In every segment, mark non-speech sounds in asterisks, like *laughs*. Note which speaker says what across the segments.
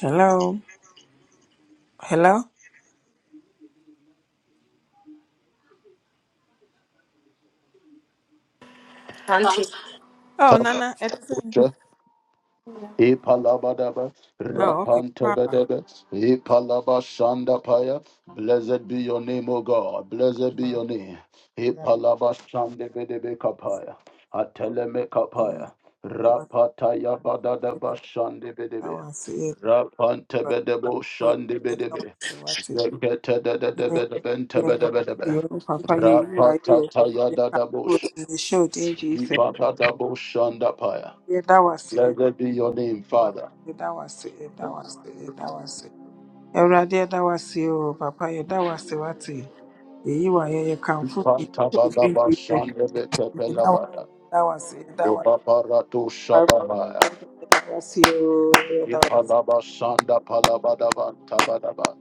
Speaker 1: Hello. Hello.
Speaker 2: Auntie.
Speaker 1: Oh, Nana. everything.
Speaker 3: Takusha, Epalabadaba,
Speaker 1: Oh, okay. Papa.
Speaker 3: Rapantobedebe, Epalabashandapaya. Blessed be your name, O God. Blessed be
Speaker 1: Papa.
Speaker 3: your name.
Speaker 1: Yeah.
Speaker 3: Epalabashandebedebe kapaya. Ateleme
Speaker 1: Mm,
Speaker 3: kapaya.
Speaker 1: what's
Speaker 3: Rapataya
Speaker 1: it
Speaker 3: badadaba
Speaker 1: about? I
Speaker 3: shandebedebe.
Speaker 1: want to see it, but-
Speaker 3: Rapantebedebo
Speaker 1: but I don't want
Speaker 3: shandebedebe.
Speaker 1: to see what's it. Yeah, yeah, that was
Speaker 3: Zeketedededebedebentebedebedebe.
Speaker 1: you. Oh, Papa, you you are you. Papa,
Speaker 3: Rapatataya
Speaker 1: you can put
Speaker 3: dadabosha.
Speaker 1: in the show, dear Jesus.
Speaker 3: Ibadadabo shandapaya.
Speaker 1: Yeah, that was it.
Speaker 3: Blessed be your name,
Speaker 1: That was
Speaker 3: Father.
Speaker 1: it. That was it. That was it. That was it. Everybody, that was you. Oh, Papa, yeah, that was it. What's it? Yeah, you are you. You can put in the show, dear
Speaker 3: Pantabalaba
Speaker 1: Jesus.
Speaker 3: shandebe
Speaker 1: Yeah, That was it.
Speaker 3: pepelabada.
Speaker 1: That was it. That was
Speaker 3: Ibaparato
Speaker 1: it. I
Speaker 3: shababaya.
Speaker 1: want you.
Speaker 3: Ipalaba shanda palabadaba tabadaba.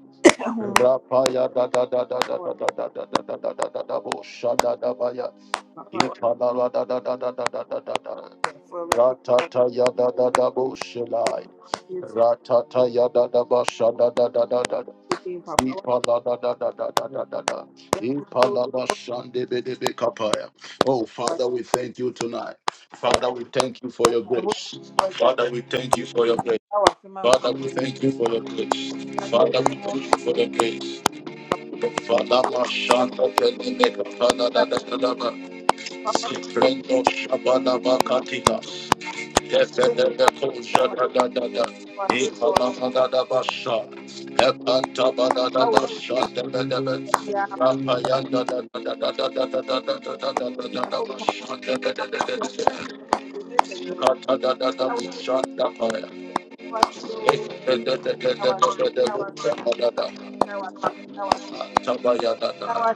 Speaker 3: Rapaya da da da da da da da da da da da da da da da bo shada da baya. Ipalala da da da da da da da da da. Ratata ya da da da bo shilai. Ratata ya da da ba shada da da da da Ipalabadadadadadadada. Ipalabashandebedebekapaya. Oh, Father, we thank you tonight. Father, we thank you for your grace. Father, we thank you for your grace. Father, we thank you for your grace. Father, we thank you for your grace. Father, Mashanda Peneleka, Father, da da da da da. Ziprendo Shabada Yes,
Speaker 1: I want. In the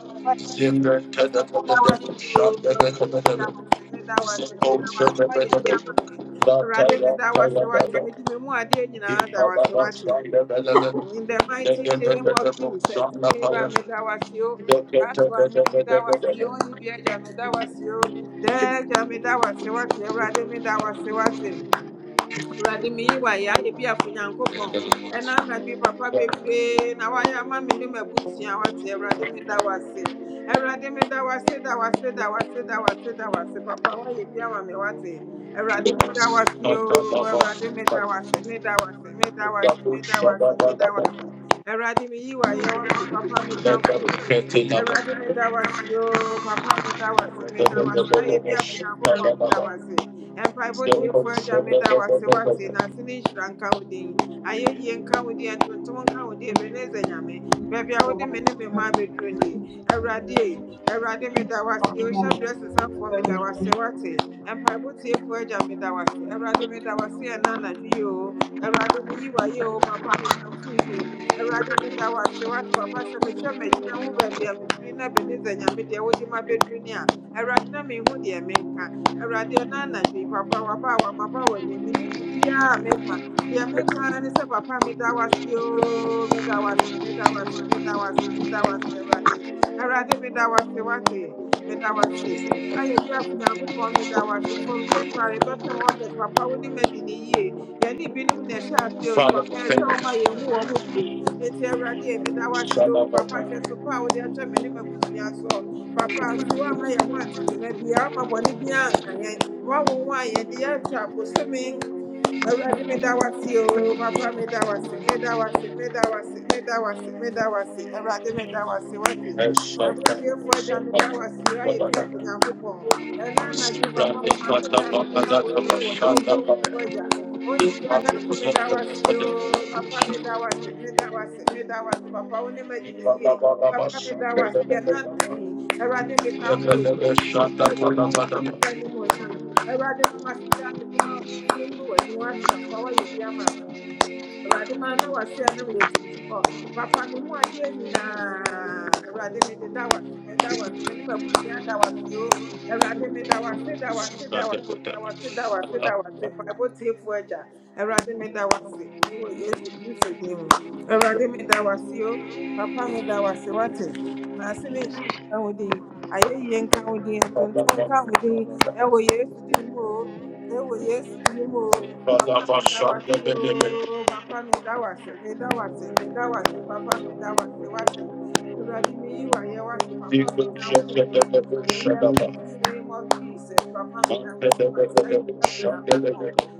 Speaker 3: Father, we
Speaker 1: mighty name of Jesus, to me, Ramedawasio, last one, Medawasio, Ibiaja Medawasio, Deja Medawasio, Rademedawasio, Awurade meyi wayɛ ayɛ bi afo nyankopɔn ɛna anadwo yi, papa bebree na wayɛ ama me ne m'abusua wate awurade meda wo ase awurade meda wo ase da wo ase da wo ase da wo ase da wo ase papa wayɛ bi ama me wate awurade meda wo ase oo awurade meda wo ase meda wo ase meda wo ase meda wo ase meda wo ase awurade meyi wayɛ wate papa mekamfo wo din awurade meda wo ase oo papa meda wo ase meda wo ase ayɛ bi afo nyankopɔn meda wo ase mpaebɔtiefoɔ nyame da wo ase wate na ase ne nhyira nka wo din ayɛyie nka wo din antontom nka wo din ebeneza nyame baabi a wode me ne me mma abɛduru nie awurade ei, awurade meda wo ase ohyɛ berɛ sesafoɔ meda wo ase wate mpaebɔtiefoɔ agya meda wo ase awurade meda wo ase ɛna anadwo yi o awurade meyi papa mekamfo wo din awurade meda wo ase wate papa sɛ metwɛ m'agyina ho baabi a mefiri na ebeneza nyame deɛ wode ma bɛduru ni a awurade na menhu deɛ menka radio ɔno anadwo yi papa waba a wamaba w'anim ne biribiara a meka deɛ meka ne sɛ papa meda wase o meda wase meda wase meda wase meda wase awurade awurade meda wase wate meda wase ayɛ bi from january bɛpem august papa wo ne madi ne yie yɛne binom na ɛhyɛ ase o so papa
Speaker 3: thank
Speaker 1: ɛsɛ ɔma
Speaker 3: you.
Speaker 1: yɛhu wɔ mo bio o
Speaker 3: Shalabata,
Speaker 1: papa hyɛ so pa a wode ahyɛ me ne so papa afiwa ama yɛn ho atetena biara ama bɔne biara nka yɛn woawonwa a yɛde yɛ atwa bosome Awurade meda wase o papa meda wase meda wase meda wase meda wase meda wase Awurade meda wase wase
Speaker 3: and Shalabata,
Speaker 1: abosuafoɔ agya meda
Speaker 3: Shalabata,
Speaker 1: wase o ayɛ bi
Speaker 3: Shalabata.
Speaker 1: afɔ Nyankopɔn ɛna anadwo papa mama se
Speaker 3: Shalabata,
Speaker 1: da mede
Speaker 3: Shalabata,
Speaker 1: ma wo ɛnu wɔ ne wɔburo wo
Speaker 3: Shalabata,
Speaker 1: mpo agya
Speaker 3: Free,
Speaker 1: ɔne bi adamfo meda wase o papa meda wase meda wase meda wase papa wo ne ma di ne papa mi da wa sí ẹ náà nàdí ẹwúrẹ́dẹ́ mi ká kú òdì ìṣe òdì ìjì ẹsẹ̀ ni mo yàn ẹwúrẹ́dẹ́ mama sí dá mi dé náà ń fún inú wẹ̀ ni wọ́n ti lọ fọwọ́ yìí bí àmà mi Awurade ma na wase a na wɔyɛ tiafoɔ. Papa me mu adeɛ nyinaa. Awurade mede da wase, meda wase, me ne m'abusua da wase o. Awurade mi da wase, da wase, da wase, da wase, da wase, da wase. Mpaebɔ tiefoɔ agya. Awurade meda wase wɔ Yesu Kristo din mu. Awurade meda wase o. Papa mi da wase wate. Na ase ne nhyira nka wo din. Ayɛyie nka wo din. Atontom nka wo din. Ɛwɔ Yesu din mu o. Ɛwɔ Yesu din mu o. Papa me da wasi o, papa me da wasi, me da wasi, me da wasi, papa me da wasi wasi. Uradi me iwa wa ye wasi, papa me kan di. In the mighty name of Jesus, papa me da wasi wasi, ayi ka fi na ko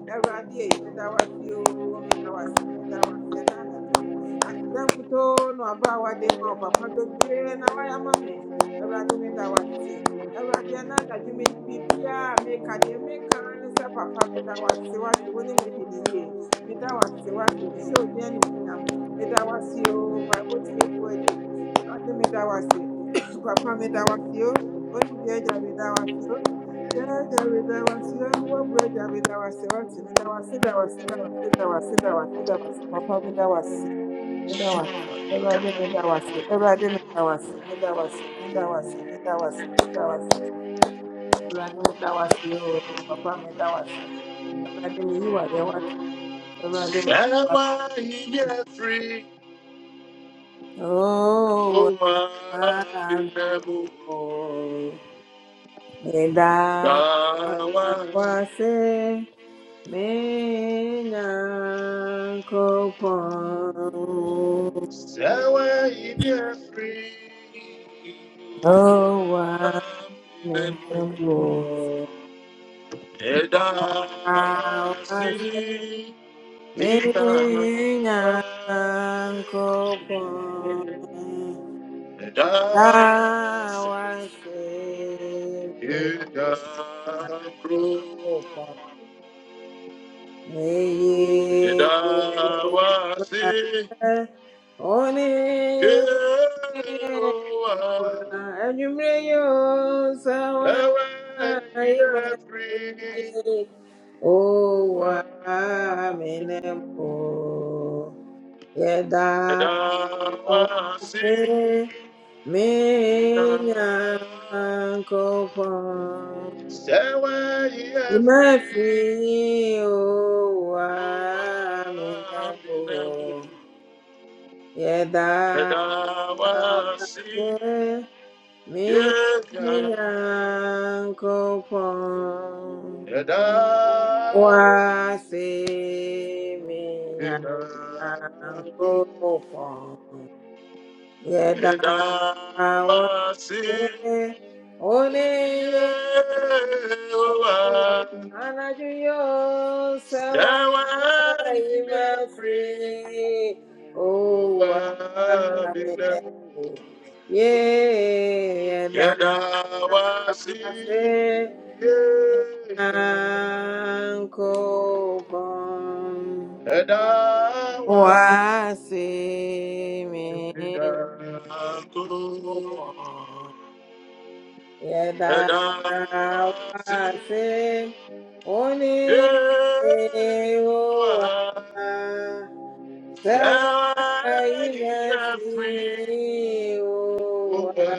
Speaker 1: Uradi e me da wasi o, me da wasi, me da wasi, na na di. Asidan kuto no aba wa de ma o papa bebre na wa ya ma me. Uradi me da wasi. Awurade ɛna anadwo meyi biribiara a meka deɛ meka ne papa meda wo ase wate wo ne madi ne yie meda wo ase wate ne sɛ odi animonyam meda wo ase o mpaebɔ tiefoɔ agye awurade meda wo ase *coughs* papa meda wo ase o onibi agya meda wo ase o Daagya meda wo ase o ahummɔborɔ agya meda wo ase wate meda wo ase da wo ase da wo ase da wo ase da wo ase da wo ase papa meda wo ase meda wo ase awurade meda wo ase awurade meda wo ase meda wo ase meda wo ase meda wo ase meda wo ase Awurade me da wase o. Papa me da wase. Awurade me yi wayɛ wase. Awurade me yi wa yɛ wase. Oh, wo
Speaker 3: oh,
Speaker 1: na me yi wo. Me da
Speaker 3: I'm in
Speaker 1: wase. Me nyankopɔn.
Speaker 3: sɛ wɔayi me afiri
Speaker 1: Oh, wa me ne wo.
Speaker 3: ɛda wasiri ina
Speaker 1: Menyankopon,
Speaker 3: ɛda
Speaker 1: Tawase,
Speaker 3: ɛda kro
Speaker 1: Menyankopon, Eye,
Speaker 3: ɛda wasi
Speaker 1: Ewurade, One ye, Wa,
Speaker 3: ewa
Speaker 1: Sawa,
Speaker 3: ɛwɛ yi
Speaker 1: Ayima,
Speaker 3: afiri
Speaker 1: Owa Owa, Menemo,
Speaker 3: Yeah.
Speaker 1: Yeah,
Speaker 3: Edawasi,
Speaker 1: Oneye
Speaker 3: Yehowa,
Speaker 1: anajuyo sawa
Speaker 3: Sewa imefri,
Speaker 1: imefri owa
Speaker 3: Owa binemu.
Speaker 1: meneku ye yeda
Speaker 3: Edawasi,
Speaker 1: ase
Speaker 3: Edawasi,
Speaker 1: ankopon
Speaker 3: Edawasi,
Speaker 1: wase menyopon Yẹ̀dá
Speaker 3: ẹ̀dá wa
Speaker 1: wa
Speaker 3: sí
Speaker 1: ṣe ó ní èrò
Speaker 3: Èèwà
Speaker 1: wa sẹ́wọ́
Speaker 3: ẹ̀yìn
Speaker 1: ilẹ̀ sí
Speaker 3: ẹ̀fín
Speaker 1: èrò
Speaker 3: ó
Speaker 1: wa
Speaker 3: wà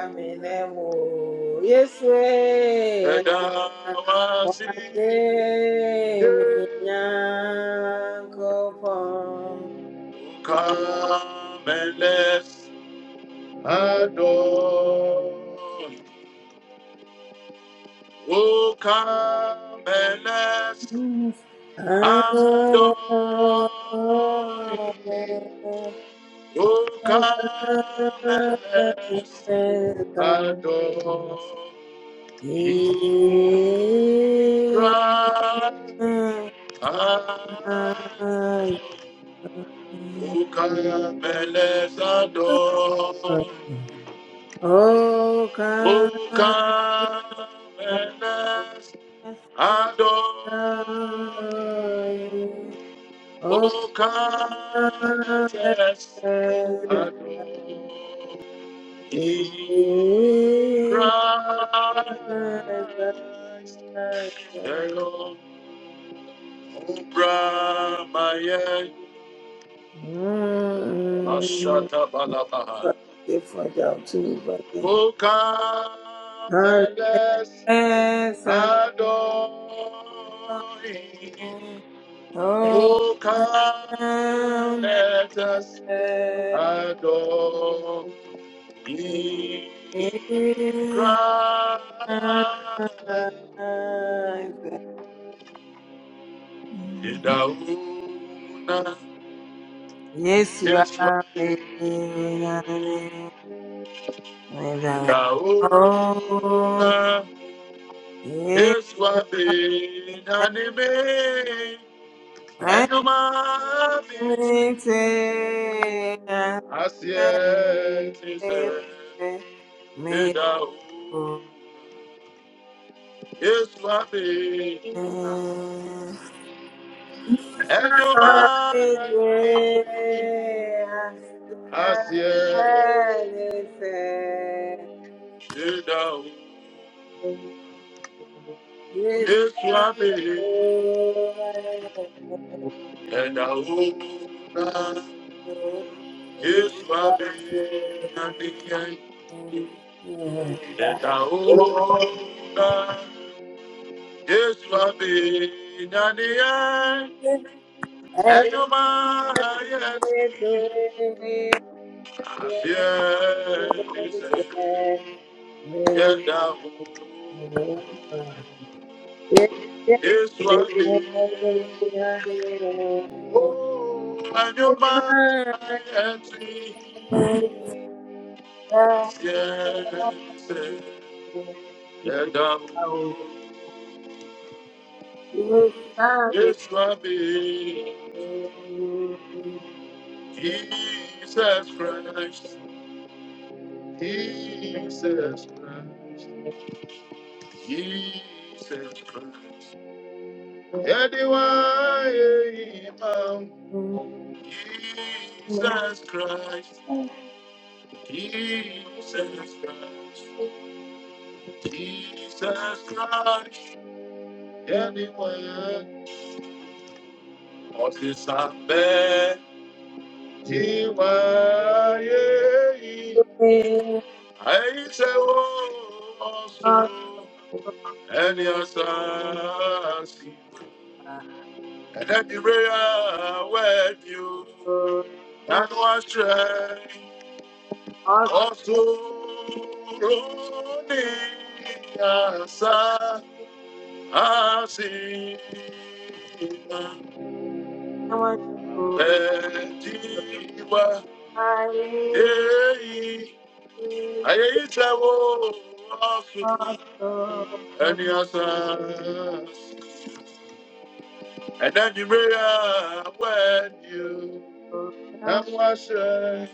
Speaker 1: àmìlẹ́mọ̀ Yéṣu
Speaker 3: ẹ̀dá
Speaker 1: ẹ̀dá
Speaker 3: wa
Speaker 1: wa
Speaker 3: sí
Speaker 1: ṣe mí
Speaker 3: Èèwà. come and let's adore. Oh, come and let's adore. O come
Speaker 1: Oh, come,
Speaker 3: and let's adore Him, Christ. Oh, come and let's adore.
Speaker 1: oh,
Speaker 3: Oh, come and let's adore Him. O come and let's adore. In Christ,
Speaker 1: come,
Speaker 3: Hello, Obramaya,
Speaker 1: Mm,
Speaker 3: Ashata Balabaha,
Speaker 1: but they find out too, but then.
Speaker 3: O come and let's
Speaker 1: Unless I
Speaker 3: adore Him.
Speaker 1: hold
Speaker 3: O come
Speaker 1: down
Speaker 3: let us adore In Christ. Idauna
Speaker 1: Yes, you
Speaker 3: Yeshwai.
Speaker 1: are making me without home.
Speaker 3: Idauna
Speaker 1: Yes,
Speaker 3: Yeshwai. Nanime.
Speaker 1: I'm
Speaker 3: Enuma Vitri.
Speaker 1: waiting.
Speaker 3: Asietise. Idauna Yeshwai. Enuma Vitri. Asietise. Idauna Yeshwai. And I hope that is my baby. And I hope that is my baby. And you might see. I
Speaker 1: Yeah.
Speaker 3: fear
Speaker 1: Thank
Speaker 3: and I hope is my baby. Oh, and you might see. I fear and I hope is my baby. Jesus Christ, Jesus Christ, Jesus Christ. Anyone, Imam, Jesus Christ, Jesus Christ, Jesus Christ. Anyone, Osisambe, Tiwaye, I say, oh, oh, so. ẹni ọ̀sán sí ẹ̀dẹ́gbẹ̀rẹ́ àwẹ̀dì o nánú àṣẹ ọ̀ṣọ́rọ̀ ní àṣà àṣì pẹ̀jìwá èyí
Speaker 1: you.
Speaker 3: ayé yìí tẹ̀wọ́ ọ̀ṣun
Speaker 1: I
Speaker 3: ẹni
Speaker 1: do
Speaker 3: ọ̀sán sí with you. o. I'm washed.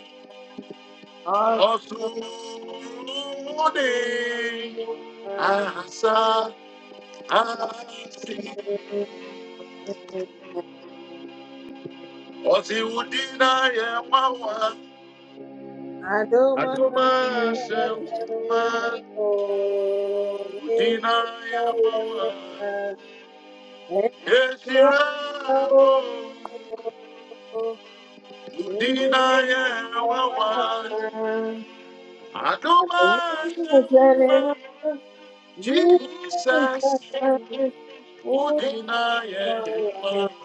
Speaker 3: Osumuni asa asi osi udina ye mawa aduma se uma udina ye mawa esira wo udina ye mawa aduma se Jesus udina ye mawa.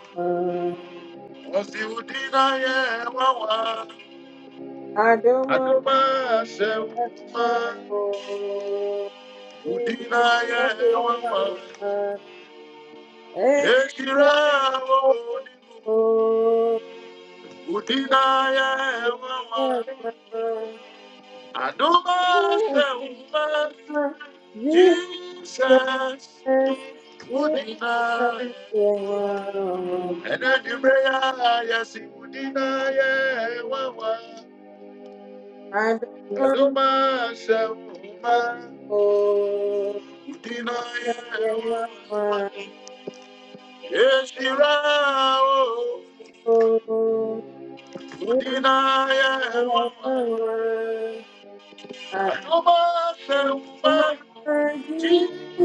Speaker 3: Udina ye wawa,
Speaker 1: Adoma
Speaker 3: adoma se
Speaker 1: Oh,
Speaker 3: Udina ye wawa, ekira wo Udina ye wawa, adoma se uma. Jesus, Udina. And then you pray, yes, Udina ye wawa,
Speaker 1: I
Speaker 3: adoma se Udina ye wawa. Yeshira o Udina ya mama Anuma sempa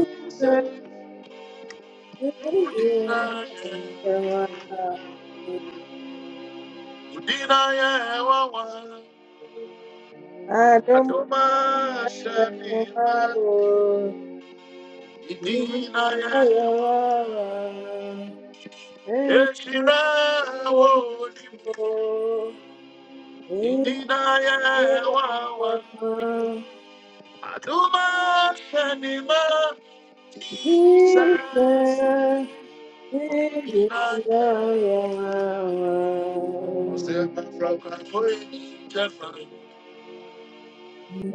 Speaker 1: don't Thank
Speaker 3: Udina ya Udina ya mama Anuma sempa Udina ya mama o Udina ya mama Anuma sempa Jesus Ɔsɛmpa frakɔfoɔ yi nkyɛ fa.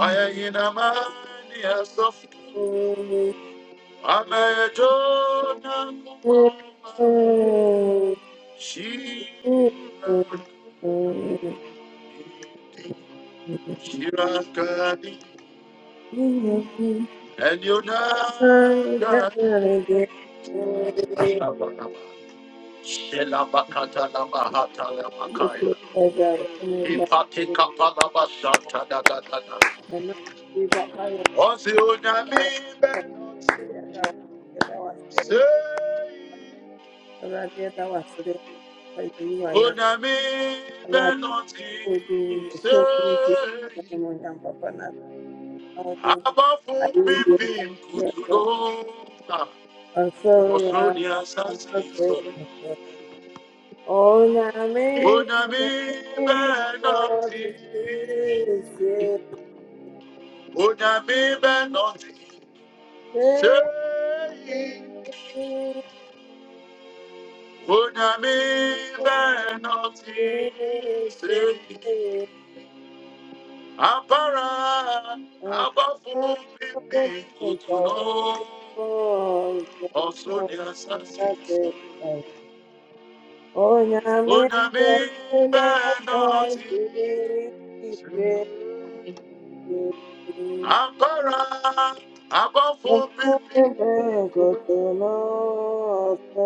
Speaker 3: Ɔyɛ nyinama ne asɔfo. Amɛyɛdwo Nyankopɔn ma. Hyira, hyira nkani.
Speaker 1: you.
Speaker 3: Ɛniona
Speaker 1: Oh,
Speaker 3: nkani.
Speaker 1: Nyame,
Speaker 3: Shabakaba. Shelabakatalabahatalabakaya. Ipatikapalabashatadadadada. Ɔse Onyame bɛn Say, Onami Benoti, say, Abafu Bibim Kutulo, Osonia Sassi,
Speaker 1: Nyame,
Speaker 3: Onami
Speaker 1: Nyame,
Speaker 3: Benoti, Onami Benoti,
Speaker 1: Nyame,
Speaker 3: say,
Speaker 1: Onye
Speaker 3: Onami Benoti, say. Abara, abafu, bibi, kutuno, ọ̀ṣun ni asasi sọ. Onyami bẹ́ẹ̀ Abara, abafu, bibi,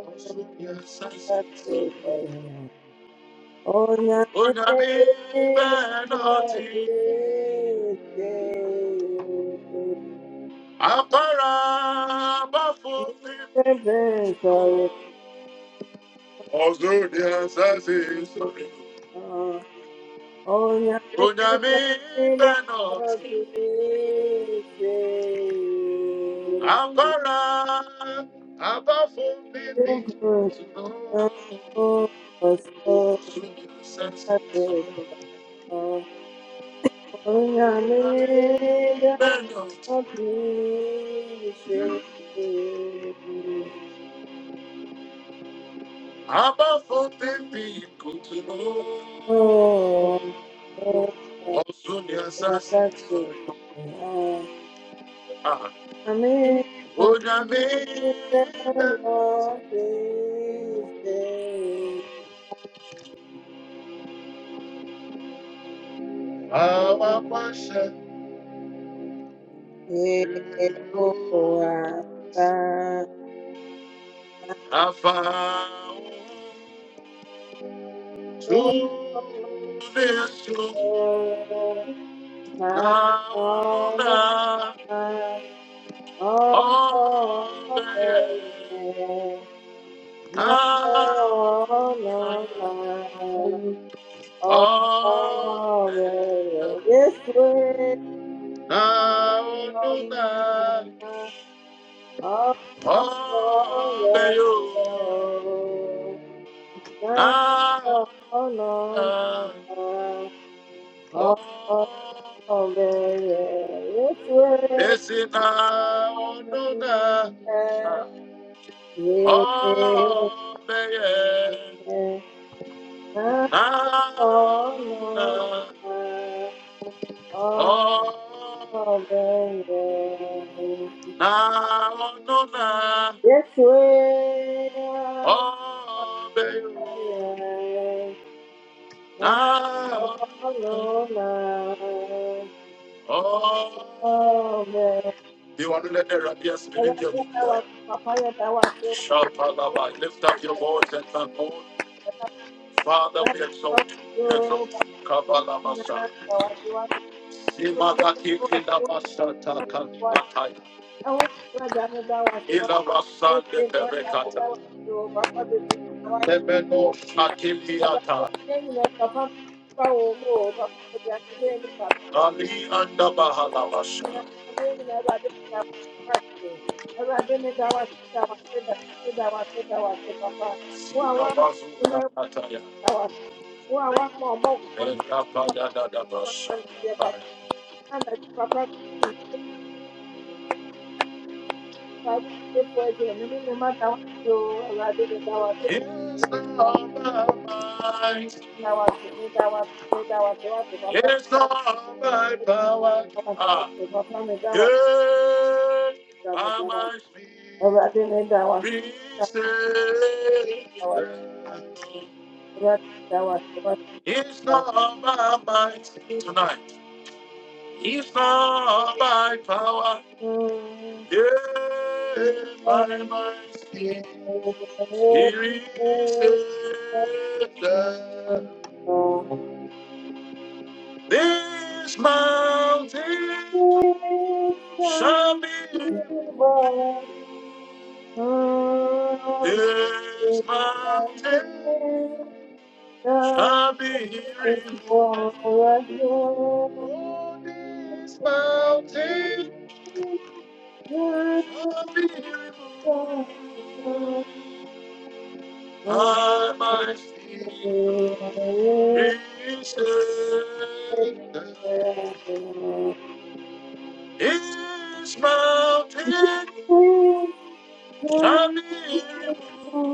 Speaker 3: ọ̀ṣun ni asasi sọ. Onyami bẹ́ẹ̀ náà Abara, abafu,
Speaker 1: Oh,
Speaker 3: bibi, kutuno, ọ̀ṣun ni asasi sọ. Onyame bẹ̀nà àkọ́ra àbáfún bíbí tùnú sùnú sẹ́tì sùnú. Onyame bẹ̀nà àbáfún bíbí kò tùnú ọ̀sùn ní Ah, sọ̀rọ̀.
Speaker 1: Amen. Lord
Speaker 3: Onyame bẹ̀nà
Speaker 1: is there. Yehovah, Baba,
Speaker 3: I found
Speaker 1: Lord,
Speaker 3: to this room.
Speaker 1: my
Speaker 3: Now I'm
Speaker 1: Almighty,
Speaker 3: not
Speaker 1: all
Speaker 3: on the
Speaker 1: the
Speaker 3: edge. I'm
Speaker 1: my
Speaker 3: not on the edge.
Speaker 1: all of all the yes, we
Speaker 3: Now
Speaker 1: are. Oh, yeah. Oh, no,
Speaker 3: I'm not on
Speaker 1: Oh, no,
Speaker 3: the edge.
Speaker 1: no.
Speaker 3: Oh,
Speaker 1: Oh, oh, oh, yeah, yeah. It's worth
Speaker 3: Desina onunga,
Speaker 1: it. Yeah.
Speaker 3: oh beye,
Speaker 1: No,
Speaker 3: na
Speaker 1: no, no.
Speaker 3: onunga,
Speaker 1: na, Oh,
Speaker 3: oh
Speaker 1: oh, yeah, yeah.
Speaker 3: na onunga,
Speaker 1: It's worth
Speaker 3: oh beyo,
Speaker 1: it.
Speaker 3: na
Speaker 1: Papa,
Speaker 3: onunga, oh. You want to let the rabia spirit in you. Shout out lift up your voice and thank God. Father, we exalt you. We exalt you. Kabalabasa. Imadaki kilabasa takani atai. Ilabasande perekata. Ebeno shakiliata. Ali andabahalabasa.
Speaker 1: Papa,
Speaker 3: Sinabazuya ataya. Ekapaya dadabasa. It's all my might, it's all my power, ah, yeah, by my spirit. It's
Speaker 1: Thank
Speaker 3: not by might tonight. It's not by power. Yeah, by might. Here is it. This mountain shall be. moved. This mountain shall be removed. Oh, this mountain shall be removed. I must be saved. This mountain
Speaker 1: you.
Speaker 3: shall be removed.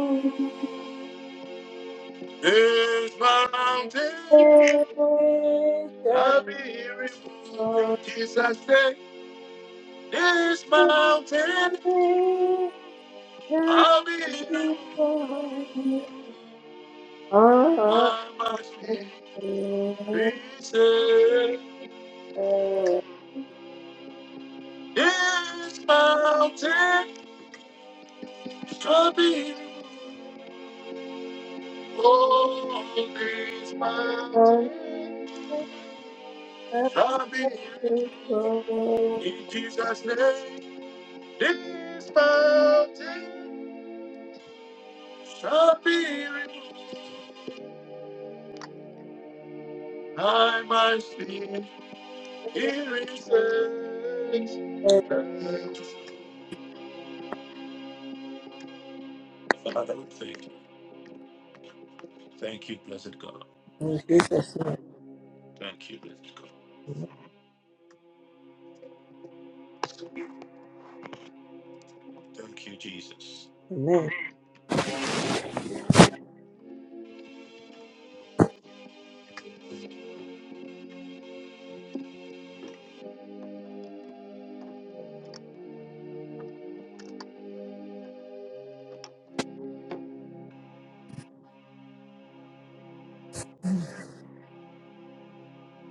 Speaker 3: This mountain shall be removed. In Jesus' name, this mountain shall be removed. I must be Peace is mountain shall be all these mountains shall be in Jesus' name. This mountain shall be removed. I might see here is the Father, we thank you. Thank you, blessed God.
Speaker 1: In Jesus' name,
Speaker 3: Thank you, blessed God. Thank you, Jesus.
Speaker 1: amen.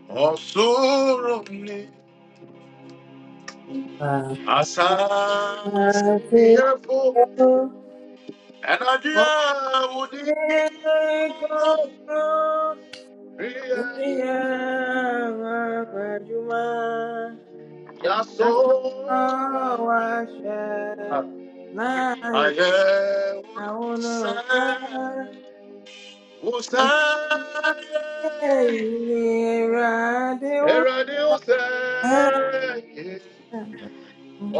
Speaker 3: Oh, sorrow me. asasiyefo ɛnadi a
Speaker 1: Amen.
Speaker 3: wòdi kúnkún ríẹ
Speaker 1: Ya,
Speaker 3: yasọ
Speaker 1: na
Speaker 3: ayẹ
Speaker 1: ya
Speaker 3: olùsẹ
Speaker 1: unusa
Speaker 3: wòsẹ
Speaker 1: usairade
Speaker 3: ẹrọdí
Speaker 1: usa
Speaker 3: wòsẹ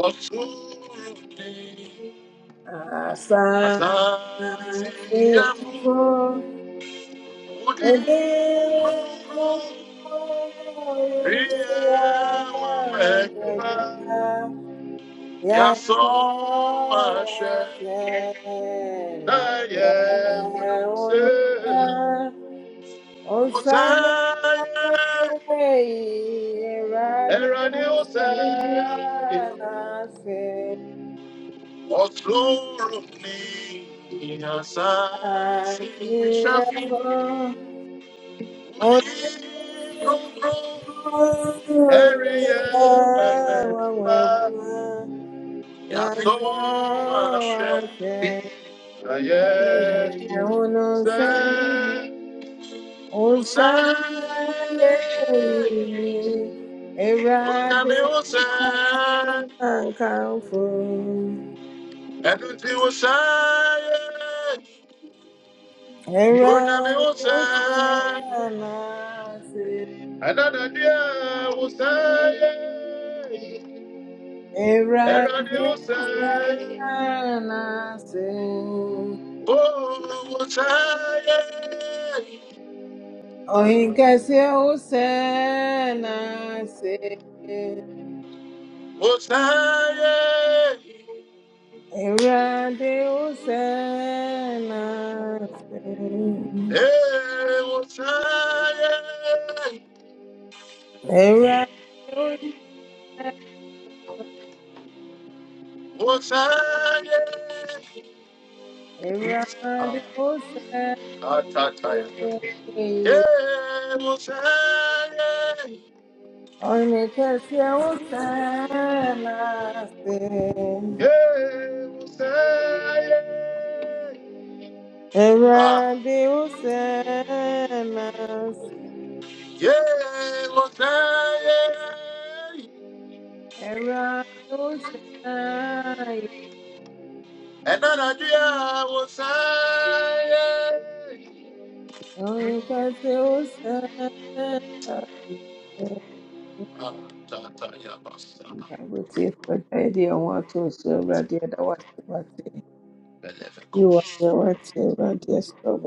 Speaker 3: ọtún ní
Speaker 1: asa na
Speaker 3: asasiyefo. Eri,
Speaker 1: Yeah. Yes, oh, again, again, on earth, on Saturday, radio stand, I say, I hear from on
Speaker 3: Another dear
Speaker 1: Yes,
Speaker 3: will say,
Speaker 1: oh, again, yeah, Osaye, Erade, Kankanfo,
Speaker 3: Eradi will say,
Speaker 1: Erade, Osanase, Erade, Osanase,
Speaker 3: Oh, will say,
Speaker 1: Ohinkese, Osanase,
Speaker 3: will say.
Speaker 1: Erade, Osanase,
Speaker 3: Eh, Osaye,
Speaker 1: Erade,
Speaker 3: Osaye, ah,
Speaker 1: Erade oseme,
Speaker 3: Atataya. Eh, Osaye,
Speaker 1: onikese osemase.
Speaker 3: eh, Osaye, ah,
Speaker 1: Erade osemase,
Speaker 3: yeah, Osaye,
Speaker 1: erade oseye,
Speaker 3: Enanadia, Osaye,
Speaker 1: onikese osemase.
Speaker 3: Atataya, Basa,
Speaker 1: Bible tiff, but I didn't want to so radio that was the
Speaker 3: Beleve,
Speaker 1: You are the right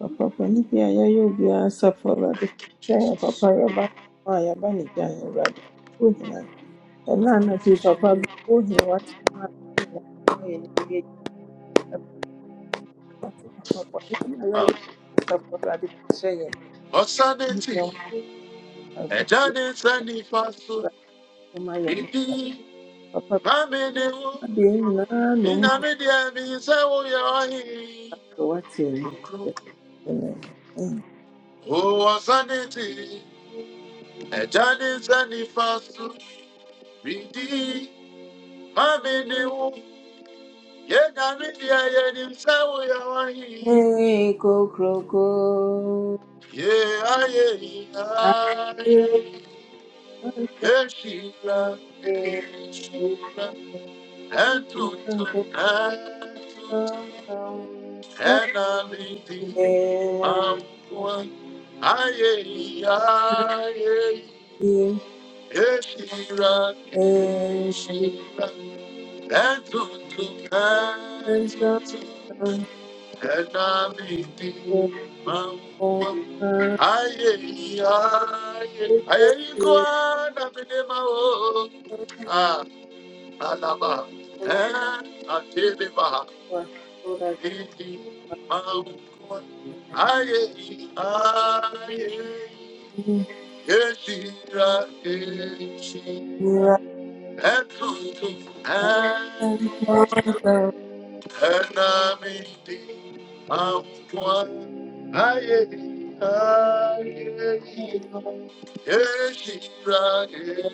Speaker 1: papa bɔne bi a yɛayɛ obiara asafo awurade fa yɛn gyina yɛn
Speaker 3: Jesus.
Speaker 1: papa yɛba no a yɛaba ne gya yɛn awurade wohina ɛna anadwo yi, papa bi wohina wate ma a yɛn nyinaa yɛ ne yie awurade ase papa bɔne bi a yɛayɛ obiara asafo awurade fa no hyɛ yɛn Wohu yɛn
Speaker 3: Osaneti,
Speaker 1: mmɔbɔ so,
Speaker 3: Ejade Sani Fasu,
Speaker 1: awurade ma yɛn nkwa.
Speaker 3: Ibi,
Speaker 1: papa bi
Speaker 3: Mamedeo,
Speaker 1: ma deɛ yɛn nyinaa na ɔmo hu
Speaker 3: Inamedia Misewo Yahi,
Speaker 1: sɛ wate wo nkyerɛ. Amen. Amen.
Speaker 3: O Osaneti, Ejade Sani Fasu, Ibi, Mamedeo, Yenamedia Yenisewo Yahi,
Speaker 1: Hey, Kokoroko,
Speaker 3: Ye Aye,
Speaker 1: I
Speaker 3: Aye, Yeshila, Yeshila,
Speaker 1: will
Speaker 3: Entuntun,
Speaker 1: From
Speaker 3: Entuntun.
Speaker 1: the early
Speaker 3: Enaliti
Speaker 1: day one
Speaker 3: Mamua Aye Aye
Speaker 1: be
Speaker 3: Eshira
Speaker 1: and
Speaker 3: Eshira Etutu
Speaker 1: depends on
Speaker 3: Etutu
Speaker 1: the
Speaker 3: Enaliti
Speaker 1: people.
Speaker 3: Mamua
Speaker 1: From
Speaker 3: Aye Aye
Speaker 1: the
Speaker 3: Aye
Speaker 1: day
Speaker 3: Iguana Minema Ah Alaba
Speaker 1: one
Speaker 3: Eh Atiliba
Speaker 1: was so that you
Speaker 3: Yes,
Speaker 1: are in the and from the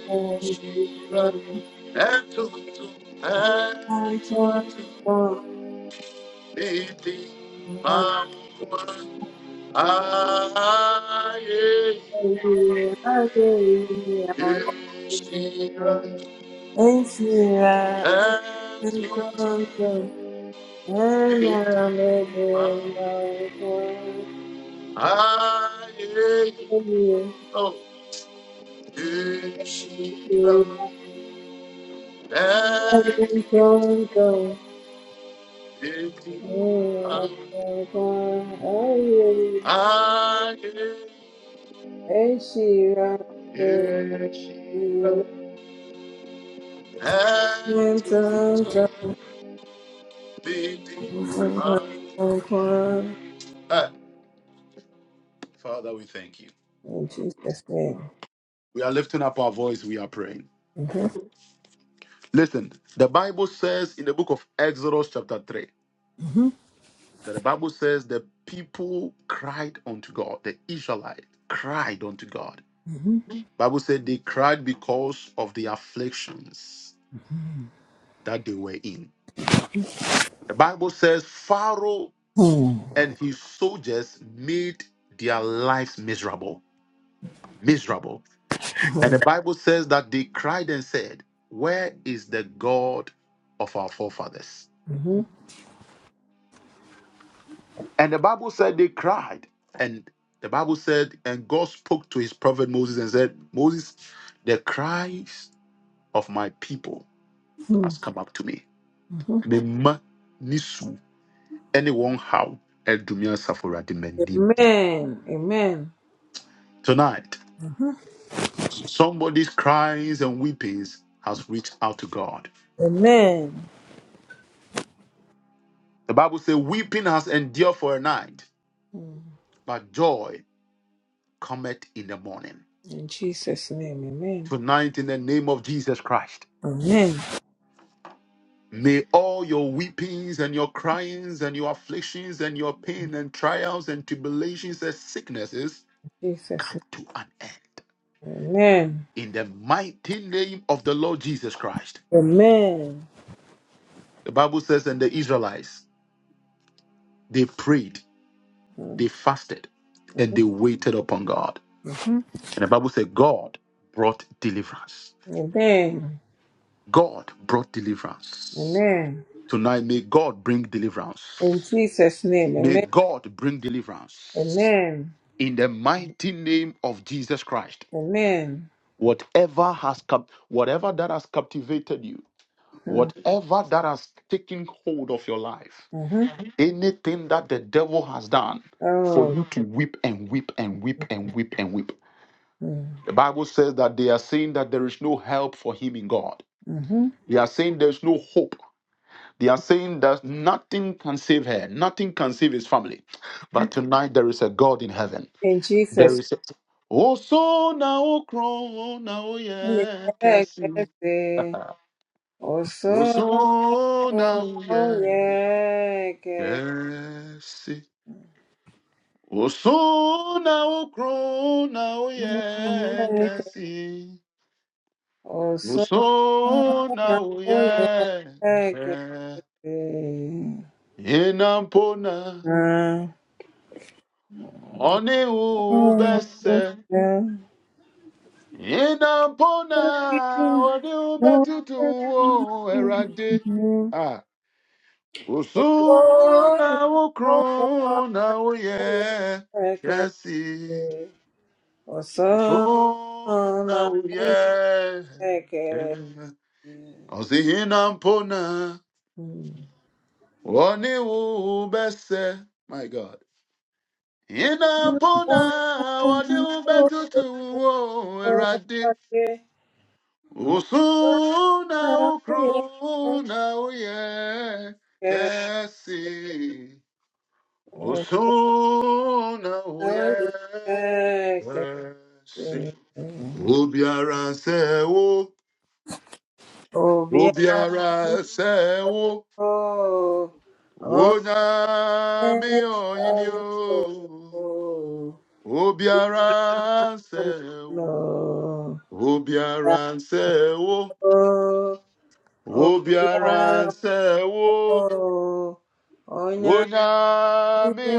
Speaker 1: and the and one for my
Speaker 3: I am
Speaker 1: day I day.
Speaker 3: Christian and
Speaker 1: And
Speaker 3: Tutor.
Speaker 1: she In
Speaker 3: I am oh, Christian and Tutor. I am Christian and Tutor. Father, we thank you.
Speaker 1: Jesus' name.
Speaker 3: We are lifting up our voice. We are praying.
Speaker 1: Mm-hmm.
Speaker 3: *laughs* Listen, the Bible says in the book of Exodus, chapter 3, that the Bible says the people cried unto God, the Israelites cried unto God.
Speaker 1: Mm-hmm.
Speaker 3: Bible said they cried because of the afflictions that they were in. The Bible says Pharaoh
Speaker 1: Mm-hmm.
Speaker 3: and his soldiers made their lives miserable, miserable. And the Bible says that they cried and said, "Where is the God of our forefathers?"
Speaker 1: Mm-hmm.
Speaker 3: And the Bible said they cried. And the Bible said, and God spoke to his prophet Moses and said, Moses, the cries of my people
Speaker 1: Mm-hmm.
Speaker 3: has come up to me.
Speaker 1: Mm-hmm.
Speaker 3: Mema nisu, Anyone how Edumia Saforadi Mendim.
Speaker 1: Amen. Amen.
Speaker 3: Tonight, somebody's cries and weepings has reached out to God.
Speaker 1: Amen.
Speaker 3: The Bible says, weeping has endured for a night, but joy cometh in the morning.
Speaker 1: In Jesus' name, amen.
Speaker 3: Tonight, in the name of Jesus Christ.
Speaker 1: Amen.
Speaker 3: May all your weepings and your cryings and your afflictions and your pain and trials and tribulations and sicknesses
Speaker 1: Jesus,
Speaker 3: come to an end.
Speaker 1: name, amen.
Speaker 3: In the mighty name of the Lord Jesus Christ.
Speaker 1: Amen.
Speaker 3: The Bible says, and the Israelites, they prayed, they fasted, and they waited upon God.
Speaker 1: Mhm.
Speaker 3: And the Bible said, God brought deliverance.
Speaker 1: Amen.
Speaker 3: God brought deliverance.
Speaker 1: Amen.
Speaker 3: Tonight, may God bring deliverance.
Speaker 1: In Jesus' name,
Speaker 3: May
Speaker 1: amen.
Speaker 3: God bring deliverance.
Speaker 1: Amen.
Speaker 3: in the mighty name of Jesus Christ.
Speaker 1: Amen.
Speaker 3: Whatever has cap- whatever that has captivated you, whatever that has taken hold of your life,
Speaker 1: Mm-hmm.
Speaker 3: anything that the devil has done for
Speaker 1: Oh.
Speaker 3: you to weep and weep and weep and weep and weep.
Speaker 1: Mm-hmm.
Speaker 3: The Bible says that they are saying that there is no help for him in God.
Speaker 1: Mm-hmm.
Speaker 3: They are saying there's no hope. They are saying that nothing can save her, nothing can save his family. But tonight there is a God in heaven.
Speaker 1: In
Speaker 3: There
Speaker 1: Jesus.
Speaker 3: is a Oso na okron na
Speaker 1: name,
Speaker 3: oye
Speaker 1: Yeah, que
Speaker 3: kesi.
Speaker 1: sí. Oh, so.
Speaker 3: Oso na
Speaker 1: Oh,
Speaker 3: oye
Speaker 1: yeah, que
Speaker 3: kesi. Oso na okron na oye
Speaker 1: sí.
Speaker 3: kesi.
Speaker 1: Oh, so.
Speaker 3: Oso na
Speaker 1: Oh,
Speaker 3: oye
Speaker 1: yeah, que
Speaker 3: kesi.
Speaker 1: sí.
Speaker 3: Inampona
Speaker 1: Uh,
Speaker 3: oni
Speaker 1: oh, yes,
Speaker 3: ubese.
Speaker 1: yeah.
Speaker 3: Inampona oni
Speaker 1: No,
Speaker 3: ubetutu
Speaker 1: yes,
Speaker 3: o erade.
Speaker 1: yeah.
Speaker 3: ah. Osu na
Speaker 1: Oh,
Speaker 3: wo
Speaker 1: no,
Speaker 3: kron na wo
Speaker 1: yes,
Speaker 3: ye
Speaker 1: I can
Speaker 3: Jesse.
Speaker 1: see. Oh,
Speaker 3: Osu
Speaker 1: so, oh,
Speaker 3: na
Speaker 1: no,
Speaker 3: wo
Speaker 1: yes,
Speaker 3: ye.
Speaker 1: I can see.
Speaker 3: Osi inampona
Speaker 1: Hmm.
Speaker 3: wani ubese. My God.
Speaker 1: Oh,
Speaker 3: Inampona
Speaker 1: no, yes, I can see.
Speaker 3: wani
Speaker 1: Oh, no, yes, I can see.
Speaker 3: ubetutu wo
Speaker 1: Oh,
Speaker 3: eradi. Osu na wo kron na wo ye Jesse. Osona
Speaker 1: no,
Speaker 3: uye
Speaker 1: yes, I
Speaker 3: si
Speaker 1: can see.
Speaker 3: obiara sewo
Speaker 1: Obiara
Speaker 3: obiara sewo
Speaker 1: o, onye
Speaker 3: onyami
Speaker 1: chọrọ
Speaker 3: oyinio
Speaker 1: ịbụ
Speaker 3: obiara
Speaker 1: anụ
Speaker 3: sewo obiara sewo
Speaker 1: o, obiara
Speaker 3: obiara
Speaker 1: o,
Speaker 3: sewo
Speaker 1: onye adịghị
Speaker 3: onyami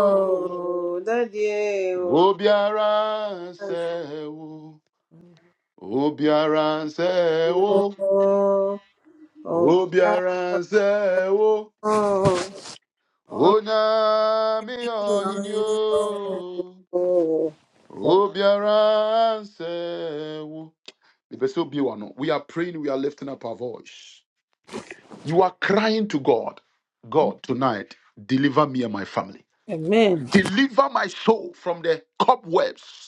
Speaker 1: o, dadi e o, o,
Speaker 3: obiara sewo obiara sewo. obiara
Speaker 1: obiara
Speaker 3: sewo.
Speaker 1: o, onye
Speaker 3: Onyame ɔhene
Speaker 1: ọrụ
Speaker 3: o,
Speaker 1: o.
Speaker 3: obiara nsɛwo. no, We are praying, we are lifting up our voice. You are crying to God. God, tonight, deliver me and my family.
Speaker 1: Amen.
Speaker 3: Deliver my soul from the cobwebs.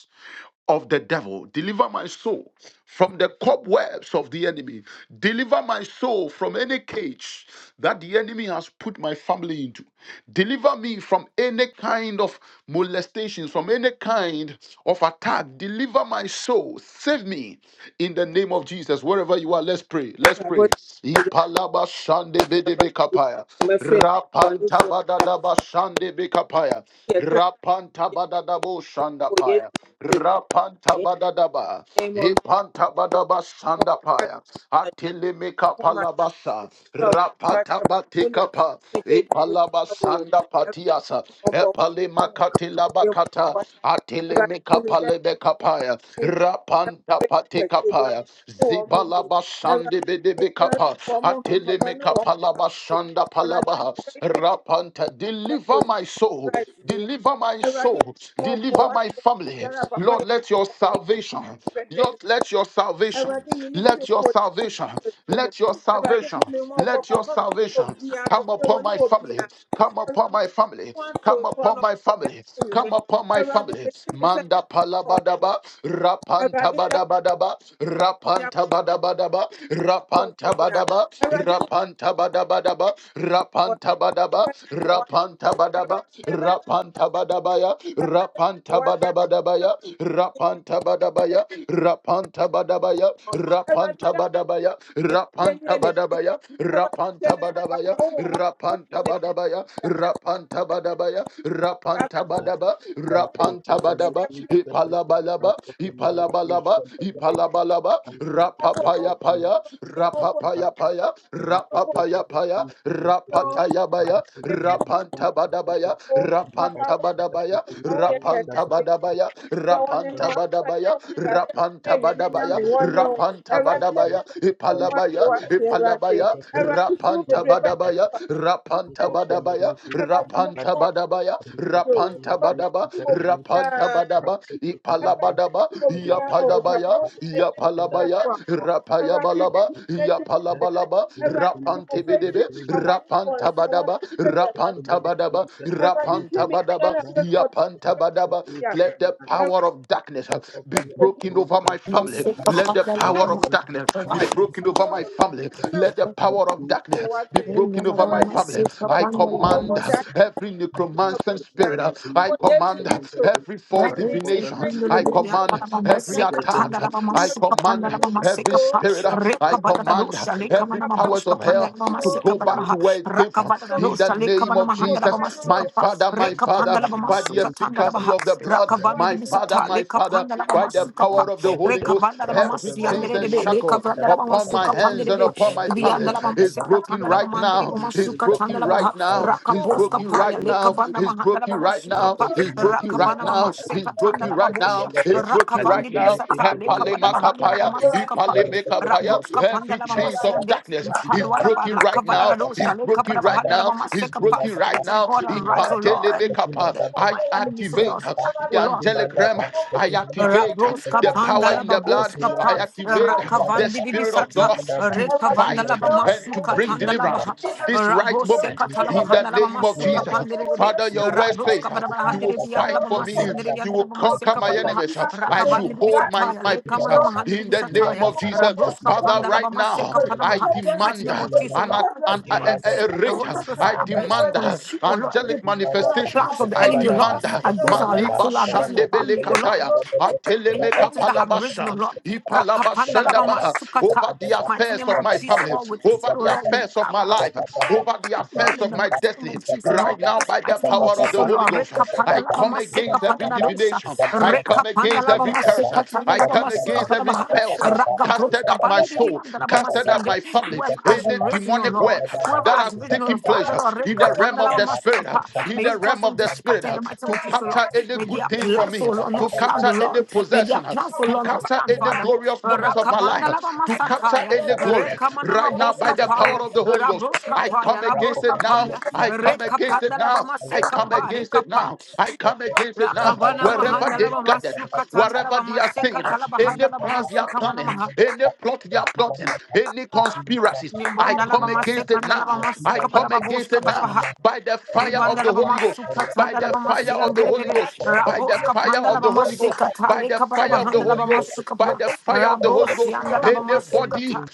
Speaker 3: of the devil. Deliver my soul from the cobwebs of the enemy. Deliver my soul from any cage that the enemy has put my family into. Deliver me from any kind of molestations, from any kind of attack. Deliver my soul. Save me in the name of Jesus. Wherever you are, let's pray. Let's pray. Ipalaba shande bedebe kapaya.
Speaker 1: my friend for this
Speaker 3: Rapanta
Speaker 1: one
Speaker 3: badadaba shande bekapaya.
Speaker 1: here crack
Speaker 3: Rapanta badadabo
Speaker 1: for yes
Speaker 3: shandapaya.
Speaker 1: to
Speaker 3: Rapanta
Speaker 1: the
Speaker 3: badadaba.
Speaker 1: name of
Speaker 3: Ipanta badaba sandapaya. Atilimika
Speaker 1: upon my
Speaker 3: palabasa.
Speaker 1: job crack
Speaker 3: Rapata
Speaker 1: when you
Speaker 3: batikapa.
Speaker 1: make it the
Speaker 3: Ipalaba
Speaker 1: trouble
Speaker 3: sanda
Speaker 1: and
Speaker 3: patiasa.
Speaker 1: for
Speaker 3: Epalimakati
Speaker 1: you what that
Speaker 3: Atilimika
Speaker 1: for me that for
Speaker 3: palebekapaya.
Speaker 1: me that
Speaker 3: Rapanta
Speaker 1: to be up
Speaker 3: patikapaya.
Speaker 1: to one money
Speaker 3: Zibalaba
Speaker 1: I was it was
Speaker 3: sandibidibikapa.
Speaker 1: for more from papa no
Speaker 3: Atilimika palaba sanda
Speaker 1: I was
Speaker 3: palabaha.
Speaker 1: very quick
Speaker 3: Rapanta. Deliver my soul.
Speaker 1: price
Speaker 3: Deliver my
Speaker 1: I was
Speaker 3: soul.
Speaker 1: more for
Speaker 3: Deliver my family. Lord, let your
Speaker 1: papa
Speaker 3: salvation.
Speaker 1: pɛdeɛ
Speaker 3: Lord,
Speaker 1: nyinaa
Speaker 3: let your salvation.
Speaker 1: awurade yi ne firi wo
Speaker 3: Let your
Speaker 1: wɔ Yesu
Speaker 3: salvation.
Speaker 1: Kristo din mu
Speaker 3: Let your
Speaker 1: awurade hu
Speaker 3: salvation.
Speaker 1: me mmɔ bɔ
Speaker 3: Let your
Speaker 1: papa me ne
Speaker 3: salvation
Speaker 1: obia
Speaker 3: come
Speaker 1: kɔfrɛ wɔ
Speaker 3: upon
Speaker 1: ne
Speaker 3: my
Speaker 1: obia
Speaker 3: family. Come
Speaker 1: awurade
Speaker 3: upon my family.
Speaker 1: ho ato
Speaker 3: Come
Speaker 1: so
Speaker 3: upon
Speaker 1: anɔpa
Speaker 3: my
Speaker 1: ne
Speaker 3: family. Come
Speaker 1: anwummerɛ
Speaker 3: upon my
Speaker 1: awurade
Speaker 3: family.
Speaker 1: yɛsi me sɛ na
Speaker 3: Manda
Speaker 1: ɔso
Speaker 3: palabadaba. Rapanta
Speaker 1: awurade sɛ
Speaker 3: badabadaba.
Speaker 1: wode
Speaker 3: Rapanta
Speaker 1: abɔfra yi
Speaker 3: badabadaba.
Speaker 1: kɔ so
Speaker 3: Rapanta
Speaker 1: deɛ a
Speaker 3: badaba.
Speaker 1: awurade yɛ
Speaker 3: Rapanta badabadaba.
Speaker 1: wɔ
Speaker 3: Rapanta badaba.
Speaker 1: bɛyɛ mmɔbɔ wase
Speaker 3: Rapanta badaba
Speaker 1: awurade yɛda na
Speaker 3: rapanta badabaya,
Speaker 1: awurade yɛ ma bɔ
Speaker 3: rapanta
Speaker 1: wase awurade yɛ ma
Speaker 3: badabadabaya,
Speaker 1: bɔ
Speaker 3: rapanta badabaya, rapanta badabaya, rapanta
Speaker 1: wase
Speaker 3: badabaya,
Speaker 1: yɛnyɛ
Speaker 3: rapanta
Speaker 1: ne pɛyɛ
Speaker 3: badabaya,
Speaker 1: awurade hyɛ
Speaker 3: rapanta
Speaker 1: ne papa
Speaker 3: badabaya, rapanta badabaya, rapanta badabaya, rapanta
Speaker 4: Thank
Speaker 3: badaba,
Speaker 1: no
Speaker 3: rapanta badaba, ipalabalaba, ipalabalaba, ipalabalaba, rapapaya paya, rapapaya paya, rapapaya paya, rapataya baya, rapanta badabaya rapanta badabaya, rapanta badabaya,
Speaker 1: deɛ wɔne ho
Speaker 3: rapanta
Speaker 1: akora ne
Speaker 3: badabaya,
Speaker 1: mu gya sɛ tumi
Speaker 3: rapanta
Speaker 1: awiei
Speaker 3: badabaya,
Speaker 1: nyame wɔne wo
Speaker 3: rapanta
Speaker 1: awurade ma ma
Speaker 3: badabaya,
Speaker 1: ne ho ho ade
Speaker 3: ipalabaya,
Speaker 1: wate awurade
Speaker 3: ipalabaya,
Speaker 1: awurade suro
Speaker 3: rapanta
Speaker 1: bebree ba ne
Speaker 3: badabaya,
Speaker 1: mu akofre
Speaker 3: rapanta
Speaker 1: ne wɔ
Speaker 3: badabaya,
Speaker 1: awurade mo
Speaker 3: rapanta
Speaker 1: mmɔ mmoa ne
Speaker 3: badabaya,
Speaker 1: anadwo yi o
Speaker 3: rapanta
Speaker 1: papa
Speaker 3: badaba,
Speaker 1: ne wɔ
Speaker 3: rapanta
Speaker 1: biara
Speaker 3: badaba,
Speaker 1: Everybody
Speaker 3: ipalabadaba,
Speaker 1: me wo bi a o papa
Speaker 3: yapalabaya,
Speaker 1: wo na mɛtwa mu
Speaker 3: yapalabaya,
Speaker 1: abɛto awɔ. Everybody
Speaker 3: rapayabalaba,
Speaker 1: ti mi na ti mo
Speaker 4: you.
Speaker 1: fɛ.
Speaker 3: yapalabalaba,
Speaker 4: Thank
Speaker 1: Everybody
Speaker 4: you.
Speaker 1: ti mo fɛ ti
Speaker 3: rapantibidebe,
Speaker 1: nipa bɔ ne fɔ
Speaker 3: rapanta
Speaker 1: nsɛm wɔte
Speaker 3: badaba,
Speaker 1: fɛ fɛ ma
Speaker 3: rapanta
Speaker 1: ne fi.
Speaker 3: Badaba.
Speaker 1: Everybody tu
Speaker 3: Rapanta
Speaker 1: mi nyɛ
Speaker 3: badaba,
Speaker 1: na fɛ fɛ ɔda mo
Speaker 3: yapanta
Speaker 1: fɛ na ti
Speaker 3: badaba.
Speaker 1: di agbo.
Speaker 3: Let the power of darkness uh, be
Speaker 1: Everybody tu mi
Speaker 3: broken over my family.
Speaker 1: nyɛ
Speaker 5: Masika
Speaker 1: na fɛ fɛ ogu akɔlɛ yɛ
Speaker 3: Let the
Speaker 5: pandala,
Speaker 3: power of darkness be broken over
Speaker 1: ne
Speaker 3: my family. Let the power
Speaker 1: ma
Speaker 3: of
Speaker 1: ti yɛ wɔte yɛ ago fɔ. Everybody tu mi nyɛ ɔbɔ ɛwɔ
Speaker 3: darkness be
Speaker 1: adi
Speaker 5: Rinya
Speaker 3: broken
Speaker 1: na
Speaker 3: over
Speaker 5: lava
Speaker 1: ma na
Speaker 3: my
Speaker 1: ne mu wɔte wɔte. Everybody tu mi
Speaker 3: family.
Speaker 1: nyɛ ɔbɔ
Speaker 5: masika
Speaker 1: papa
Speaker 3: I
Speaker 1: ma wo
Speaker 3: command
Speaker 1: mo
Speaker 3: uh,
Speaker 5: pandala,
Speaker 1: gya
Speaker 3: every
Speaker 1: ya
Speaker 3: necromancer spirit. uh, I
Speaker 1: Mungu Yesu
Speaker 3: command uh,
Speaker 1: Kristo
Speaker 3: every false
Speaker 5: Rekabanda
Speaker 1: ni the
Speaker 3: divination.
Speaker 1: mighty name
Speaker 3: I
Speaker 1: of
Speaker 3: command uh,
Speaker 1: Jesus
Speaker 3: every
Speaker 1: na na-
Speaker 3: attack. uh, I
Speaker 1: Ewe
Speaker 3: command uh, every
Speaker 1: Mungu,
Speaker 3: spirit. uh,
Speaker 1: Papa
Speaker 3: I
Speaker 1: Mungu,
Speaker 3: command uh, every
Speaker 1: Papa
Speaker 3: powers
Speaker 1: Mungu,
Speaker 3: of hell
Speaker 1: Papa
Speaker 3: to
Speaker 1: Mungu,
Speaker 3: go back
Speaker 1: Papa
Speaker 3: to where it came from
Speaker 1: Mungu,
Speaker 3: in the name of Jesus.
Speaker 1: upendo,
Speaker 3: My Father, my
Speaker 4: Thank
Speaker 3: Father,
Speaker 1: upendo
Speaker 3: by the efficacy of the blood,
Speaker 1: kwa
Speaker 3: my
Speaker 1: yote.
Speaker 3: Father, my Father, by the power of the Holy Ghost, every chains and shackle upon my hands and upon my family is broken right now. Is broken right now. Is
Speaker 5: Rakabos
Speaker 3: broken
Speaker 5: kapaya,
Speaker 3: right
Speaker 4: you.
Speaker 3: now.
Speaker 5: lekabanda
Speaker 3: Is
Speaker 5: mahandala
Speaker 3: broken
Speaker 5: bama
Speaker 3: right
Speaker 4: यहाँ
Speaker 3: now.
Speaker 5: sukapa,
Speaker 4: पर
Speaker 3: Is
Speaker 4: जन्म
Speaker 3: broken right
Speaker 5: Rakavana
Speaker 4: दूसरा
Speaker 3: now.
Speaker 4: पता
Speaker 5: Mamashe
Speaker 4: था
Speaker 3: Is
Speaker 5: Katanda
Speaker 4: यहाँ
Speaker 3: broken
Speaker 4: पर
Speaker 3: right now.
Speaker 5: Lababosha,
Speaker 4: जन्म
Speaker 3: Is
Speaker 4: दूसरा पता था
Speaker 3: broken
Speaker 4: यहाँ
Speaker 3: right
Speaker 5: Rakavandi
Speaker 3: now.
Speaker 5: Bisata,
Speaker 4: पर जन्म
Speaker 5: Lekabada
Speaker 4: दूसरा
Speaker 5: Bahanda
Speaker 4: पता
Speaker 3: Epalemakapaya,
Speaker 4: था
Speaker 5: Labamasi Kapa,
Speaker 4: यहाँ पर
Speaker 3: ipalemekapaya.
Speaker 4: जन्म
Speaker 5: Rabroska Panda
Speaker 3: Every
Speaker 4: दूसरा
Speaker 3: chains
Speaker 4: पता था यहाँ
Speaker 3: of
Speaker 5: Labamasiande,
Speaker 4: पर
Speaker 3: darkness
Speaker 4: जन्म
Speaker 3: is
Speaker 5: Ipalwala
Speaker 3: broken right
Speaker 5: Balakavada
Speaker 4: दूसरा
Speaker 3: now.
Speaker 4: पता था
Speaker 3: Is
Speaker 5: Radosha,
Speaker 3: broken
Speaker 5: Lekabada
Speaker 4: यहाँ पर
Speaker 3: right
Speaker 5: Bahanda
Speaker 3: now. Is
Speaker 5: Labamase
Speaker 4: जन्म
Speaker 5: Kapa.
Speaker 4: दूसरा
Speaker 3: broken
Speaker 4: पता था
Speaker 3: right
Speaker 5: Let
Speaker 3: now.
Speaker 5: God
Speaker 4: यहाँ
Speaker 5: arise, O Lord,
Speaker 4: पर
Speaker 5: and
Speaker 4: जन्म
Speaker 3: Ipatelemekapa.
Speaker 5: the,
Speaker 4: दूसरा पता
Speaker 3: I
Speaker 5: my
Speaker 4: था यहाँ पर
Speaker 5: enemies, O
Speaker 4: जन्म
Speaker 3: activate
Speaker 5: Lord, stand, O
Speaker 3: the
Speaker 5: Lord.
Speaker 4: दूसरा पता
Speaker 3: angelic
Speaker 1: Ewe
Speaker 3: realm.
Speaker 4: था यहाँ
Speaker 1: Mungu,
Speaker 4: पर
Speaker 3: I
Speaker 4: जन्म दूसरा पता
Speaker 1: tunapenda
Speaker 4: था यहाँ
Speaker 3: activate
Speaker 1: kukutia mambo ya
Speaker 5: Raboska
Speaker 3: the
Speaker 4: पर
Speaker 1: raha.
Speaker 5: panda
Speaker 3: power
Speaker 5: la
Speaker 3: in the blood.
Speaker 5: baboska
Speaker 3: I
Speaker 1: Ewe
Speaker 5: pa
Speaker 1: Mungu,
Speaker 3: activate
Speaker 1: tunakuomba.
Speaker 3: the
Speaker 5: rakavandi
Speaker 1: Na-
Speaker 3: spirit of
Speaker 5: bibisata
Speaker 3: God to
Speaker 1: Ewe
Speaker 5: rekavanda
Speaker 1: Mungu,
Speaker 3: fight
Speaker 5: la
Speaker 1: tunao,
Speaker 3: and to
Speaker 5: bamasuka
Speaker 1: Ewe
Speaker 3: bring
Speaker 5: tanda
Speaker 1: Mungu,
Speaker 5: la
Speaker 1: tunao,
Speaker 5: baha
Speaker 4: जन्म
Speaker 3: deliverance. This right
Speaker 1: Ewe Mungu, tunao.
Speaker 5: rabose
Speaker 3: moment,
Speaker 5: katala
Speaker 1: Ewe
Speaker 4: दूसरा
Speaker 3: in
Speaker 4: पता
Speaker 3: the
Speaker 5: mahanda
Speaker 1: Yesu,
Speaker 5: la
Speaker 3: name of
Speaker 5: bamasuka
Speaker 1: tunao,
Speaker 4: था
Speaker 3: Jesus.
Speaker 4: यहा�
Speaker 5: pandere
Speaker 1: Ewe
Speaker 5: bebe
Speaker 1: Yesu,
Speaker 3: Father,
Speaker 4: Thank
Speaker 3: your word says
Speaker 5: rabroska
Speaker 3: uh,
Speaker 5: barabara
Speaker 3: you will
Speaker 5: handere biyan la
Speaker 3: fight for me,
Speaker 5: bamasi andere
Speaker 3: you will
Speaker 5: yandere
Speaker 3: conquer
Speaker 5: bamaseka
Speaker 3: my
Speaker 5: patabaha
Speaker 3: enemies. uh, I should
Speaker 5: rakavandi
Speaker 3: hold
Speaker 5: bibisata
Speaker 3: my,
Speaker 5: ya
Speaker 3: my peace uh,
Speaker 5: lekamana mahandi
Speaker 3: in the
Speaker 5: bibisata
Speaker 3: name
Speaker 5: ya
Speaker 3: of Jesus.
Speaker 5: rabroska
Speaker 3: Father,
Speaker 5: panda la
Speaker 3: right now,
Speaker 5: bamaseka
Speaker 3: I
Speaker 5: panamaha mighty
Speaker 3: demand
Speaker 5: name
Speaker 3: uh,
Speaker 5: of Jesus
Speaker 3: an,
Speaker 5: Lord
Speaker 3: an, a,
Speaker 5: Lord,
Speaker 3: a,
Speaker 5: you
Speaker 3: a a
Speaker 5: the
Speaker 3: range.
Speaker 5: Holy
Speaker 3: uh,
Speaker 5: Spirit
Speaker 3: I
Speaker 5: fire are
Speaker 4: you.
Speaker 5: to
Speaker 3: demand uh,
Speaker 5: consume oh Lord any
Speaker 3: angelic manifestation.
Speaker 5: plans of the
Speaker 3: I
Speaker 5: enemy oh Lord
Speaker 3: demand uh,
Speaker 5: against our lives oh
Speaker 3: Maliba
Speaker 5: Lord against my
Speaker 3: Shandebele
Speaker 5: family oh Lord
Speaker 3: Kataya,
Speaker 5: any
Speaker 3: Ateleme
Speaker 5: altars that have risen, oh
Speaker 3: Kapalabasha,
Speaker 5: Lord. Rakapanda lava
Speaker 3: Ipalabashalabaha.
Speaker 5: masukata.
Speaker 3: over the
Speaker 5: Mighty
Speaker 3: affairs
Speaker 5: name
Speaker 3: of
Speaker 5: of
Speaker 3: my
Speaker 5: Jesus,
Speaker 3: family,
Speaker 5: Lord, with just,
Speaker 3: over
Speaker 5: oh
Speaker 3: the
Speaker 5: Lord, we
Speaker 3: affairs of my
Speaker 5: bow.
Speaker 3: life, over the
Speaker 5: Kill
Speaker 3: affairs
Speaker 5: them in
Speaker 3: of
Speaker 5: the
Speaker 3: my
Speaker 5: mighty name
Speaker 3: destiny.
Speaker 5: of Jesus, Lord.
Speaker 3: Right now, by the
Speaker 5: Mighty name of
Speaker 3: power of
Speaker 5: Jesus,
Speaker 3: the Holy
Speaker 5: Lord.
Speaker 3: Ghost,
Speaker 5: Reka panda
Speaker 3: I
Speaker 5: laba
Speaker 3: come against
Speaker 5: maseka panda
Speaker 3: every
Speaker 5: la dosha.
Speaker 3: divination, I
Speaker 5: Reka
Speaker 3: come
Speaker 5: panda
Speaker 3: against
Speaker 5: laba
Speaker 3: every curse,
Speaker 5: maseka panda
Speaker 3: I
Speaker 5: laba
Speaker 3: come
Speaker 5: maseka
Speaker 3: against
Speaker 5: panda
Speaker 3: every
Speaker 5: baha.
Speaker 3: spell
Speaker 5: Raka
Speaker 3: casted
Speaker 5: broska
Speaker 3: at my
Speaker 5: pandi di di
Speaker 3: soul
Speaker 5: yanda laba
Speaker 3: Casted out
Speaker 5: masiande.
Speaker 3: my family.
Speaker 5: Whoever has
Speaker 3: Any
Speaker 5: risen, O
Speaker 3: demonic
Speaker 5: Lord.
Speaker 3: web
Speaker 5: Whoever
Speaker 3: that
Speaker 5: has
Speaker 3: has
Speaker 5: risen, O
Speaker 3: taken
Speaker 5: Lord.
Speaker 3: place
Speaker 5: Father, Lord.
Speaker 3: in
Speaker 5: Reka
Speaker 3: the realm
Speaker 5: panda
Speaker 3: of
Speaker 5: laba
Speaker 3: the spirit,
Speaker 5: maseka pa.
Speaker 3: in
Speaker 5: May
Speaker 3: the
Speaker 5: you cause
Speaker 3: realm of
Speaker 5: them to
Speaker 3: the spirit,
Speaker 5: scatter in the mighty name
Speaker 3: to
Speaker 5: of Jesus, Lord.
Speaker 3: capture any
Speaker 5: May
Speaker 3: good
Speaker 5: their
Speaker 3: thing from
Speaker 5: plans, O
Speaker 3: me,
Speaker 5: Lord,
Speaker 3: to
Speaker 5: not stand, O
Speaker 3: capture any
Speaker 5: Lord. May their
Speaker 3: possession,
Speaker 5: plans, O
Speaker 3: to
Speaker 5: Lord, not
Speaker 3: capture
Speaker 5: stand,
Speaker 3: any
Speaker 5: Father.
Speaker 3: glorious moments of my
Speaker 5: Rakavanda la
Speaker 3: life,
Speaker 5: mama
Speaker 3: to capture
Speaker 5: sataya,
Speaker 3: any glory.
Speaker 5: rekamana
Speaker 3: Right now, by
Speaker 5: maboska
Speaker 3: the power
Speaker 5: paya,
Speaker 3: of the Holy Ghost,
Speaker 5: rabroska
Speaker 3: I come
Speaker 5: paya,
Speaker 3: against
Speaker 5: labroska
Speaker 3: it now.
Speaker 5: paya,
Speaker 3: I come against it
Speaker 5: rekapanda la
Speaker 3: now.
Speaker 5: mama
Speaker 3: I
Speaker 5: seka
Speaker 3: come
Speaker 5: pa,
Speaker 3: against it
Speaker 5: rekapa.
Speaker 3: now. I come against it now.
Speaker 5: Rakavana
Speaker 3: Wherever
Speaker 5: mahanda la
Speaker 3: they
Speaker 5: mama
Speaker 3: gathered,
Speaker 5: sukatanda la
Speaker 3: wherever they
Speaker 5: mama
Speaker 3: are saying,
Speaker 5: seka tala
Speaker 3: any
Speaker 5: bahanda la mama
Speaker 3: plans they are
Speaker 5: suka mana
Speaker 3: planning,
Speaker 5: maha.
Speaker 4: Thank
Speaker 3: any plot they are plotting, any conspiracies, I
Speaker 5: Nibonda la
Speaker 3: come
Speaker 5: mama
Speaker 3: against it
Speaker 5: sekanda la
Speaker 3: now.
Speaker 5: mama
Speaker 3: I
Speaker 5: suka bada
Speaker 3: come against
Speaker 5: baboska
Speaker 3: it now
Speaker 5: bada
Speaker 3: by the fire of
Speaker 5: Ibandala
Speaker 3: the
Speaker 5: bama
Speaker 3: Holy Ghost,
Speaker 5: suka
Speaker 3: by
Speaker 5: tandala
Speaker 3: the
Speaker 5: bama
Speaker 3: fire
Speaker 5: si
Speaker 3: of the
Speaker 5: andere
Speaker 3: Holy
Speaker 5: debe
Speaker 3: Ghost, by the
Speaker 5: rabos
Speaker 3: fire
Speaker 5: kapandala
Speaker 3: of the
Speaker 5: bama
Speaker 3: Holy
Speaker 5: se
Speaker 3: Ghost,
Speaker 5: kata
Speaker 3: by
Speaker 5: le
Speaker 3: the
Speaker 5: kapada
Speaker 3: fire of the
Speaker 5: bahandala
Speaker 3: Holy
Speaker 5: bama
Speaker 3: Ghost,
Speaker 5: suka
Speaker 3: by
Speaker 5: pa
Speaker 3: the fire of the
Speaker 5: rabos
Speaker 3: Holy
Speaker 5: si
Speaker 3: Ghost.
Speaker 5: andala bama suka
Speaker 3: Anybody
Speaker 5: ta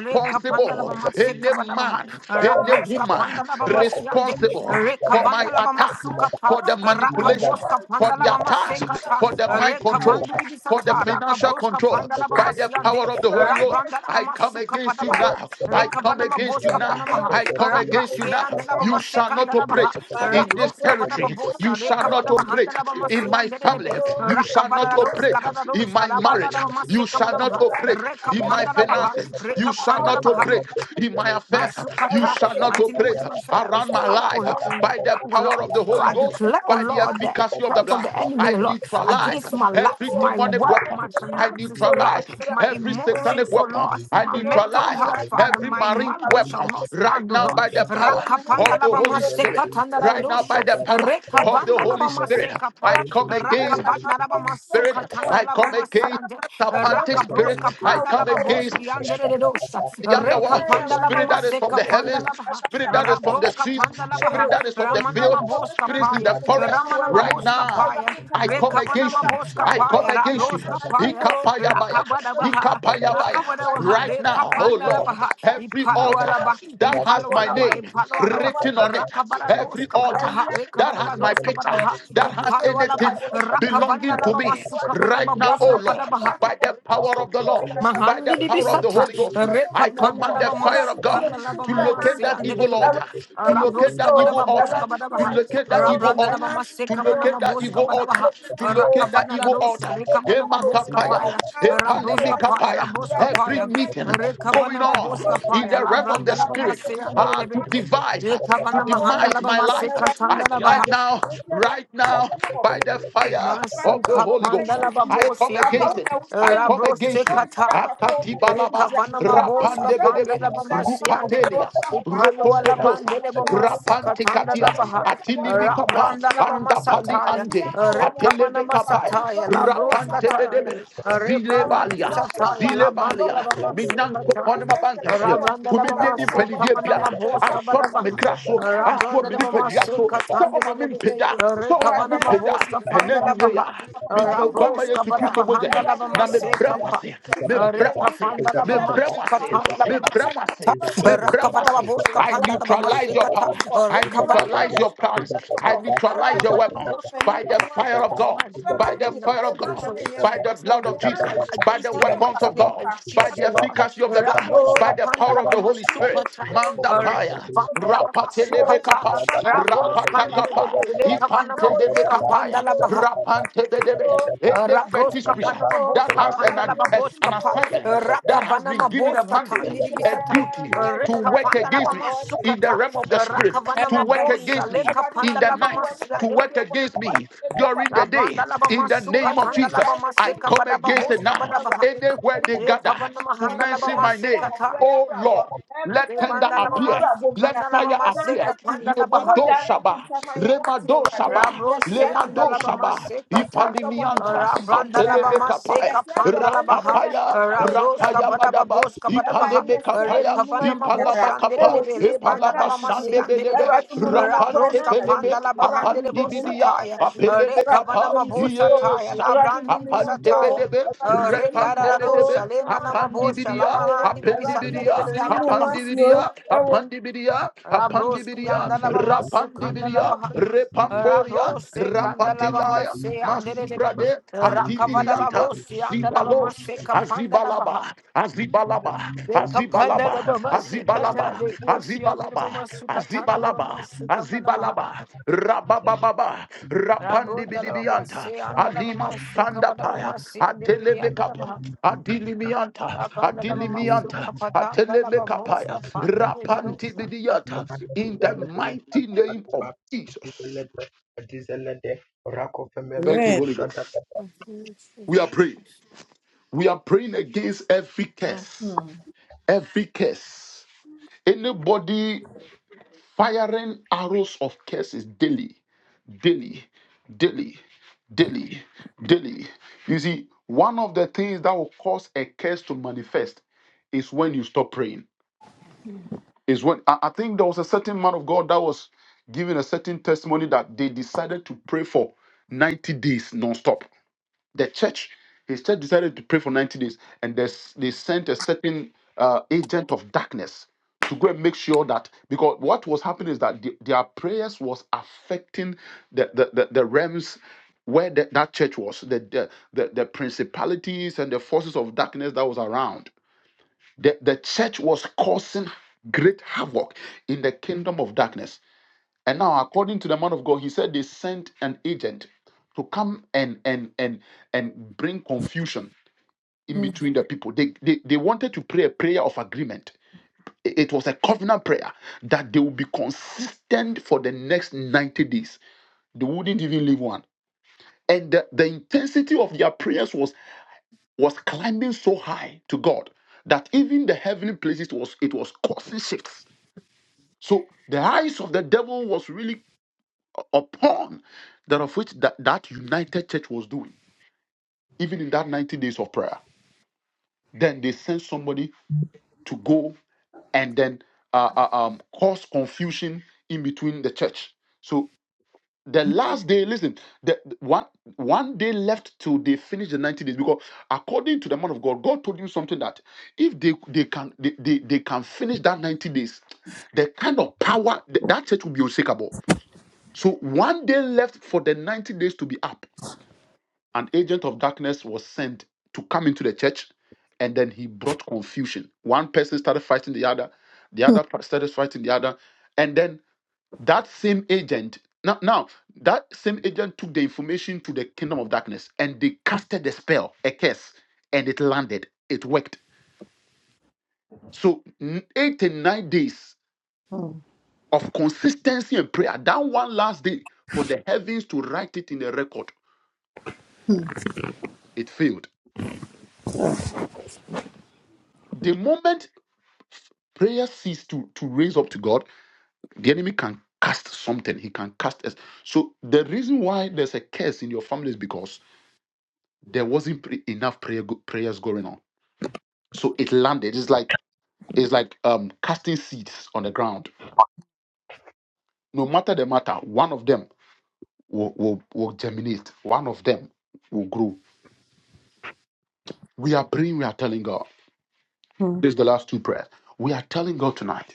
Speaker 5: le kapandala bama
Speaker 4: you.
Speaker 5: se
Speaker 3: any
Speaker 5: kapada bah
Speaker 3: man, any
Speaker 5: rabos
Speaker 3: woman
Speaker 5: kapandala bama si
Speaker 3: responsible
Speaker 5: ande
Speaker 3: responsible
Speaker 5: re
Speaker 3: for my
Speaker 5: kavandala bama
Speaker 3: attack,
Speaker 5: suka ta
Speaker 3: for the manipulation,
Speaker 5: boska
Speaker 3: for
Speaker 5: kapandala
Speaker 3: the
Speaker 5: bama se
Speaker 3: attacks,
Speaker 5: kata
Speaker 3: for the mind
Speaker 5: re
Speaker 3: controls,
Speaker 5: kavandi bibi
Speaker 3: for the
Speaker 5: sata
Speaker 3: financial
Speaker 5: rakabos
Speaker 3: control.
Speaker 5: kapandala bama
Speaker 3: By
Speaker 5: si
Speaker 3: the
Speaker 4: Thank
Speaker 5: ande
Speaker 3: power of the
Speaker 4: you.
Speaker 3: Holy Ghost,
Speaker 5: rabrandala
Speaker 3: I
Speaker 5: bama
Speaker 3: come
Speaker 5: suka
Speaker 3: against
Speaker 5: pada
Speaker 4: Thank
Speaker 3: you
Speaker 5: bah
Speaker 3: now.
Speaker 5: re
Speaker 3: I come
Speaker 5: kavana boska
Speaker 3: against
Speaker 5: bos
Speaker 3: you now.
Speaker 5: kapana
Speaker 3: I come against you now.
Speaker 5: Rabrasian de la
Speaker 3: You
Speaker 5: Rabraske
Speaker 3: shall
Speaker 5: and the
Speaker 3: not
Speaker 5: Labama Sekandalabaha,
Speaker 3: operate in this
Speaker 5: Rabroska
Speaker 3: territory. You
Speaker 5: Badabosha,
Speaker 3: shall
Speaker 5: Reka
Speaker 3: not operate in
Speaker 5: Badabahandalabamasi
Speaker 3: my
Speaker 5: and de Debe,
Speaker 3: family. You shall not
Speaker 5: Rakabadados,
Speaker 3: operate in
Speaker 5: Kadadados,
Speaker 3: my marriage.
Speaker 5: Kalabadabamase
Speaker 3: You shall not
Speaker 5: Kamanamaha,
Speaker 3: operate
Speaker 5: Reka
Speaker 3: in my finances.
Speaker 5: Pandalabaha,
Speaker 3: You shall not
Speaker 5: Reka
Speaker 3: operate in my affairs. You
Speaker 5: Masukata,
Speaker 3: shall not
Speaker 5: mighty name of
Speaker 3: operate
Speaker 5: Jesus, there is
Speaker 3: around my
Speaker 5: power, O Lord,
Speaker 3: life
Speaker 5: in the
Speaker 3: by the
Speaker 5: tongue, O
Speaker 3: power
Speaker 5: Lord.
Speaker 3: of the
Speaker 5: So
Speaker 3: Holy
Speaker 5: I
Speaker 3: Ghost,
Speaker 5: declare, O
Speaker 3: by the
Speaker 5: Lord, the
Speaker 3: efficacy of the
Speaker 5: plans of the
Speaker 3: blood.
Speaker 5: enemy,
Speaker 3: I
Speaker 5: O Lord,
Speaker 3: neutralize
Speaker 5: against my
Speaker 3: every
Speaker 5: life, my
Speaker 3: demonic
Speaker 5: work, my
Speaker 3: weapon. I
Speaker 5: finances, O Lord,
Speaker 3: neutralize
Speaker 5: my
Speaker 3: every satanic
Speaker 5: emotions, O
Speaker 3: weapon.
Speaker 5: Lord,
Speaker 3: I
Speaker 5: my
Speaker 4: you.
Speaker 5: mental
Speaker 3: neutralize
Speaker 5: health,
Speaker 4: Ali
Speaker 5: Father,
Speaker 3: every
Speaker 5: my
Speaker 4: जल्दबाज़,
Speaker 3: marine
Speaker 5: marriage
Speaker 4: Ali
Speaker 5: shall
Speaker 3: weapon
Speaker 5: not
Speaker 4: जल्दबाज़,
Speaker 3: right
Speaker 5: stand, O
Speaker 3: now
Speaker 4: Ali
Speaker 5: Lord.
Speaker 3: by the
Speaker 4: जल्दबाज़,
Speaker 3: power
Speaker 5: Rakapanda
Speaker 3: of
Speaker 4: रात
Speaker 3: the
Speaker 4: को
Speaker 5: laba
Speaker 3: Holy
Speaker 4: जल्दबाज़,
Speaker 3: Spirit.
Speaker 5: maseka
Speaker 4: दिन
Speaker 5: tanda
Speaker 4: को
Speaker 5: la
Speaker 3: Right now
Speaker 4: जल्दबाज़,
Speaker 3: by
Speaker 5: dosha,
Speaker 3: the
Speaker 4: दर्दार,
Speaker 3: power
Speaker 4: रात
Speaker 3: of
Speaker 4: को
Speaker 3: the
Speaker 5: rekavanda
Speaker 3: Holy
Speaker 5: laba
Speaker 4: जल्दबाज़, दिन
Speaker 3: Spirit.
Speaker 5: maseka
Speaker 3: I
Speaker 4: अली
Speaker 3: come
Speaker 4: जल्दबाज़,
Speaker 3: against
Speaker 4: जल्दबाज़,
Speaker 5: pa, laba
Speaker 3: spirit.
Speaker 5: masuka
Speaker 4: जल्दबाज़
Speaker 5: tanda
Speaker 3: I
Speaker 5: laba
Speaker 3: come against
Speaker 5: masiande.
Speaker 4: Thank
Speaker 3: serpentic
Speaker 5: Raka
Speaker 3: spirit.
Speaker 5: broska
Speaker 3: I
Speaker 5: panda
Speaker 3: come
Speaker 5: laba boski
Speaker 3: against
Speaker 5: andere de
Speaker 3: the
Speaker 5: Reka
Speaker 3: underworld,
Speaker 5: panda laba
Speaker 3: spirit that is from
Speaker 5: maseka
Speaker 3: the
Speaker 5: panda
Speaker 3: heavens,
Speaker 5: laba ha.
Speaker 3: spirit that is from the
Speaker 5: Rabroska
Speaker 3: seas,
Speaker 5: panda laba
Speaker 3: spirit
Speaker 5: ha.
Speaker 3: that is of the
Speaker 5: Ramana
Speaker 3: field,
Speaker 5: maboska
Speaker 3: spirits in
Speaker 5: paya.
Speaker 3: the forest.
Speaker 5: Ramana
Speaker 3: Right
Speaker 5: maboska
Speaker 3: now,
Speaker 5: paya.
Speaker 3: I come
Speaker 5: Reka vana
Speaker 3: against you.
Speaker 5: maboska
Speaker 3: I come
Speaker 5: paya.
Speaker 3: against you.
Speaker 5: Rabroska paya.
Speaker 3: Ikapayabaya.
Speaker 5: Rakabada baha.
Speaker 3: Ikapayabaya.
Speaker 5: Rakavadawaha,
Speaker 3: Right now, oh Lord,
Speaker 5: Lekapandalabaha,
Speaker 3: every altar
Speaker 5: Ipalwalaba,
Speaker 3: that has my
Speaker 5: Ipalwalaba,
Speaker 3: name
Speaker 5: Ipalwalaba,
Speaker 3: written on it, every
Speaker 5: Rakabarados,
Speaker 3: altar
Speaker 5: Kabadabaha,
Speaker 3: that has my
Speaker 5: Rekabadabados,
Speaker 3: picture,
Speaker 5: Kabadabaha,
Speaker 3: that has
Speaker 5: Ipalwalaba,
Speaker 3: anything belonging to
Speaker 5: Rakavandalaba,
Speaker 3: me, right
Speaker 5: Masukabadaba,
Speaker 3: now, oh Lord,
Speaker 5: Boskapadabaha,
Speaker 4: you.
Speaker 3: by the power
Speaker 4: Thank
Speaker 3: of the Lord, by
Speaker 5: Mahandi
Speaker 3: the
Speaker 5: di
Speaker 3: power of the
Speaker 5: bisata,
Speaker 3: Holy. Holy Ghost, I
Speaker 5: reka panda
Speaker 3: command the
Speaker 5: laba
Speaker 3: fire
Speaker 5: masu
Speaker 3: of God
Speaker 5: panda laba
Speaker 3: to
Speaker 5: mama
Speaker 3: locate
Speaker 5: si
Speaker 3: that
Speaker 5: andere de
Speaker 3: evil
Speaker 5: be,
Speaker 3: altar, to locate
Speaker 5: rabros
Speaker 3: that
Speaker 5: kabada
Speaker 3: evil
Speaker 5: ba bos
Speaker 3: altar,
Speaker 5: kabada ba
Speaker 3: to
Speaker 5: ha,
Speaker 3: locate that evil
Speaker 5: rabranda
Speaker 3: altar,
Speaker 5: laba masse
Speaker 3: to
Speaker 5: kamana ma
Speaker 3: locate that
Speaker 5: bos
Speaker 3: evil
Speaker 5: kabada ba
Speaker 3: altar,
Speaker 5: ha,
Speaker 3: to locate that
Speaker 5: rakavana la
Speaker 3: evil
Speaker 5: rosa
Speaker 3: altar.
Speaker 5: reka mana ma bos
Speaker 3: Emakapaya,
Speaker 5: kapaya, rabros kapaya,
Speaker 3: epalimikapaya.
Speaker 5: rabros
Speaker 3: Every
Speaker 5: kapaya,
Speaker 3: meeting
Speaker 5: reka
Speaker 3: going
Speaker 5: vana ma
Speaker 3: on
Speaker 5: bos
Speaker 3: in
Speaker 5: kapaya,
Speaker 3: the realm of
Speaker 5: labranda
Speaker 3: the
Speaker 5: laba
Speaker 3: spirit
Speaker 5: masse andere de
Speaker 3: ah,
Speaker 5: be,
Speaker 3: to devise, uh,
Speaker 5: reka
Speaker 3: to
Speaker 5: vana mahanda
Speaker 3: demise
Speaker 5: laba
Speaker 3: my
Speaker 5: masse
Speaker 3: life. I,
Speaker 5: katanda laba
Speaker 3: I
Speaker 5: ha,
Speaker 3: now, right now, by the fire
Speaker 4: you.
Speaker 5: nasu
Speaker 3: of the Holy
Speaker 5: kapanda
Speaker 3: Ghost,
Speaker 5: laba
Speaker 3: I
Speaker 5: bos
Speaker 3: come against
Speaker 5: yande,
Speaker 3: it. I come
Speaker 5: rabros se
Speaker 3: against you.
Speaker 5: kata.
Speaker 3: Rakati balaba,
Speaker 5: Rikavana Maboska
Speaker 3: rapande
Speaker 4: Thank
Speaker 3: bedebe,
Speaker 5: Pandala Bamasiande,
Speaker 3: rupatelias,
Speaker 5: Upalwala
Speaker 3: ropokotosa,
Speaker 5: Bandele
Speaker 3: rapante
Speaker 5: Bamasukatanda
Speaker 3: katia,
Speaker 5: Labaha,
Speaker 3: atili mikapa,
Speaker 5: Rabranda
Speaker 3: anda pali
Speaker 5: Labamasataya,
Speaker 3: ande, atele
Speaker 5: Rekavana
Speaker 3: mekapaya,
Speaker 5: Masataya, Labroska
Speaker 3: rapante
Speaker 5: Taya,
Speaker 3: bedebe, zile
Speaker 5: Rebrandi
Speaker 3: balia,
Speaker 5: Sataya, Labanda
Speaker 3: minanko
Speaker 5: Labamasukata,
Speaker 3: ponema bankashir,
Speaker 5: Rabranda
Speaker 3: tumindeni
Speaker 5: Labamase
Speaker 3: mpelivye
Speaker 5: Kamana
Speaker 3: biara,
Speaker 5: Maboska
Speaker 3: asoro wa
Speaker 5: Badabaha,
Speaker 3: mekraso, asoro
Speaker 5: Rabranda Labamase
Speaker 3: minipediaso, so
Speaker 5: Katanda
Speaker 3: oma mimpeda, so oma
Speaker 5: Rekavana
Speaker 3: mimpeda,
Speaker 5: Maboska
Speaker 3: and then you
Speaker 5: Pandala
Speaker 3: may,
Speaker 5: Baha.
Speaker 3: midino guamba
Speaker 5: Rabos
Speaker 4: you.
Speaker 3: yesu
Speaker 5: kabada
Speaker 3: kristo moje,
Speaker 5: bahanda la
Speaker 4: Thank
Speaker 5: bama
Speaker 3: na me
Speaker 5: seka pa.
Speaker 3: bremwase, me
Speaker 5: Reka
Speaker 3: bremase,
Speaker 5: fanda la
Speaker 3: me
Speaker 5: bama seka
Speaker 3: bremase,
Speaker 5: tanda la
Speaker 3: me
Speaker 5: bama seka
Speaker 3: bremase, me
Speaker 5: ta. Raka vada ma
Speaker 3: bremase.
Speaker 5: boska
Speaker 3: I
Speaker 5: panda la bama
Speaker 3: neutralize your
Speaker 5: seka ta.
Speaker 3: power. I
Speaker 5: Reka vana ma
Speaker 3: neutralize your
Speaker 5: boska
Speaker 3: plans.
Speaker 5: panda la
Speaker 3: I
Speaker 5: bama.
Speaker 3: neutralize
Speaker 5: Raka
Speaker 3: your
Speaker 5: vana ma
Speaker 3: weapon
Speaker 5: boska panda
Speaker 3: by
Speaker 5: la
Speaker 3: the
Speaker 5: bama.
Speaker 3: fire of
Speaker 5: This
Speaker 3: God.
Speaker 5: man, in
Speaker 3: By the
Speaker 5: the
Speaker 3: fire
Speaker 5: mighty name
Speaker 3: of
Speaker 5: of
Speaker 3: God,
Speaker 5: Jesus,
Speaker 3: by
Speaker 5: I
Speaker 3: the
Speaker 5: say,
Speaker 3: blood
Speaker 5: that
Speaker 3: of
Speaker 5: I come
Speaker 3: Jesus, by the
Speaker 5: against it in the
Speaker 3: weapons
Speaker 5: mighty
Speaker 3: of
Speaker 5: name
Speaker 3: God,
Speaker 5: of
Speaker 3: by
Speaker 5: Jesus,
Speaker 3: the
Speaker 5: O Lord.
Speaker 3: efficacy of the blood, by
Speaker 5: Raboska
Speaker 3: the
Speaker 5: panda
Speaker 3: power
Speaker 5: la
Speaker 3: of the
Speaker 5: bama
Speaker 3: Holy
Speaker 5: suka
Speaker 3: Spirit.
Speaker 5: ta. Reka
Speaker 3: Mandapaya,
Speaker 5: vanda la bama suka ta.
Speaker 3: rapatelebekapa,
Speaker 5: Rabos kanda la bama. Reka
Speaker 3: rapatakapa,
Speaker 5: vana ma boska panda
Speaker 3: Rapantelebekapaya,
Speaker 5: la bama.
Speaker 3: Rapantebedebe. Any fetish
Speaker 5: Raboska
Speaker 3: priest
Speaker 4: you.
Speaker 5: Panama
Speaker 3: that
Speaker 5: Boska
Speaker 3: has
Speaker 4: Rako
Speaker 3: an,
Speaker 5: Pandala
Speaker 3: as
Speaker 5: Baboska
Speaker 3: an
Speaker 5: Pa
Speaker 3: assignment, that has
Speaker 5: Rakavana
Speaker 3: been given a
Speaker 5: Maboska
Speaker 3: mandate,
Speaker 5: Tandi
Speaker 3: a
Speaker 5: Bisata
Speaker 3: duty to
Speaker 5: Reka
Speaker 3: work
Speaker 5: Pandala
Speaker 3: against me in the
Speaker 5: Bamasukata
Speaker 3: realm of the spirit,
Speaker 5: Rakavana
Speaker 3: to work against
Speaker 5: Mabosha
Speaker 3: me
Speaker 5: Leka
Speaker 3: in the
Speaker 5: Pandala
Speaker 3: night,
Speaker 5: Bamasia
Speaker 3: to work against me during the day.
Speaker 5: Rabanda Laba
Speaker 3: In the
Speaker 5: Masuka
Speaker 3: name of
Speaker 5: Tandala
Speaker 3: Jesus, I
Speaker 5: Bamaseka
Speaker 3: come
Speaker 5: Padaba
Speaker 3: against it
Speaker 5: Boska
Speaker 3: now.
Speaker 5: Badabaha
Speaker 3: Anywhere they gather
Speaker 5: Ekavana
Speaker 3: to
Speaker 5: Mahandala
Speaker 3: mention my name,
Speaker 5: Bamasekata
Speaker 3: oh Lord. Let tender
Speaker 5: Rebanda Laba
Speaker 3: appear. Let
Speaker 5: Masukanda Laba
Speaker 3: fire appear.
Speaker 5: Maseka Pandala Baha
Speaker 3: Lemado Saba, Remado Saba,
Speaker 5: Rabrosi
Speaker 3: Lemado
Speaker 5: andalabama
Speaker 3: Saba,
Speaker 5: sekata.
Speaker 3: Ipalimianta,
Speaker 5: Rabrandalabama
Speaker 3: Atelemekapaya,
Speaker 5: seka pandalabaha.
Speaker 3: Rapapaya,
Speaker 5: Rabroska
Speaker 3: Rapaya Madaba,
Speaker 5: batababoska batabaha.
Speaker 3: Ipalemekapaya,
Speaker 5: Rekavanama
Speaker 3: Ipalabakapa,
Speaker 5: boshanderebe. Lebandalabama
Speaker 3: Ipalabasande Belebe,
Speaker 5: sianderebe.
Speaker 3: Rapante
Speaker 5: Rabroska
Speaker 3: Peleme,
Speaker 5: pandalabahandere
Speaker 3: Apandibidia,
Speaker 5: boshataya.
Speaker 3: Apelemekapa,
Speaker 5: Rekavanama boshataya.
Speaker 3: yes,
Speaker 5: Labrandi bisataya.
Speaker 3: Apandebedebe, repandebedebe,
Speaker 5: Regararosha. Lemanama bosha.
Speaker 3: apandibidia,
Speaker 5: Lamanandi
Speaker 3: apendibidia,
Speaker 5: bisanderebe.
Speaker 3: apandibidia, apandibidia,
Speaker 5: Rabros
Speaker 3: apandibidia,
Speaker 5: Yandalaba
Speaker 3: rapandibidia,
Speaker 5: Masukandalaba
Speaker 3: repamboria,
Speaker 5: Rabrose Kandalaba
Speaker 3: rapatilaya,
Speaker 5: Mase Anderebe
Speaker 3: masuprade,
Speaker 5: Rakavada
Speaker 3: adibilianta,
Speaker 5: Babosi Andalaba
Speaker 3: zibalosh,
Speaker 5: Mase Kapandalaba ha.
Speaker 3: azibalaba, azibalaba,
Speaker 5: Ve
Speaker 3: azibalaba,
Speaker 5: Kapandalaba Mase Kata
Speaker 3: Azibalaba,
Speaker 5: Leosi Andalaba
Speaker 3: Azibalaba,
Speaker 5: Masukatandalaba
Speaker 3: Azibalaba,
Speaker 5: Masukamanamaha
Speaker 3: Azibalaba, Rabababa,
Speaker 4: Thank
Speaker 3: Rapandi
Speaker 5: Rabundalaba
Speaker 3: Bidibianta,
Speaker 5: Mase Andalaba
Speaker 3: Alima
Speaker 5: Masukamanaba
Speaker 3: Sandapaya,
Speaker 5: Mase Andelebi
Speaker 3: Atelemekapa,
Speaker 5: Andalaba
Speaker 3: Adilimianta,
Speaker 5: Rapandalaba
Speaker 3: Adilimianta,
Speaker 4: you.
Speaker 5: Masukapatandalaba
Speaker 3: Atelemekapaya,
Speaker 5: Boska
Speaker 4: Mm,
Speaker 5: Pandelebi
Speaker 3: Rapanti
Speaker 5: Dosa.
Speaker 3: Bidiata, in the mighty name of Jesus. Thank you,
Speaker 1: Amen.
Speaker 3: Holy Ghost. We are praying. We are praying against every
Speaker 5: Mm.
Speaker 3: curse. Every curse. Anybody firing arrows of curses daily daily, daily, daily, daily. You see, one of the things that will cause a curse to manifest is when you stop praying. Is when I, I think there was a certain man of God that was giving a certain testimony that they decided to pray for 90 days nonstop the church, his church decided to pray for 90 days, and they, s- they sent a certain uh, agent of darkness to go and make sure that because what was happening is that the- their prayers was affecting the the, the, the realms where the, that church was, the, the the the principalities and the forces of darkness that was around. The the church was causing great havoc in the kingdom of darkness and now, according to the man of God, he said they sent an agent to come and and and and bring confusion in
Speaker 1: Mm,
Speaker 3: between the people. They they, they wanted to pray a prayer of agreement. I- It was a covenant prayer that they would be consistent for the next 90 days. They wouldn't even leave one. And the, the intensity of their prayers was was climbing so high to God that even the heavenly places was it was causing shifts. So the eyes of the devil was really upon that of which that, that united church was doing, even in that 90 days of prayer. Then they sent somebody to go and then uh, uh, um, cause confusion in between the church. So the last day, listen, the one one day left till they finish the 90 days, because according to the man of God, God told him something that if they they can they, they, they can finish that 90 days, the kind of power th- that church will be unshakable. So one day left for the 90 days to be up an agent of darkness was sent to come into the church and then he brought confusion one person started fighting the other the other per- started fighting the other and then that same agent now, now that same agent took the information to the kingdom of darkness and they casted the spell a curse and it landed it worked so n- eight and nine days of consistency and prayer that one last day for the heavens to write it in the record it failed the moment prayer cease to to raise up to god the enemy can cast something he can cast us so the reason why there's a curse in your family is because there wasn't pre- enough prayer go- prayers going on so it landed it's like it's like um casting seeds on the ground no matter the matter one of them will, will, will germinate one of them will grow we are praying we are telling god
Speaker 1: mm,
Speaker 3: this is the last two prayers we are telling god tonight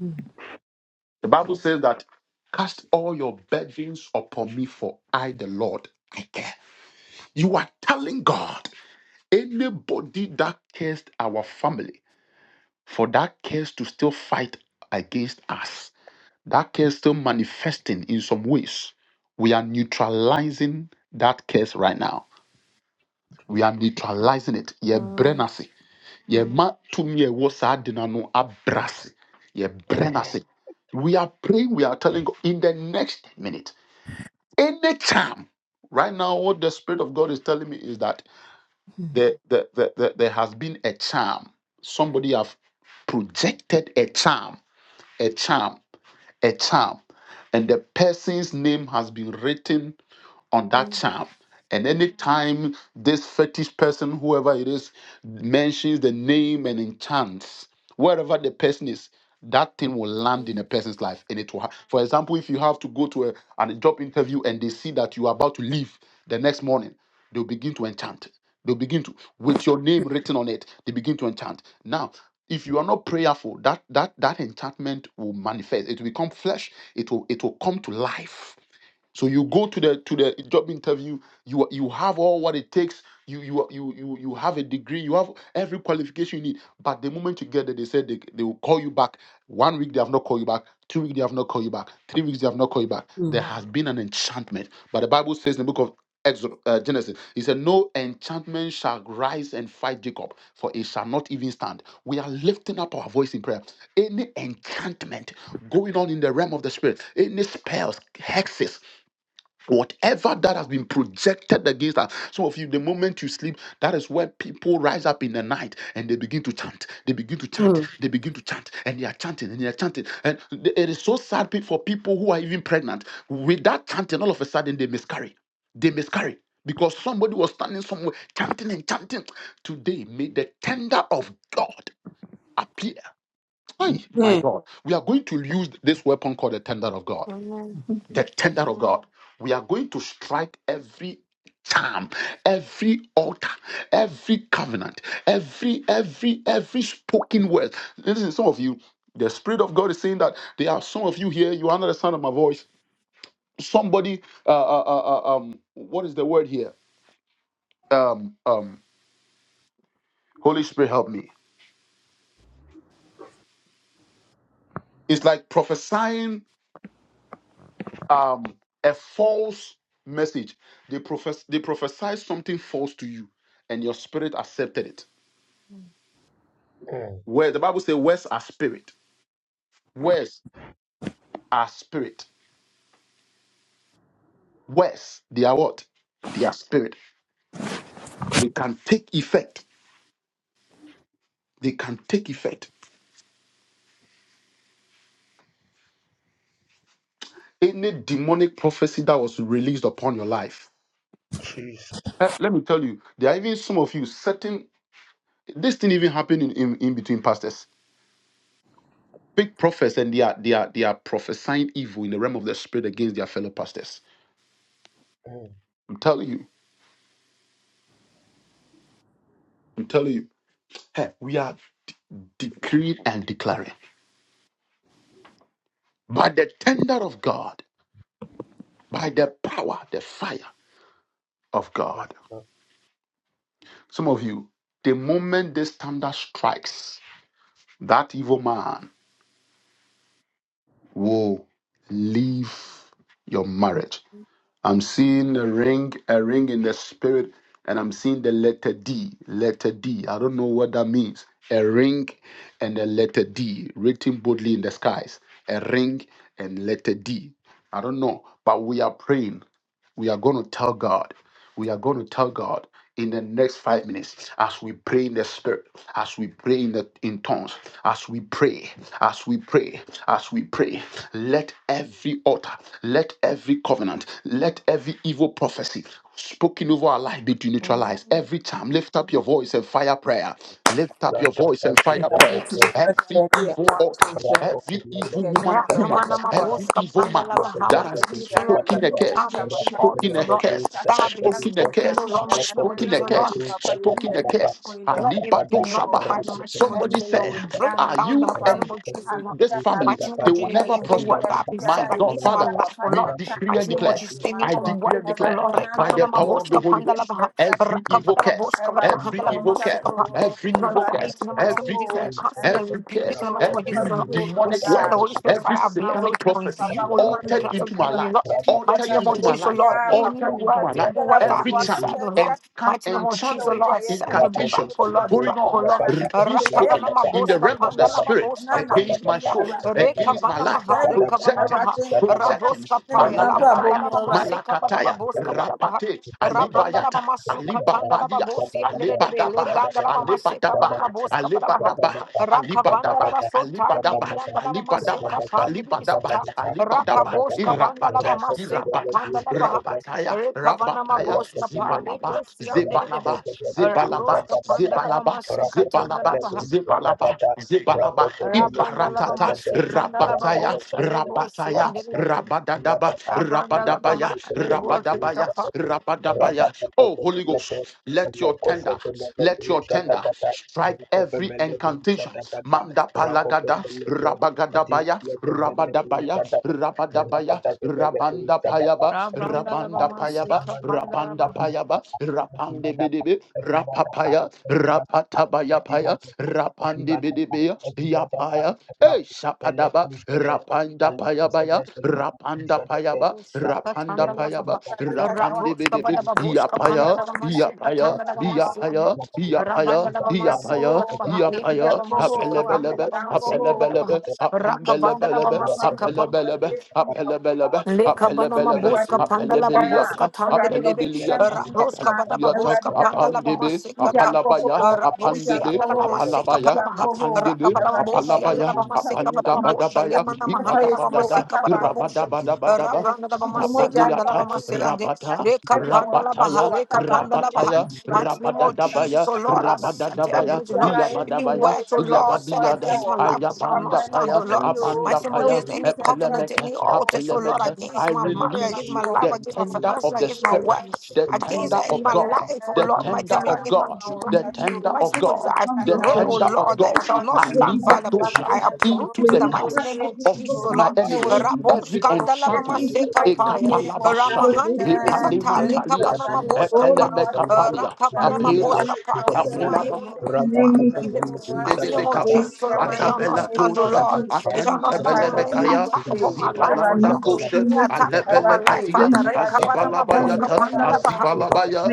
Speaker 1: mm,
Speaker 3: The Bible says that cast all your burdens upon me, for I, the Lord, I care. You are telling God, anybody that cursed our family, for that curse to still fight against us, that curse still manifesting in some ways, we are neutralizing that curse right now. We are neutralizing it. Ye
Speaker 5: Mm.
Speaker 3: brenasi, ye Yɛma tumi a ɛwɔ saa ade no ano abrɛ ase. no We are praying, we are telling God in the next minute Anytime, right now, what the Spirit of God is telling me is that there, there, there, there there has been a charm. Somebody have projected a charm, a charm, a charm, and the person's name has been written on that charm. And anytime this fetish person, whoever it is, mentions the name and enchants, wherever the person is, that thing will land
Speaker 5: Mm.
Speaker 3: in a person's life. And it will, ha- for example, if you have to go to a, an- a job interview and they see that you are about to leave the next morning, they'll begin to enchant. They'll begin to, with your name written on it, they begin to enchant. Now, if you are not prayerful, that that that enchantment will manifest. It will become flesh. It will it will come to life so you go to the to the job interview, you you have all what it takes. You you you you you have a degree, you have every qualification you need. But the moment you get there, they said they, they will call you back. One week they have not called you back, two weeks they have not called you back, three weeks they have not called you back. There has been an enchantment. But the Bible says in the book of Exodus, uh, Genesis, he said, No enchantment shall rise and fight Jacob, for it shall not even stand. We are lifting up our voice in prayer. Any enchantment going on in the realm of the spirit, any spells, hexes, Whatever that has been projected against us. Some of you, the moment you sleep, that is where people rise up in the night and they begin to chant. They begin to chant.
Speaker 1: mm, mm,
Speaker 3: They begin to chant. And they are chanting and they are chanting. And th- it is so sad pe- for people who are even pregnant. With that chanting, all of a sudden they miscarry. They miscarry. Because somebody was standing somewhere chanting and chanting. Today, may the tender of God appear. Ay, my
Speaker 1: mm, mm,
Speaker 3: God. We are going to use this weapon called the tender of God
Speaker 5: Amen.
Speaker 1: mm,
Speaker 3: the tender of God. We are going to strike every charm, every altar, every covenant, every every every spoken word. Listen, some of you, the spirit of God is saying that there are some of you here. You are under the sound of my voice. Somebody, uh, uh, uh, uh, um, what is the word here? Um, um, Holy Spirit, help me. It's like prophesying um a false message. They profess they prophesy something false to you, and your spirit accepted it Where the Bible says words are spirit. Words are spirit. Words, they are what? They are spirit. They can take effect. They can take effect. Any demonic prophecy that was released upon your life.
Speaker 4: Jesus.
Speaker 3: Eh, Let me tell you, there are even some of you certain this thing even happened in, in, in between pastors. Big prophets and they are they are they are prophesying evil in the realm of the spirit against their fellow pastors.
Speaker 4: Mm,
Speaker 3: I'm telling you, I'm telling you, hey, we are decreeing and declaring by the tender of God. by the power, the fire of
Speaker 4: yes,
Speaker 3: God.
Speaker 4: Lord.
Speaker 3: Some of you, the moment this thunder strikes, that evil man will leave your marriage. I'm seeing a ring, a ring in the spirit, and I'm seeing the letter D, letter D. I don't know what that means. A ring and a letter D written boldly in the skies. A ring and letter D. I don't know, but we are praying. We are going to tell God. We are going to tell God in the next five minutes as we pray in the spirit, as we pray in the in tongues, as we pray, as we pray, as we pray. Let every altar, let every covenant, let every evil prophecy spoken over our life be neutralized
Speaker 5: Amen.
Speaker 3: every time lift up your voice and fire prayer lift up your voice and fire prayer every evil altar
Speaker 4: राव
Speaker 3: every
Speaker 4: व्दोने
Speaker 3: evil woman
Speaker 4: संब
Speaker 3: woman
Speaker 5: Rakamanama
Speaker 4: एप
Speaker 3: every
Speaker 5: Boska
Speaker 3: evil
Speaker 4: और फिर्प
Speaker 5: Pandala
Speaker 3: man
Speaker 4: के
Speaker 5: Bahama.
Speaker 3: that
Speaker 5: I
Speaker 4: रमुट
Speaker 3: has
Speaker 5: tell you,
Speaker 4: जब जब जब जचा
Speaker 5: Lord,
Speaker 3: spoken a
Speaker 5: any
Speaker 4: भरा
Speaker 5: time
Speaker 3: curse
Speaker 5: and in altars,
Speaker 3: spoken
Speaker 5: O Lord,
Speaker 4: राव येप
Speaker 5: that have been
Speaker 4: अकैनी
Speaker 3: spoken a curse, spoken a
Speaker 5: spoken,
Speaker 3: curse,
Speaker 5: O Lord,
Speaker 4: धन्हें
Speaker 5: mighty name
Speaker 4: साबस्ट
Speaker 5: of
Speaker 3: spoken
Speaker 5: Jesus,
Speaker 3: a
Speaker 4: 旅
Speaker 5: O Lord.
Speaker 3: curse,
Speaker 4: मेश
Speaker 3: spoken a curse.
Speaker 5: Lord, it be
Speaker 3: Alibado
Speaker 5: not in the
Speaker 3: Shabaha.
Speaker 5: mighty name of
Speaker 3: Somebody
Speaker 5: Jesus, Lord.
Speaker 3: said,
Speaker 5: We bring it
Speaker 3: Are
Speaker 5: down in the
Speaker 3: you
Speaker 5: mighty name
Speaker 3: and
Speaker 5: of Jesus, Lord.
Speaker 3: this
Speaker 4: धन्हें
Speaker 3: family,
Speaker 5: Mighty
Speaker 4: सान्हें
Speaker 5: name
Speaker 3: they
Speaker 5: of
Speaker 4: साबस्ट
Speaker 3: will
Speaker 5: Jesus, any
Speaker 3: never
Speaker 4: जब Κा जबका
Speaker 5: evil
Speaker 3: prosper.
Speaker 5: word
Speaker 4: का
Speaker 5: that i
Speaker 4: राव
Speaker 5: have been
Speaker 3: My
Speaker 5: said
Speaker 3: God,
Speaker 5: against my
Speaker 4: चा
Speaker 3: Father,
Speaker 4: पाव
Speaker 5: life, oh
Speaker 3: we
Speaker 5: Lord.
Speaker 3: decree
Speaker 4: जब
Speaker 3: and
Speaker 5: Mighty
Speaker 4: जज
Speaker 5: name of
Speaker 3: declare.
Speaker 4: जभा
Speaker 5: Jesus,
Speaker 3: I
Speaker 5: anyone
Speaker 3: decree
Speaker 5: what
Speaker 3: and
Speaker 5: people,
Speaker 3: declare
Speaker 5: Lord,
Speaker 3: by the
Speaker 5: Rekamana
Speaker 3: power of the
Speaker 5: Maboska
Speaker 3: Holy Ghost.
Speaker 5: Pandalabaha,
Speaker 3: Every evil
Speaker 5: Rakavadaba
Speaker 3: curse,
Speaker 5: Boska Vadaba
Speaker 3: every
Speaker 5: Handalaba
Speaker 3: evil curse,
Speaker 5: Masukapa.
Speaker 4: जब
Speaker 5: We
Speaker 3: every evil
Speaker 5: nullify it in
Speaker 3: curse,
Speaker 5: the
Speaker 4: जब
Speaker 5: mighty name
Speaker 3: every
Speaker 5: of Jesus. We
Speaker 4: जगड़ोंग्नी
Speaker 3: curse,
Speaker 4: गिस्ट
Speaker 5: cancel and
Speaker 3: every
Speaker 5: rebuke
Speaker 4: ट्वें
Speaker 5: it
Speaker 3: curse,
Speaker 5: in
Speaker 4: भाव
Speaker 5: the mighty name of
Speaker 4: जब
Speaker 3: every
Speaker 5: Jesus, Lord. We
Speaker 3: demonic
Speaker 4: जब
Speaker 5: set
Speaker 4: paarॉ
Speaker 5: the
Speaker 3: word,
Speaker 5: Holy
Speaker 4: दोदे
Speaker 5: Spirit fire
Speaker 3: every
Speaker 5: ablaze,
Speaker 3: satanic
Speaker 5: Lord, to
Speaker 3: prophecy
Speaker 4: Thank
Speaker 5: consume, oh Lord. We
Speaker 3: altered
Speaker 5: plant some
Speaker 3: into my
Speaker 5: time,
Speaker 3: life,
Speaker 5: Lord. Mighty
Speaker 3: altered
Speaker 5: name of
Speaker 3: into my
Speaker 5: Jesus,
Speaker 3: life,
Speaker 5: Lord. Any
Speaker 3: altered into
Speaker 5: words,
Speaker 3: my life.
Speaker 5: evil words that have
Speaker 3: Every
Speaker 5: been
Speaker 4: you.
Speaker 3: charm,
Speaker 5: said, oh Lord.
Speaker 3: and can
Speaker 5: Mighty name of Jesus, Lord,
Speaker 3: enchantment,
Speaker 5: I send them back,
Speaker 4: Thank
Speaker 3: incantations
Speaker 5: oh Lord, back,
Speaker 3: going
Speaker 5: oh
Speaker 3: on,
Speaker 5: Lord.
Speaker 3: r- being spoken
Speaker 5: Rakavana
Speaker 3: in the
Speaker 5: maboska
Speaker 3: realm of the
Speaker 5: panda la
Speaker 3: spirit
Speaker 5: maboska
Speaker 3: against my
Speaker 5: pandilvia.
Speaker 3: soul, against my
Speaker 5: Rekavana
Speaker 3: life.
Speaker 5: maha, rekavana
Speaker 3: Projecting,
Speaker 5: maha.
Speaker 3: projecting,
Speaker 5: Raboska paya, labranda
Speaker 3: Malakataya,
Speaker 5: la mama seka bada
Speaker 3: Malakataya,
Speaker 5: baboska bada baha.
Speaker 3: Rapate,
Speaker 5: Rabranda la
Speaker 3: Alibayata.
Speaker 5: mama suka tanda la
Speaker 3: Alibabadias,
Speaker 5: babosi andere de bele,
Speaker 3: Alibadabaha,
Speaker 5: blanda la mama seka bada
Speaker 3: Alibadabaha,
Speaker 5: maboska bada baha.
Speaker 3: Alibadabaha,
Speaker 5: Rakavanda
Speaker 3: Alibadaba,
Speaker 5: la basota,
Speaker 3: Alibadaba,
Speaker 5: indirianda la mama
Speaker 3: Alibadaba,
Speaker 5: seka
Speaker 3: Alibadaba,
Speaker 5: pandilvisata.
Speaker 3: Alibadaba,
Speaker 5: Rakavoska banda la
Speaker 3: Irabata,
Speaker 5: mama seka
Speaker 3: Irabata,
Speaker 5: panda la baha.
Speaker 4: you.
Speaker 3: Rabataya,
Speaker 5: Rekavanama
Speaker 3: Rabataya,
Speaker 5: bosta pa
Speaker 3: Zibalaba,
Speaker 5: rebosi andere de be
Speaker 3: Zibalaba, Zibalaba,
Speaker 5: rabroska pandala ba
Speaker 3: Zibalaba,
Speaker 5: mashe katanda la ba
Speaker 3: Zibalaba, Zibalaba, Zibalaba,
Speaker 5: rabranda la ba
Speaker 3: Ibaratata,
Speaker 5: mashe kanda la ba
Speaker 3: Rabataya,
Speaker 5: bosa rebosi
Speaker 3: Rabataya,
Speaker 5: andere de be
Speaker 3: Rabadadaba,
Speaker 5: rabranda la
Speaker 3: Rabadabaya,
Speaker 5: ba rebosi
Speaker 3: Rabadabaya,
Speaker 5: kapa
Speaker 3: Rabadabaya. Oh, Holy Ghost, let your tender, let your tender strike every incantation. Manda palagada, Rabagadabaya, Rabadabaya, Rabadabaya, Rabanda payaba,
Speaker 4: Rakopele
Speaker 5: rabranda la ba
Speaker 3: Rabanda
Speaker 5: mashe
Speaker 3: payaba,
Speaker 4: Thank
Speaker 5: kapanda la ba
Speaker 3: Rabanda payaba, Rapande bidebe, Rapapaya, Rapatabaya paya, rapandi bidibia, yapaya, eh, shapadaba, rapanda payabaya, rapanda payaba,
Speaker 5: bosi
Speaker 3: rapanda
Speaker 5: katanda la
Speaker 3: payaba,
Speaker 5: ba
Speaker 3: rapandi
Speaker 5: rabroska ba
Speaker 3: bidibi,
Speaker 5: da ba boska panda
Speaker 3: yapaya,
Speaker 5: la ba mashe
Speaker 3: yapaya,
Speaker 5: katanda la ba mashe ande
Speaker 3: yapaya, yapaya,
Speaker 5: rabranda la ba mashe
Speaker 3: yapaya,
Speaker 5: ba le andala ba
Speaker 3: yapaya,
Speaker 5: mashe kapanda la
Speaker 3: apelebelebe,
Speaker 5: ba mashe ba
Speaker 3: apelebelebe,
Speaker 4: you.
Speaker 5: Rakavandala
Speaker 3: apembelebelebe,
Speaker 4: Thank
Speaker 5: Bama
Speaker 3: apelebelebe, apelebelebe,
Speaker 5: Leka bana ma
Speaker 3: apelebelebe,
Speaker 5: boska panda la ba boska
Speaker 3: apelebiliata,
Speaker 5: tandere rebe
Speaker 3: apelebiliata,
Speaker 5: raboska bada ba
Speaker 3: apeliata,
Speaker 5: boska panda la ba
Speaker 3: apandibi,
Speaker 5: maseka ta
Speaker 3: apalabaya,
Speaker 5: rabosi
Speaker 3: apandebe,
Speaker 5: anda la ba maseka
Speaker 3: apalabaya,
Speaker 5: bada ba raka
Speaker 3: apandebe,
Speaker 5: bada ba bosi anda la
Speaker 3: apalabaya,
Speaker 5: ba maseka bada ba bosha le
Speaker 3: apandabadabaya,
Speaker 5: mana ma handa la ba
Speaker 3: ipalabadada,
Speaker 5: maseka bada ba bosha
Speaker 3: irabadabadabadaba,
Speaker 5: rabanda la ba maseka anda la ba
Speaker 3: sabaliata,
Speaker 5: maseka ande
Speaker 3: rabata,
Speaker 4: you.
Speaker 5: reka pandala la ba ha
Speaker 3: rabataya,
Speaker 5: leka
Speaker 4: बात
Speaker 5: panda ba
Speaker 4: कुछ
Speaker 5: ha
Speaker 3: rabataya,
Speaker 4: बात
Speaker 5: mighty name of
Speaker 4: कुछ बात
Speaker 3: rabadadabaya,
Speaker 5: Jesus oh Lord I say
Speaker 4: करता है,
Speaker 5: I
Speaker 4: तो
Speaker 3: rabadadabaya,
Speaker 5: bless you
Speaker 4: चल
Speaker 5: Lord
Speaker 4: जाती है,
Speaker 5: any
Speaker 3: iyabadabaya,
Speaker 5: words oh
Speaker 4: अल्लाह
Speaker 5: Lord
Speaker 4: को
Speaker 5: said
Speaker 3: ilabadiada,
Speaker 5: against my life shall not stand
Speaker 3: ayabandapaya,
Speaker 5: oh Lord
Speaker 4: चल
Speaker 5: Mighty name of
Speaker 3: abandapaya,
Speaker 4: जाती
Speaker 5: Jesus,
Speaker 4: है,
Speaker 5: any covenant,
Speaker 3: epelemete,
Speaker 5: any
Speaker 4: और आप कुछ
Speaker 5: altar, so
Speaker 4: तरह के
Speaker 5: Lord,
Speaker 4: कल्याण
Speaker 3: apelemete.
Speaker 4: कुछ
Speaker 3: I
Speaker 5: against my
Speaker 4: तरह के कल्याण
Speaker 5: marriage,
Speaker 4: कुछ
Speaker 5: against
Speaker 3: release
Speaker 4: तरह
Speaker 5: my
Speaker 4: के
Speaker 5: life,
Speaker 3: the
Speaker 4: कल्याण
Speaker 5: against
Speaker 4: कुछ
Speaker 5: my
Speaker 4: तरह के कल्याण कुछ
Speaker 3: tender
Speaker 4: तरह
Speaker 5: finances,
Speaker 3: of the
Speaker 5: against my
Speaker 4: के कल्याण कुछ
Speaker 3: Spirit,
Speaker 5: work,
Speaker 4: तरह के
Speaker 3: the
Speaker 5: against
Speaker 3: tender
Speaker 5: and
Speaker 4: कल्याण कुछ
Speaker 3: of
Speaker 5: my
Speaker 4: तरह के
Speaker 3: God,
Speaker 5: life, oh
Speaker 3: the
Speaker 5: Lord, mighty
Speaker 4: कल्याण कुछ
Speaker 3: tender
Speaker 5: name,
Speaker 3: of
Speaker 5: against
Speaker 3: God,
Speaker 5: my
Speaker 3: the
Speaker 5: driving.
Speaker 3: tender
Speaker 5: The
Speaker 3: tender
Speaker 5: mighty
Speaker 3: of
Speaker 4: तरह
Speaker 5: name of Jesus,
Speaker 3: God,
Speaker 5: I
Speaker 3: the
Speaker 5: pray, oh
Speaker 3: tender of
Speaker 5: Lord, that it
Speaker 3: God,
Speaker 5: shall not stand, Father.
Speaker 3: Alibadosha,
Speaker 5: I uproot
Speaker 3: into
Speaker 5: it in
Speaker 3: the
Speaker 5: the mighty
Speaker 3: camps
Speaker 5: name of
Speaker 3: of
Speaker 5: Jesus, oh
Speaker 3: my
Speaker 5: Lord.
Speaker 3: enemies.
Speaker 5: Rabo
Speaker 3: Every
Speaker 5: skandalaba
Speaker 3: enchantment,
Speaker 5: maseka paya.
Speaker 3: Ekapalabasha,
Speaker 5: Ramahandi libisata leka
Speaker 3: Epanimatalias,
Speaker 5: banama boska pa.
Speaker 3: Epelemekapalia,
Speaker 5: Raka
Speaker 3: Apelas,
Speaker 5: boska pa against my
Speaker 3: Apelaba,
Speaker 5: emotions, my feelings. Mighty name of
Speaker 3: Bedebekapa,
Speaker 5: Jesus, oh Lord, it shall not
Speaker 3: Atabela
Speaker 5: stand, oh
Speaker 3: Toshe,
Speaker 5: Lord. It's
Speaker 3: Atente
Speaker 5: almost not Lord, any
Speaker 3: Belemekaya,
Speaker 5: attack upon my life, oh
Speaker 3: Zibalanda
Speaker 5: Lord.
Speaker 3: Koshe,
Speaker 5: Any attack upon my
Speaker 3: Alebele
Speaker 5: life,
Speaker 3: Katia,
Speaker 5: Father. Rekabana maboska
Speaker 3: Azibalabayata,
Speaker 5: pandala
Speaker 3: Azibalabaya,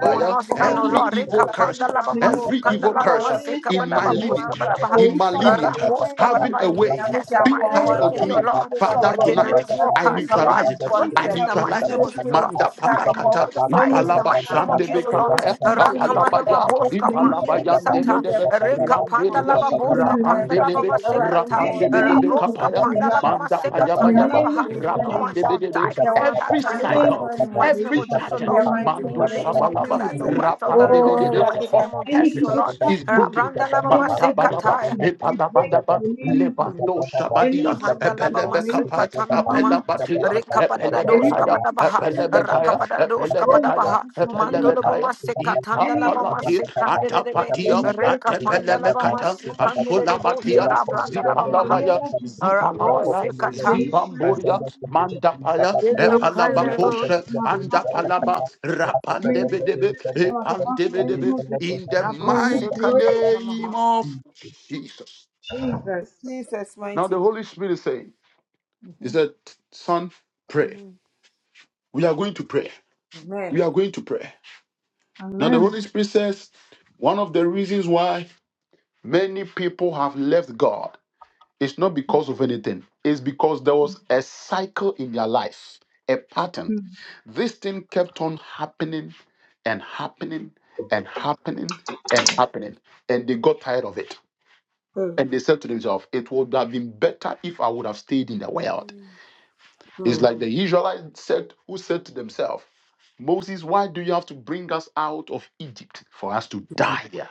Speaker 5: O nostano
Speaker 3: every
Speaker 5: lore
Speaker 3: evil curse,
Speaker 5: kapanda laba
Speaker 3: every
Speaker 5: masukanda
Speaker 3: evil
Speaker 5: laba
Speaker 3: curse
Speaker 5: masika
Speaker 3: in my
Speaker 5: badaba boska
Speaker 3: lineage,
Speaker 5: badaba
Speaker 3: in my lineage,
Speaker 5: raboska
Speaker 3: having
Speaker 5: badaba
Speaker 3: a
Speaker 5: any
Speaker 3: way
Speaker 5: test in
Speaker 3: being
Speaker 5: my
Speaker 3: passed on to
Speaker 5: lineage, O
Speaker 3: me,
Speaker 5: Lord, my
Speaker 3: Father, tonight
Speaker 5: generational
Speaker 3: I
Speaker 5: curse, O
Speaker 3: neutralize
Speaker 5: Lord,
Speaker 3: it.
Speaker 5: I break
Speaker 3: I
Speaker 5: it in the
Speaker 3: neutralize
Speaker 5: mighty name of
Speaker 3: it.
Speaker 5: Jesus, O Lord.
Speaker 3: Manda
Speaker 5: I
Speaker 3: palakata,
Speaker 5: nullify it in the
Speaker 3: ipalaba
Speaker 5: mighty name of
Speaker 3: sande
Speaker 5: Jesus, O Lord.
Speaker 3: bekapaya,
Speaker 5: Rakamana ma
Speaker 3: apalabaya,
Speaker 5: boska pandi di
Speaker 3: ipalabayande
Speaker 5: bisata
Speaker 3: bedebe,
Speaker 5: reka panda
Speaker 3: rambelia,
Speaker 5: laba boska panda laba
Speaker 3: rapandelebe,
Speaker 5: masekata
Speaker 3: rapandebedebe
Speaker 5: rabroska
Speaker 3: kapaya,
Speaker 5: panda laba
Speaker 3: manda
Speaker 5: masekata
Speaker 3: payabayaba,
Speaker 5: laba ha. No one shall die
Speaker 3: rapandebedebe.
Speaker 5: before that
Speaker 3: Every
Speaker 5: time, Father.
Speaker 3: cycle.
Speaker 5: Mighty name
Speaker 3: Every
Speaker 5: of Jesus, oh Lord,
Speaker 3: patent
Speaker 5: we
Speaker 3: Mando
Speaker 5: will live to
Speaker 3: Sabalaba
Speaker 5: declare the words of the Lord in the
Speaker 3: Rapandedede
Speaker 5: mighty
Speaker 3: of
Speaker 5: name of Jesus, oh
Speaker 3: curses
Speaker 5: Lord.
Speaker 4: bisa
Speaker 3: is broken.
Speaker 5: Rabranda laba
Speaker 4: Rapo
Speaker 3: Manta
Speaker 5: mase
Speaker 3: Balaba
Speaker 5: kataya.
Speaker 3: Epalabadaba Levando Sabadia
Speaker 5: Mahanda laba mase
Speaker 3: Epelebekapa
Speaker 5: katana mama.
Speaker 3: Apelabatia
Speaker 5: Rekapadada dos
Speaker 3: Epelebekaya
Speaker 5: kabadabaha.
Speaker 3: Epelebekaya
Speaker 5: Rakapadada dos
Speaker 3: Epelebekaya
Speaker 5: kabadabaha. Mandolo boma
Speaker 3: Atelemekaya,
Speaker 5: se katanda laba
Speaker 3: Itapalati,
Speaker 5: mase kanderebe.
Speaker 3: Atapatia,
Speaker 5: Rekapanda laba
Speaker 3: Atepelemekata,
Speaker 5: mase kandere bosha.
Speaker 3: Asulabatia,
Speaker 5: Rabranda laba maha.
Speaker 3: Zipalabaya,
Speaker 5: Rabo
Speaker 3: Zipalabaya,
Speaker 5: se kata.
Speaker 3: Zibamburia, Mandapaya,
Speaker 5: Rekapanda
Speaker 3: Epalabakoshe, Andapalaba, Rapandebedebe, Epandebedebe, in the
Speaker 5: rabo se
Speaker 3: mighty
Speaker 5: katana
Speaker 3: name
Speaker 5: maha.
Speaker 3: of
Speaker 4: Mm.
Speaker 3: Jesus. Now the Holy Spirit is saying, He said, Son, pray.
Speaker 5: Mm,
Speaker 3: We are going to pray. We are going to pray. Now, the Holy Spirit says one of the reasons why many people have left God is not because of anything, it's because there was a cycle in their life, a pattern. This thing kept on happening and happening and happening and happening. And they got tired of it.
Speaker 1: mm,
Speaker 3: And they said to themselves, It would have been better if I would have stayed in the world. It's
Speaker 1: mm,
Speaker 3: like the Israelites said, who said to themselves, Moses, why do you have to bring us out of Egypt for us to die here?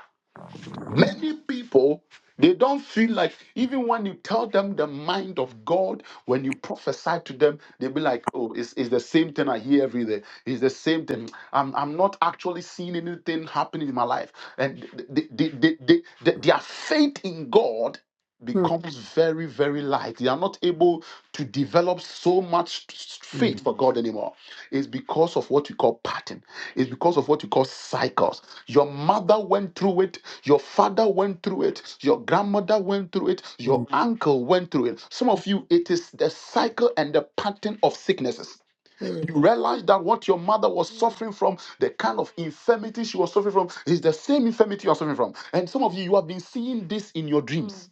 Speaker 3: Many people, they don't feel like, even when you tell them the mind of God, when you prophesy to them, they'll be like, oh, it's, it's the same thing I hear every day. It's the same thing. I'm, I'm not actually seeing anything happening in my life. And they, they, they, they, they- their faith in God becomes very, very light. They are not able to develop so much faith for God anymore. It's because of what you call pattern. It's because of what you call cycles. Your mother went through it. Your father went through it. Your grandmother went through it. Your uncle went through it. Some of you, it is the cycle and the pattern of sicknesses. You realize that what your mother was
Speaker 5: mm,
Speaker 3: suffering from, the kind of infirmity she was suffering from, is the same infirmity you're suffering from. And some of you, you have been seeing this in your dreams.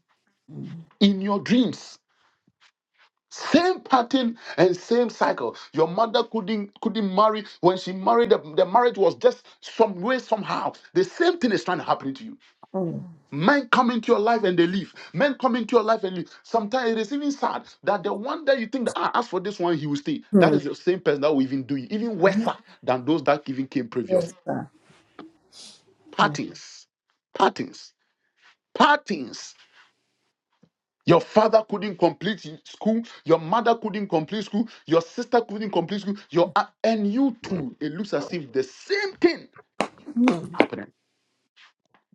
Speaker 3: In your dreams same pattern and same cycle. Your mother couldn't couldn't marry when she married. The, the marriage was just some way somehow. The same thing is trying to happen to you. Men come into your life and they leave. Men come into your life and leave. Sometimes it is even sad that the one that you think that ah, as for this one he will stay. That is the same person that will even do it, even worse than those that even came previously. Patterns, patterns, patterns. Your father couldn't complete school. Your mother couldn't complete school. Your sister couldn't complete school. Your a- and you too. It looks as if the same thing happening.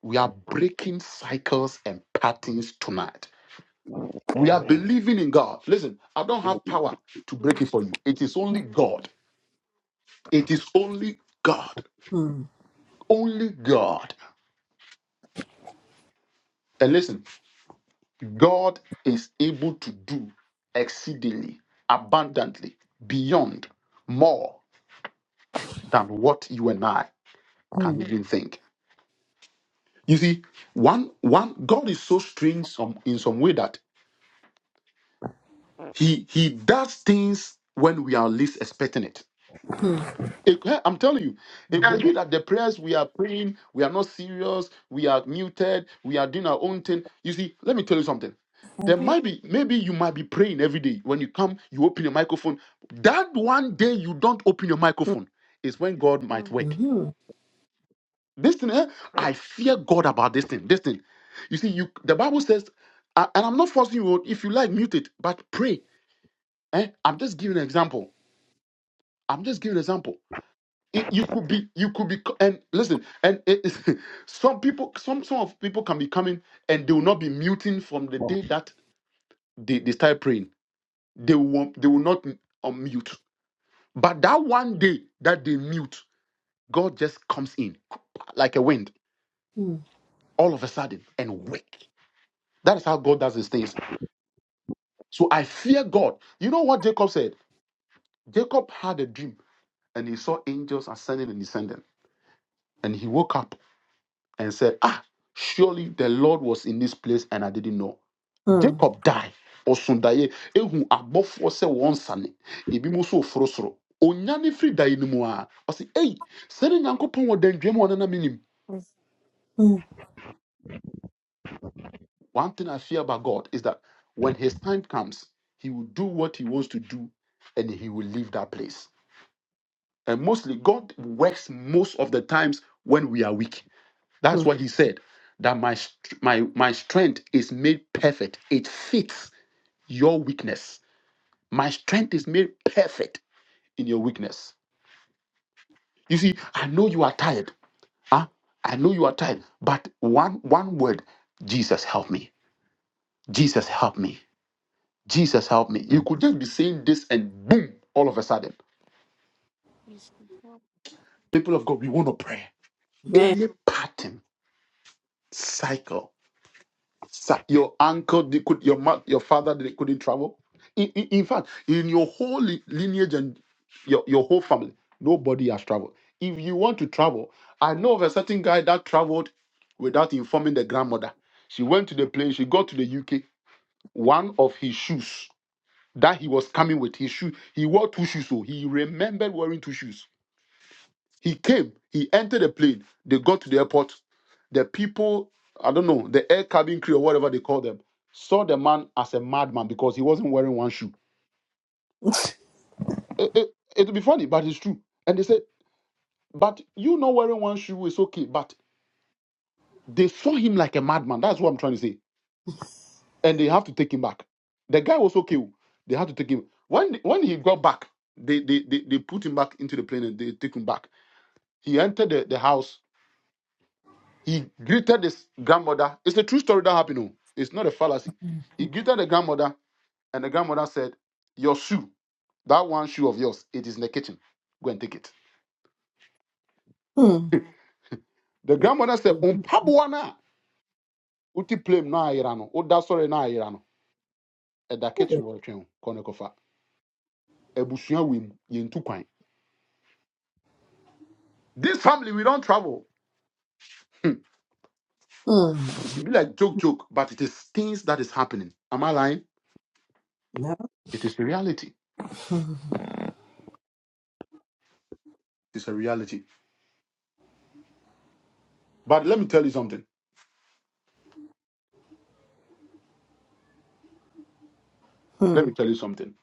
Speaker 3: We are breaking cycles and patterns tonight. We are
Speaker 4: Amen.
Speaker 3: believing in God. Listen, I don't have power to break
Speaker 5: mm,
Speaker 3: it for you. It is
Speaker 5: mm.
Speaker 3: only God. It is only God. Only God. And listen, God is able to do exceedingly, abundantly, beyond, more than what you and I Can even think? You see, one one God is so strange some in some way that he he does things when we are least expecting it.
Speaker 1: mm,
Speaker 3: It- eh, I'm telling you, it could
Speaker 5: Yes,
Speaker 3: be that the prayers we are praying, we are not serious, we are muted, we are doing our own thing. You see, let me tell you something. There might be, maybe you might be praying every day. When you come, you open your microphone. That one day you don't open your microphone is when God might work.
Speaker 1: mm,
Speaker 3: This thing, eh, I fear God about this thing. This thing. You see, you the Bible says, a- and I'm not forcing you. oh, If you like, mute it, but pray. Eh? I'm just giving an example. I'm just giving an example. It, you could be, you could be, co- and listen, and it, it's- *laughs* some people, some some of people can be coming and they will not be muting from the day that they, they start praying. They will, they will not unmute. But that one day that they mute, God just comes in like a wind,
Speaker 1: mm,
Speaker 3: all of a sudden, and wake. That is how God does His things. So I fear God. You know what Jacob said? Jacob had a dream and he saw angels ascending and descending. And he woke up and said, Ah, surely the Lord was in this place and I didn't know.
Speaker 1: mm.
Speaker 3: Jacob died. Ɔsondaeɛ ehu abɔfoɔ sɛ wɔn nsane ebi mu nso oforo soro onyane firi daeɛ no mu a ɔsi ei sɛde nyankopɔn wɔ dandwam a ɔnenam anim." one thing I fear about God is that when his time comes he will do what he wants to do and he will leave that place and mostly God works most of the times when we are weak That's what he said. That my str- my my strength is made perfect. It fits your weakness. My strength is made perfect in your weakness. You see, I know you are tired. Huh? I know you are tired. But one one word, Jesus help me. Jesus help me. Jesus help me. You could just be saying this and boom, all of a sudden. People of God, we want to pray.
Speaker 1: And then,
Speaker 3: Any pattern, cycle Sa- Your uncle, they could, your ma- your father, they couldn't travel. In, in, in fact, in your whole li- lineage and your, your whole family, nobody has traveled. If you want to travel, I know of a certain guy that traveled without informing the grandmother. She went to the plane, she got to the UK. One of his shoes that he was coming with, his shoe, he wore two shoes, so he remembered wearing two shoes. He came, he entered the plane, they got to the airport, the people, I don't know, the air cabin crew or whatever they call them, saw the man as a madman because he wasn't wearing one shoe. It, it, it'll be funny, but it's true. And they said, but you not wearing one shoe is okay. But they saw him like a madman. That's what I'm trying to say. And they have to take him back. The guy was okay. oh. They had to take him. When when he got back, they they, they, they put him back into the plane and they took him back. He entered the, the house. He greeted his grandmother. It's a true story that happened. oh. It's not a fallacy. He greeted the grandmother And the grandmother said, Your shoe, that one shoe of yours, it is in the kitchen. Go and take it.
Speaker 1: mm,
Speaker 3: The grandmother said, On Pabuana, Uti plem na irano, O da sorry na irano. At the kitchen wall train, Konekofa. Ebusua wim, yin tukwain. This family, we don't travel.
Speaker 1: mhm, mm, mm, mm, man, mm, mm,
Speaker 3: It will be like joke, joke, but it is things that is happening. Am I lying?
Speaker 1: no,
Speaker 3: It is the reality. It's a reality. But let me tell you something. Let me
Speaker 1: mm,
Speaker 3: tell you something.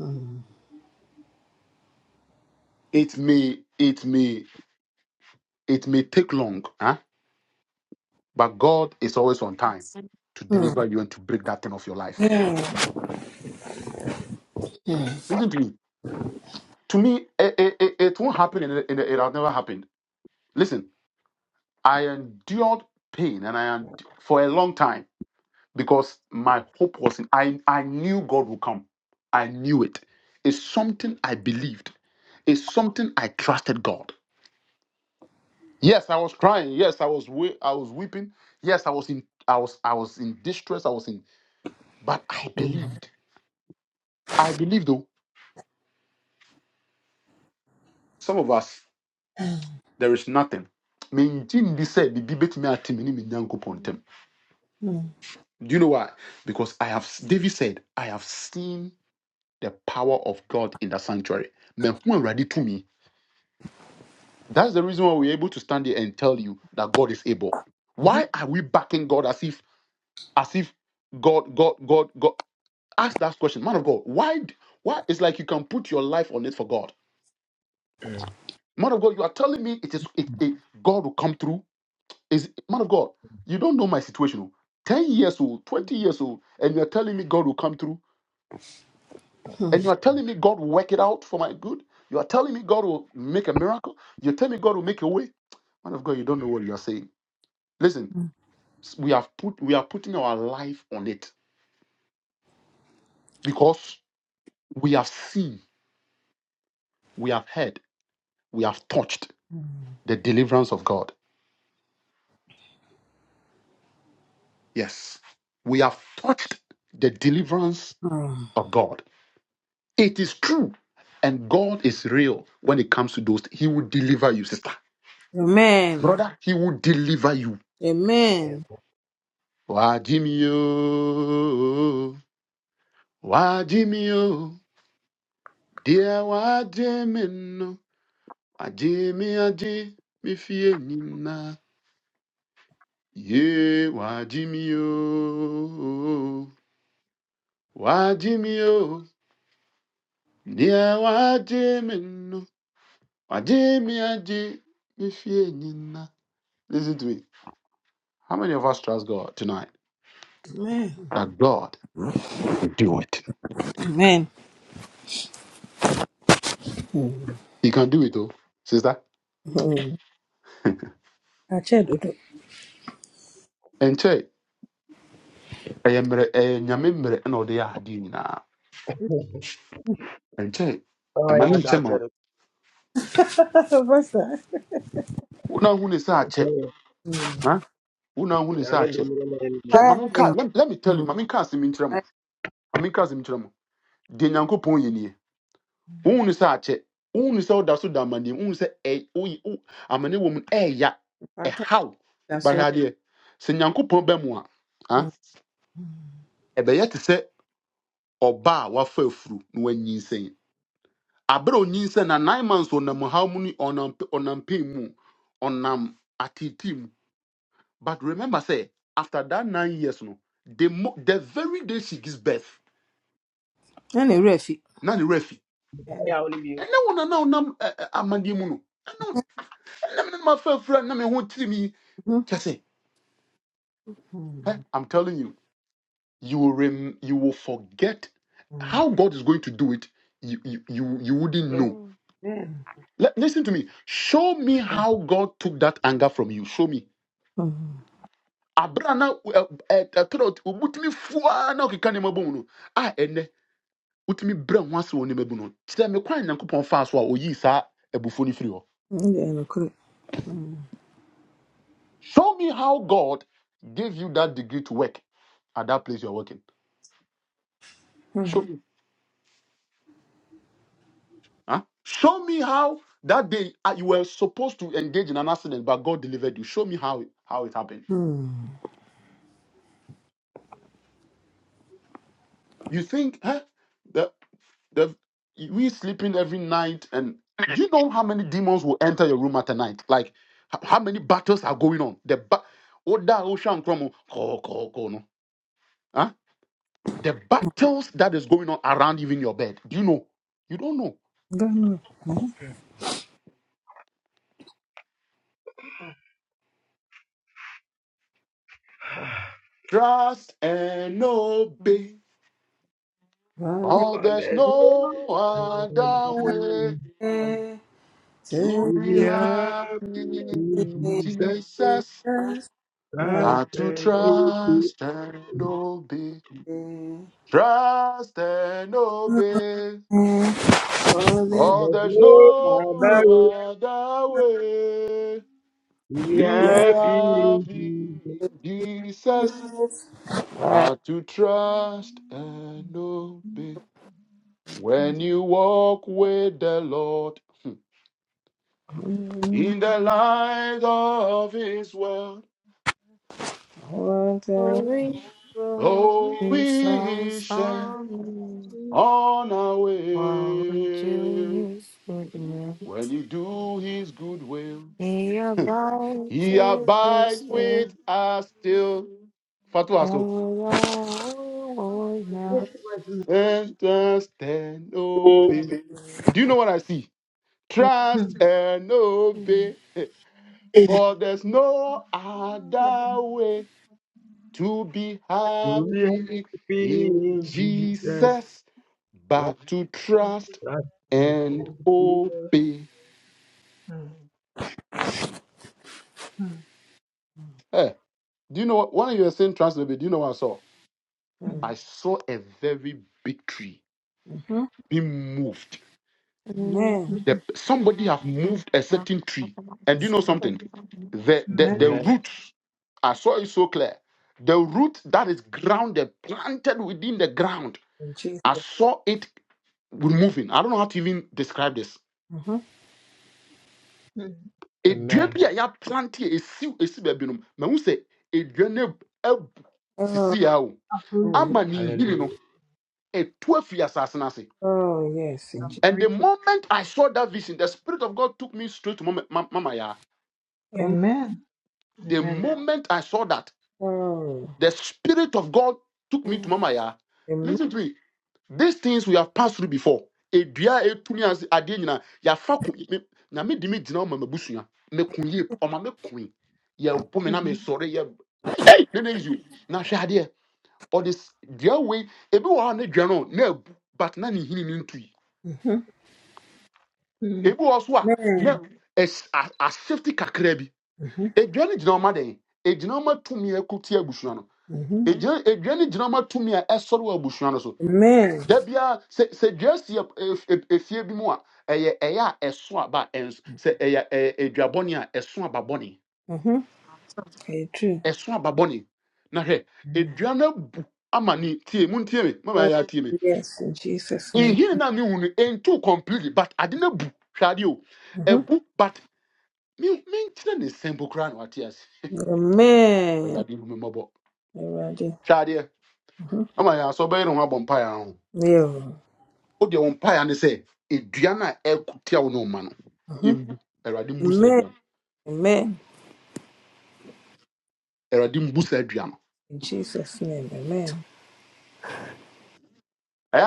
Speaker 1: mm.
Speaker 3: It may, it may, it may take long. huh? But God is always on time to
Speaker 1: Amen.
Speaker 3: deliver you and to break that thing off your life. Listen to me. To me, it, it, it it won't happen and it, it, it has never happened. Listen, I endured pain and I endu- for a long time because my hope was in I, I knew God would come. I knew it. It's something I believed. It's something I trusted God. Yes, I was crying. Yes, I was we- I was weeping. Yes, I was in I was I was in distress. I was in but I
Speaker 1: Amen.
Speaker 3: believed. I believed though. Some of us There is nothing. Mengyin bi sɛ bibi betumi ate me ne me Nyankopɔn ntam. Do you know why? Because I have David said, I have seen the power of God in the sanctuary. Mehu Awurade to me. That's the reason why we're able to stand here and tell you that God is able. Why are we backing God as if as if God God God God ask that question, man of God, why d- why it's like you can put your life on it for God. Man of God, you are telling me it is it, it- God will come through. Is man of God, you don't know my situation. oh. 10 years old, 20 years old, and you're telling me God will come through, and you're
Speaker 4: Mm.
Speaker 3: telling me God will work it out for my good. You are telling me God will make a miracle. You're telling me God will make a way. Man of God, you don't know what you are saying. Listen, s- we have put we are putting our life on it because we have seen, we have heard, we have touched the deliverance of God. Yes. We have touched the deliverance of God. It is true. And God is real when it comes to those. He will deliver you, sister.
Speaker 1: Amen.
Speaker 3: Brother, He will deliver you.
Speaker 4: Amen.
Speaker 1: Amen.
Speaker 3: Wajimio. Wajimio. No. Waji. Mifina. Ye. Wayo. Wayo. Nia wajimino. Wajimi aji. Mifienina. Listen to me. How many of us trust God tonight that God can do it?
Speaker 1: Amen.
Speaker 3: He can do it, though, sister.
Speaker 1: Mm. Ache dodo.
Speaker 3: And check. ɛyɛ mmerɛ ɛyɛ nyame mmerɛ ɛna ɔde yɛ adeɛ nyinaa ɛnkyɛ
Speaker 4: Oh,
Speaker 3: ɛma ne
Speaker 4: yes,
Speaker 3: nkyɛ ma
Speaker 4: actually.
Speaker 1: *laughs* Pastor,
Speaker 3: wona hu ne sɛ
Speaker 4: I
Speaker 3: akyɛ
Speaker 1: Mm.
Speaker 3: ha wona hu ne sɛ
Speaker 4: mean, the
Speaker 3: akyɛ
Speaker 4: middle of the
Speaker 3: hwɛ
Speaker 4: name.
Speaker 3: mame nka
Speaker 1: Yeah.
Speaker 3: let, let me tell you
Speaker 1: Mm.
Speaker 3: mame nka asɛm yi nkyerɛ mo
Speaker 1: I-
Speaker 3: mame nka asɛm yi nkyerɛ mo deɛ nyankopɔn yɛ nie wohu ne sɛ akyɛ wohu ne sɛ woda so da amaneɛ wohu sɛ ɛ- woyi- wo- amane wɔ mu no ɛɛya
Speaker 1: Pastor,
Speaker 3: ɛhaw
Speaker 1: that's
Speaker 3: bahwɛ
Speaker 1: why.
Speaker 3: adeɛ sɛ nyankopɔn bɛ mu a ha
Speaker 1: Mm.
Speaker 3: ɛbɛyɛ te sɛ ɔba a wafa afuru na wanyinsɛn abere onyin na nine months ɔnam haw mu ne ɔnam ɔnam pain mu ɔnam atete mu but remember say after that nine years no the mo the very day she gives birth
Speaker 1: Ɛna ewura fi.
Speaker 3: na ne refi
Speaker 1: And
Speaker 4: I only be
Speaker 3: And now nana ɔnam ɛ ɛ amadeɛ mu no ɛnɛ ɛnɛ mi ma fɛn fura na mi ho tiri mi
Speaker 1: Mhm.
Speaker 3: kyɛ sɛ ɛ
Speaker 1: mm,
Speaker 3: i'm telling you you will rem you will forget
Speaker 1: mm,
Speaker 3: how god is going to do it you you you, you wouldn't
Speaker 4: you.
Speaker 3: know.
Speaker 1: amen.
Speaker 3: Let, listen to me. Show me how God took that anger from you. Show me.
Speaker 1: Mm.
Speaker 3: abere a na fua na ɔkeka nneɛma bɔ no a ɛnɛ wotumi brɛ ho ase wɔ nneɛma no kyerɛ me kwan a nyankopɔn so a oyii saa abufuo no firi hɔ
Speaker 1: Ɛna ɛna koro.
Speaker 3: show me how god gave you that degree to work at that place you are working
Speaker 1: Mm.
Speaker 3: huh? show me how that day uh, you were supposed to engage in an accident but god delivered you show me how it, how it happened you think huh? The, we sleeping every night, and do you know how many demons will enter your room at a night? Like h- how many battles are going on? The ba- Oda Ocean Chromo, ko- ko- ko no. huh? The battles that is going on around even your bed. Do you know? You don't know.
Speaker 1: Ghana.
Speaker 4: Mm. *sighs*
Speaker 3: Trust and obey.
Speaker 1: Father,
Speaker 3: Oh,
Speaker 4: For
Speaker 3: there's
Speaker 4: this.
Speaker 3: no other way to
Speaker 1: to
Speaker 4: To
Speaker 3: be
Speaker 4: be
Speaker 3: happy
Speaker 4: happy in
Speaker 3: in
Speaker 1: this
Speaker 4: Jesus
Speaker 3: Jesus
Speaker 4: Christ
Speaker 3: but to
Speaker 4: and okay.
Speaker 3: trust and obey.
Speaker 1: mountain,
Speaker 3: Trust and obey,
Speaker 1: Ɛɛ. holding
Speaker 3: for
Speaker 4: There's
Speaker 3: there's no
Speaker 4: no other way
Speaker 3: other way
Speaker 4: to be
Speaker 3: to be
Speaker 4: happy in
Speaker 3: happy
Speaker 4: Jesus.
Speaker 3: in Jesus
Speaker 1: back
Speaker 3: but to trust and obey. When you walk with the Lord
Speaker 1: Mm.
Speaker 3: in the light of His word,
Speaker 1: water.
Speaker 5: Glory
Speaker 3: oh,
Speaker 5: is our
Speaker 3: we shall
Speaker 5: song.
Speaker 3: on our
Speaker 5: While we do
Speaker 3: way.
Speaker 5: his goodness,
Speaker 3: When you do His good will,
Speaker 5: he abides
Speaker 3: He
Speaker 5: with us
Speaker 3: abides
Speaker 5: still,
Speaker 3: with us still. Fatu
Speaker 5: and
Speaker 3: also.
Speaker 5: we always know.
Speaker 3: And trust and obey. Do you know what I see? Trust and obey. *laughs* For there's no other way to be
Speaker 4: To be
Speaker 3: happy
Speaker 4: happy
Speaker 3: in
Speaker 4: in Jesus
Speaker 3: Jesus but to trust
Speaker 4: Christ and
Speaker 3: and
Speaker 4: okay.
Speaker 3: obey. Hey, do you know what? one of you were saying trust and obey, do you know what I saw? I saw a very big tree
Speaker 1: Mhm.
Speaker 3: being moved.
Speaker 1: Amen.
Speaker 3: The, somebody have moved a
Speaker 5: Thank
Speaker 3: certain tree, and
Speaker 1: Mm,
Speaker 3: you know something? The, the the
Speaker 4: Amen.
Speaker 3: roots. I saw it so clear. The root that is grounded, planted within the ground.
Speaker 1: In
Speaker 3: I
Speaker 1: Jesus.
Speaker 3: saw it moving. I don't know how to even describe this. A bi
Speaker 4: Amen.
Speaker 3: a ya plant a siw a si baabi no Me sɛ say a ab-
Speaker 1: Oh,
Speaker 3: sisi sisi a o
Speaker 1: oh,
Speaker 3: ama ni nhini no
Speaker 4: Hallelujah.
Speaker 3: A afiri asase no ase.
Speaker 1: oh, yes. In Je-
Speaker 3: And the moment I saw that vision, the Spirit of God took me straight to Mama, Ma- Mama Yaa.
Speaker 1: Amen.
Speaker 3: The moment I saw that.
Speaker 1: Amen.
Speaker 3: The Spirit of God took me to Mama Ya. Listen to me. These things we have passed through before. Edua etumi ase adeɛ nyinaa yafa ko me- nyame de me gyina ɔma mabusua meko yie p- ɔma meko yi yɛbɔ me na mesɔre yɛ ei ne ne yi na hwɛ adeɛ ɔde s- dua wei ebi wɔ hɔ a ne dua no na ebu but na ne hini ne ntui
Speaker 1: Mm-hmm.
Speaker 3: ebi wɔ hɔ so a na
Speaker 1: Amen.
Speaker 3: ɛs- a- asafety kakra bi
Speaker 1: hmm
Speaker 3: edua no gyina ɔma den egyina ɔma tumi ɛko tia abusua no
Speaker 1: hmm
Speaker 3: egyina edua no gyina ɔma tumi a ɛsɔre wɔ abusua no so
Speaker 1: Amen.
Speaker 3: da biara se sɛ dua si ɛ- ɛ- ɛ- efie bi mu a ɛyɛ ɛyɛ a ɛso aba ɛnso sɛ ɛyɛ ɛyɛ edua bɔne a ɛso aba bɔne
Speaker 1: hmm Very true.
Speaker 3: ɛso aba bɔne na hwɛ edua no abu ama ne tie mu ntie me mama
Speaker 1: Oh,
Speaker 3: ya atie me
Speaker 1: yes. In Jesus' name.
Speaker 3: nhini na mi hu no completely but ade no bu hwɛ adeɛ o
Speaker 1: Mhm.
Speaker 3: ɛbu but mi mi nkyerɛ ne nsɛmpo koraa na wate ase *laughs*
Speaker 1: Amen.
Speaker 3: ɛwurade hu mi mmɔbɔ
Speaker 1: Already.
Speaker 3: hwɛ adeɛ
Speaker 1: Mhm.
Speaker 3: ama yɛn asɔ bɛyɛ ne ho abɔ mpaeɛ ho
Speaker 1: Yeah.
Speaker 3: o deɛ wɔn mpaeɛ ne sɛ edua no a ɛkutia wo no ma no
Speaker 1: hmm
Speaker 3: ebu ɛwurade mbu saa
Speaker 1: Amen.
Speaker 3: dua no.
Speaker 1: Amen.
Speaker 3: Eradim busa saa dua no
Speaker 1: In Jesus' name. Amen.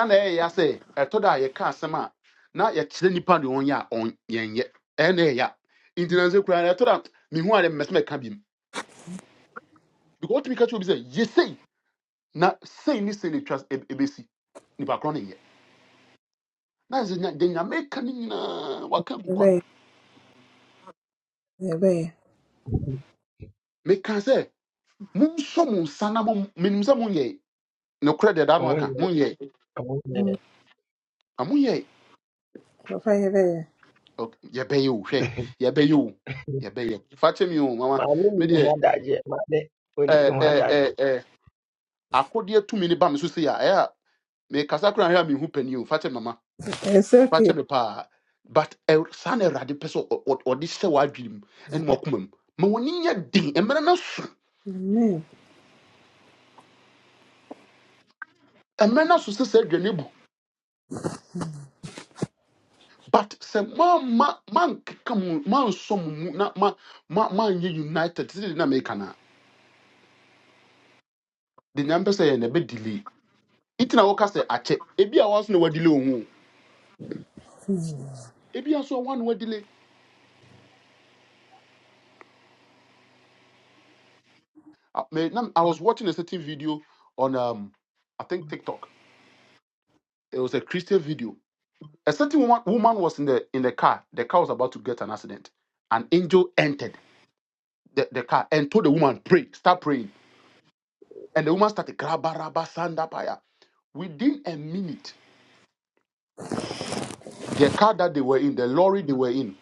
Speaker 3: na ɛyɛ ya sɛ ɛtɔ da a yɛka asɛm a na yɛkyerɛ nipa deɛ ɔnyɛ a ɔnyɛnyɛ ɛyɛ na ɛyɛ ya nti na nso kura ɛtɔ da mihu a mɛsɛm ɛka bi mu because wotumi ka kyerɛ obi sɛ yesei na sei ne sei na etwa ebesi nipa korɔ ne yɛ na sɛ nya deɛ nyame ka ne nyinaa waka gu kwa
Speaker 1: Amen. Amen.
Speaker 3: meka sɛ monsɔ mo nsa na mo menim sɛ monyɛ nokorɛ deɛ da no aka
Speaker 4: Onye,
Speaker 3: monyɛ
Speaker 1: Mm,
Speaker 4: onye.
Speaker 3: a monyɛ
Speaker 1: Papa, amen.
Speaker 3: Ok, yɛbɛyɛ o hwɛ yɛbɛyɛ o yɛbɛyɛ fa kyɛ mi o mama
Speaker 4: Maame nyi ni ho
Speaker 3: medeɛ
Speaker 4: adagye, maame onyi ne ho adagye.
Speaker 3: akodeɛ tumi ne ba me so sei a ɛyɛ a mekasa koraa hwɛ a mehu pani o fakyɛ mama
Speaker 1: It's okay.
Speaker 3: fakyɛ me paa but ɛ- saa na awurade pɛ sɛ ɔ- ɔ- ɔde hyɛ w'adwene mu ɛne wakoma mu ma wɔne nyɛ den mmerɛ no so
Speaker 1: Amen.
Speaker 3: mmerɛ no so sɛ sɛ aduane bu but se ma ma mankeka mu mansɔ mo mu na ma- ma- manyɛ united sɛde na meka no a de nyame pɛ sɛ yɛ na ɛbɛdile nti na woka sɛ akyɛ ebi a wɔaso na wadile wo ho ebi aso a woa na wadile I, I was watching a certain video on um, I think TikTok It was a Christian video. A certain woman, woman was in the in the car. The car was about to get an accident. An angel entered the, the car and told the woman, pray, start praying. And the woman started grabaraba sandapaya. Within a minute, the car that they were in, the lorry they were in,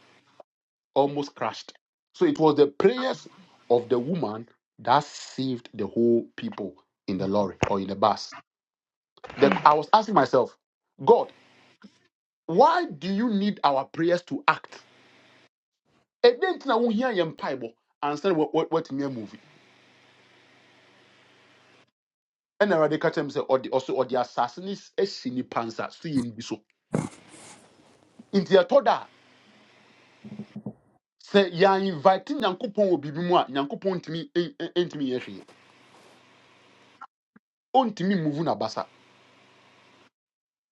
Speaker 3: almost crashed. So it was the prayers of the woman that saved the whole people in the lorry or in the bus. The- I was asking myself, God, why do you need our prayers to act? ɛdɛn nti na wohia yɛ mpaebɔ ansa what wɔ- wɔ- woatumi amuvi ɛna awurade ka kyerɛ me sɛ ɔde ɔso ɔde asase no s- so yɛ no bi so nti ɛtɔ da a sɛ yɛinvite nyankopɔn wɔ biribi mu a nyankopɔn ntumi ɛn- ɛn- ɛntumi yɛ hwee ɔntumi muvu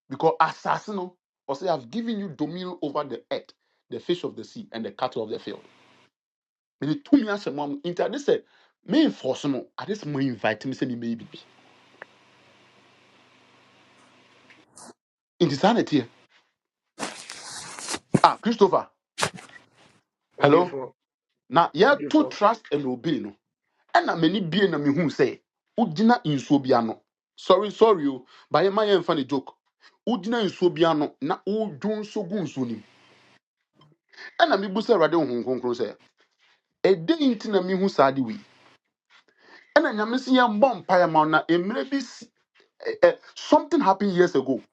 Speaker 3: because assassin no ɔsɛ i've given you dominion over the earth the fish of the sea and the cattle of the field mede tumi ahyɛ mo am nti ade sɛ memfɔ so no ade sɛ mo invite me sɛ memɛyɛ biribi nti saa na ɛteɛ ah christopher hello
Speaker 4: Odiifo,
Speaker 3: na yɛto
Speaker 4: odiifo.
Speaker 3: trust and obey no ɛna m'ani bie na mehu sɛ wogyina nsuo bi ano sorry sorry o but yɛma yɛmfa ne joke wogyina nsuo bi ano na wodwo nso gu nsuo no mu ɛna mebu sɛ awurade honhom kronkron sɛ ɛdɛn nti na mehu saa de wei ɛna nyame se yɛmmɔ mpaeɛ ma wo na mmerɛ bi si ɛ- ɛ, something happened years ago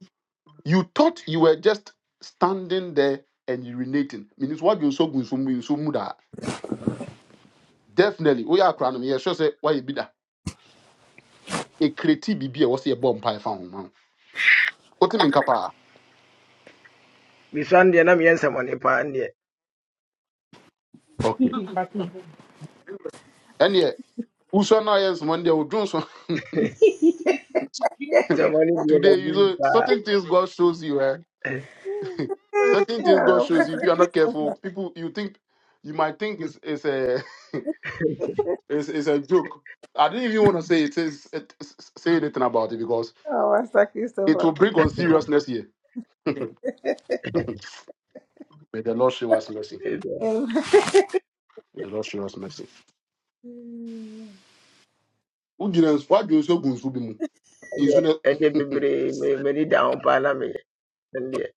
Speaker 3: you thought you were just standing there and urinating means woadwo nso gu nsuo mu nsuo mu daa definitely we are crying. Yes, sure Say why you bi that. A creative B B was a ɛwɔ sɛ yɛbɔ mpae fa ho ma wotumi nka paa
Speaker 4: Misua no deɛ na meyɛ nsɛmmɔne paa no deɛ.
Speaker 3: okay ɛneɛ wosua no ayɛ nsoma no deɛ wodwo *laughs*
Speaker 1: Yeah.
Speaker 4: Nsɛmmɔne deɛ
Speaker 3: today
Speaker 4: madi
Speaker 3: you
Speaker 4: ni
Speaker 3: know
Speaker 4: paa.
Speaker 3: certain things god shows you eh? certain things god
Speaker 1: *laughs*
Speaker 3: shows you if you are not careful people you think you might think it's, it's a *laughs* it's, it's a joke i didn't even want to say it, it's, it's, say anything about it because
Speaker 1: Oh, Pastor
Speaker 3: it
Speaker 1: Christopher.
Speaker 3: will bring on seriousness here *laughs* may the lord show us mercy
Speaker 1: Amen.
Speaker 3: may the lord show us mercy Who wogyina nsu- woadwo nsu agu nsu bi mu nsu
Speaker 4: Ɛdeɛ
Speaker 3: no
Speaker 4: ɛdeɛ bebree me- m'ani da ho paa na meyɛ. Ɛno deɛ,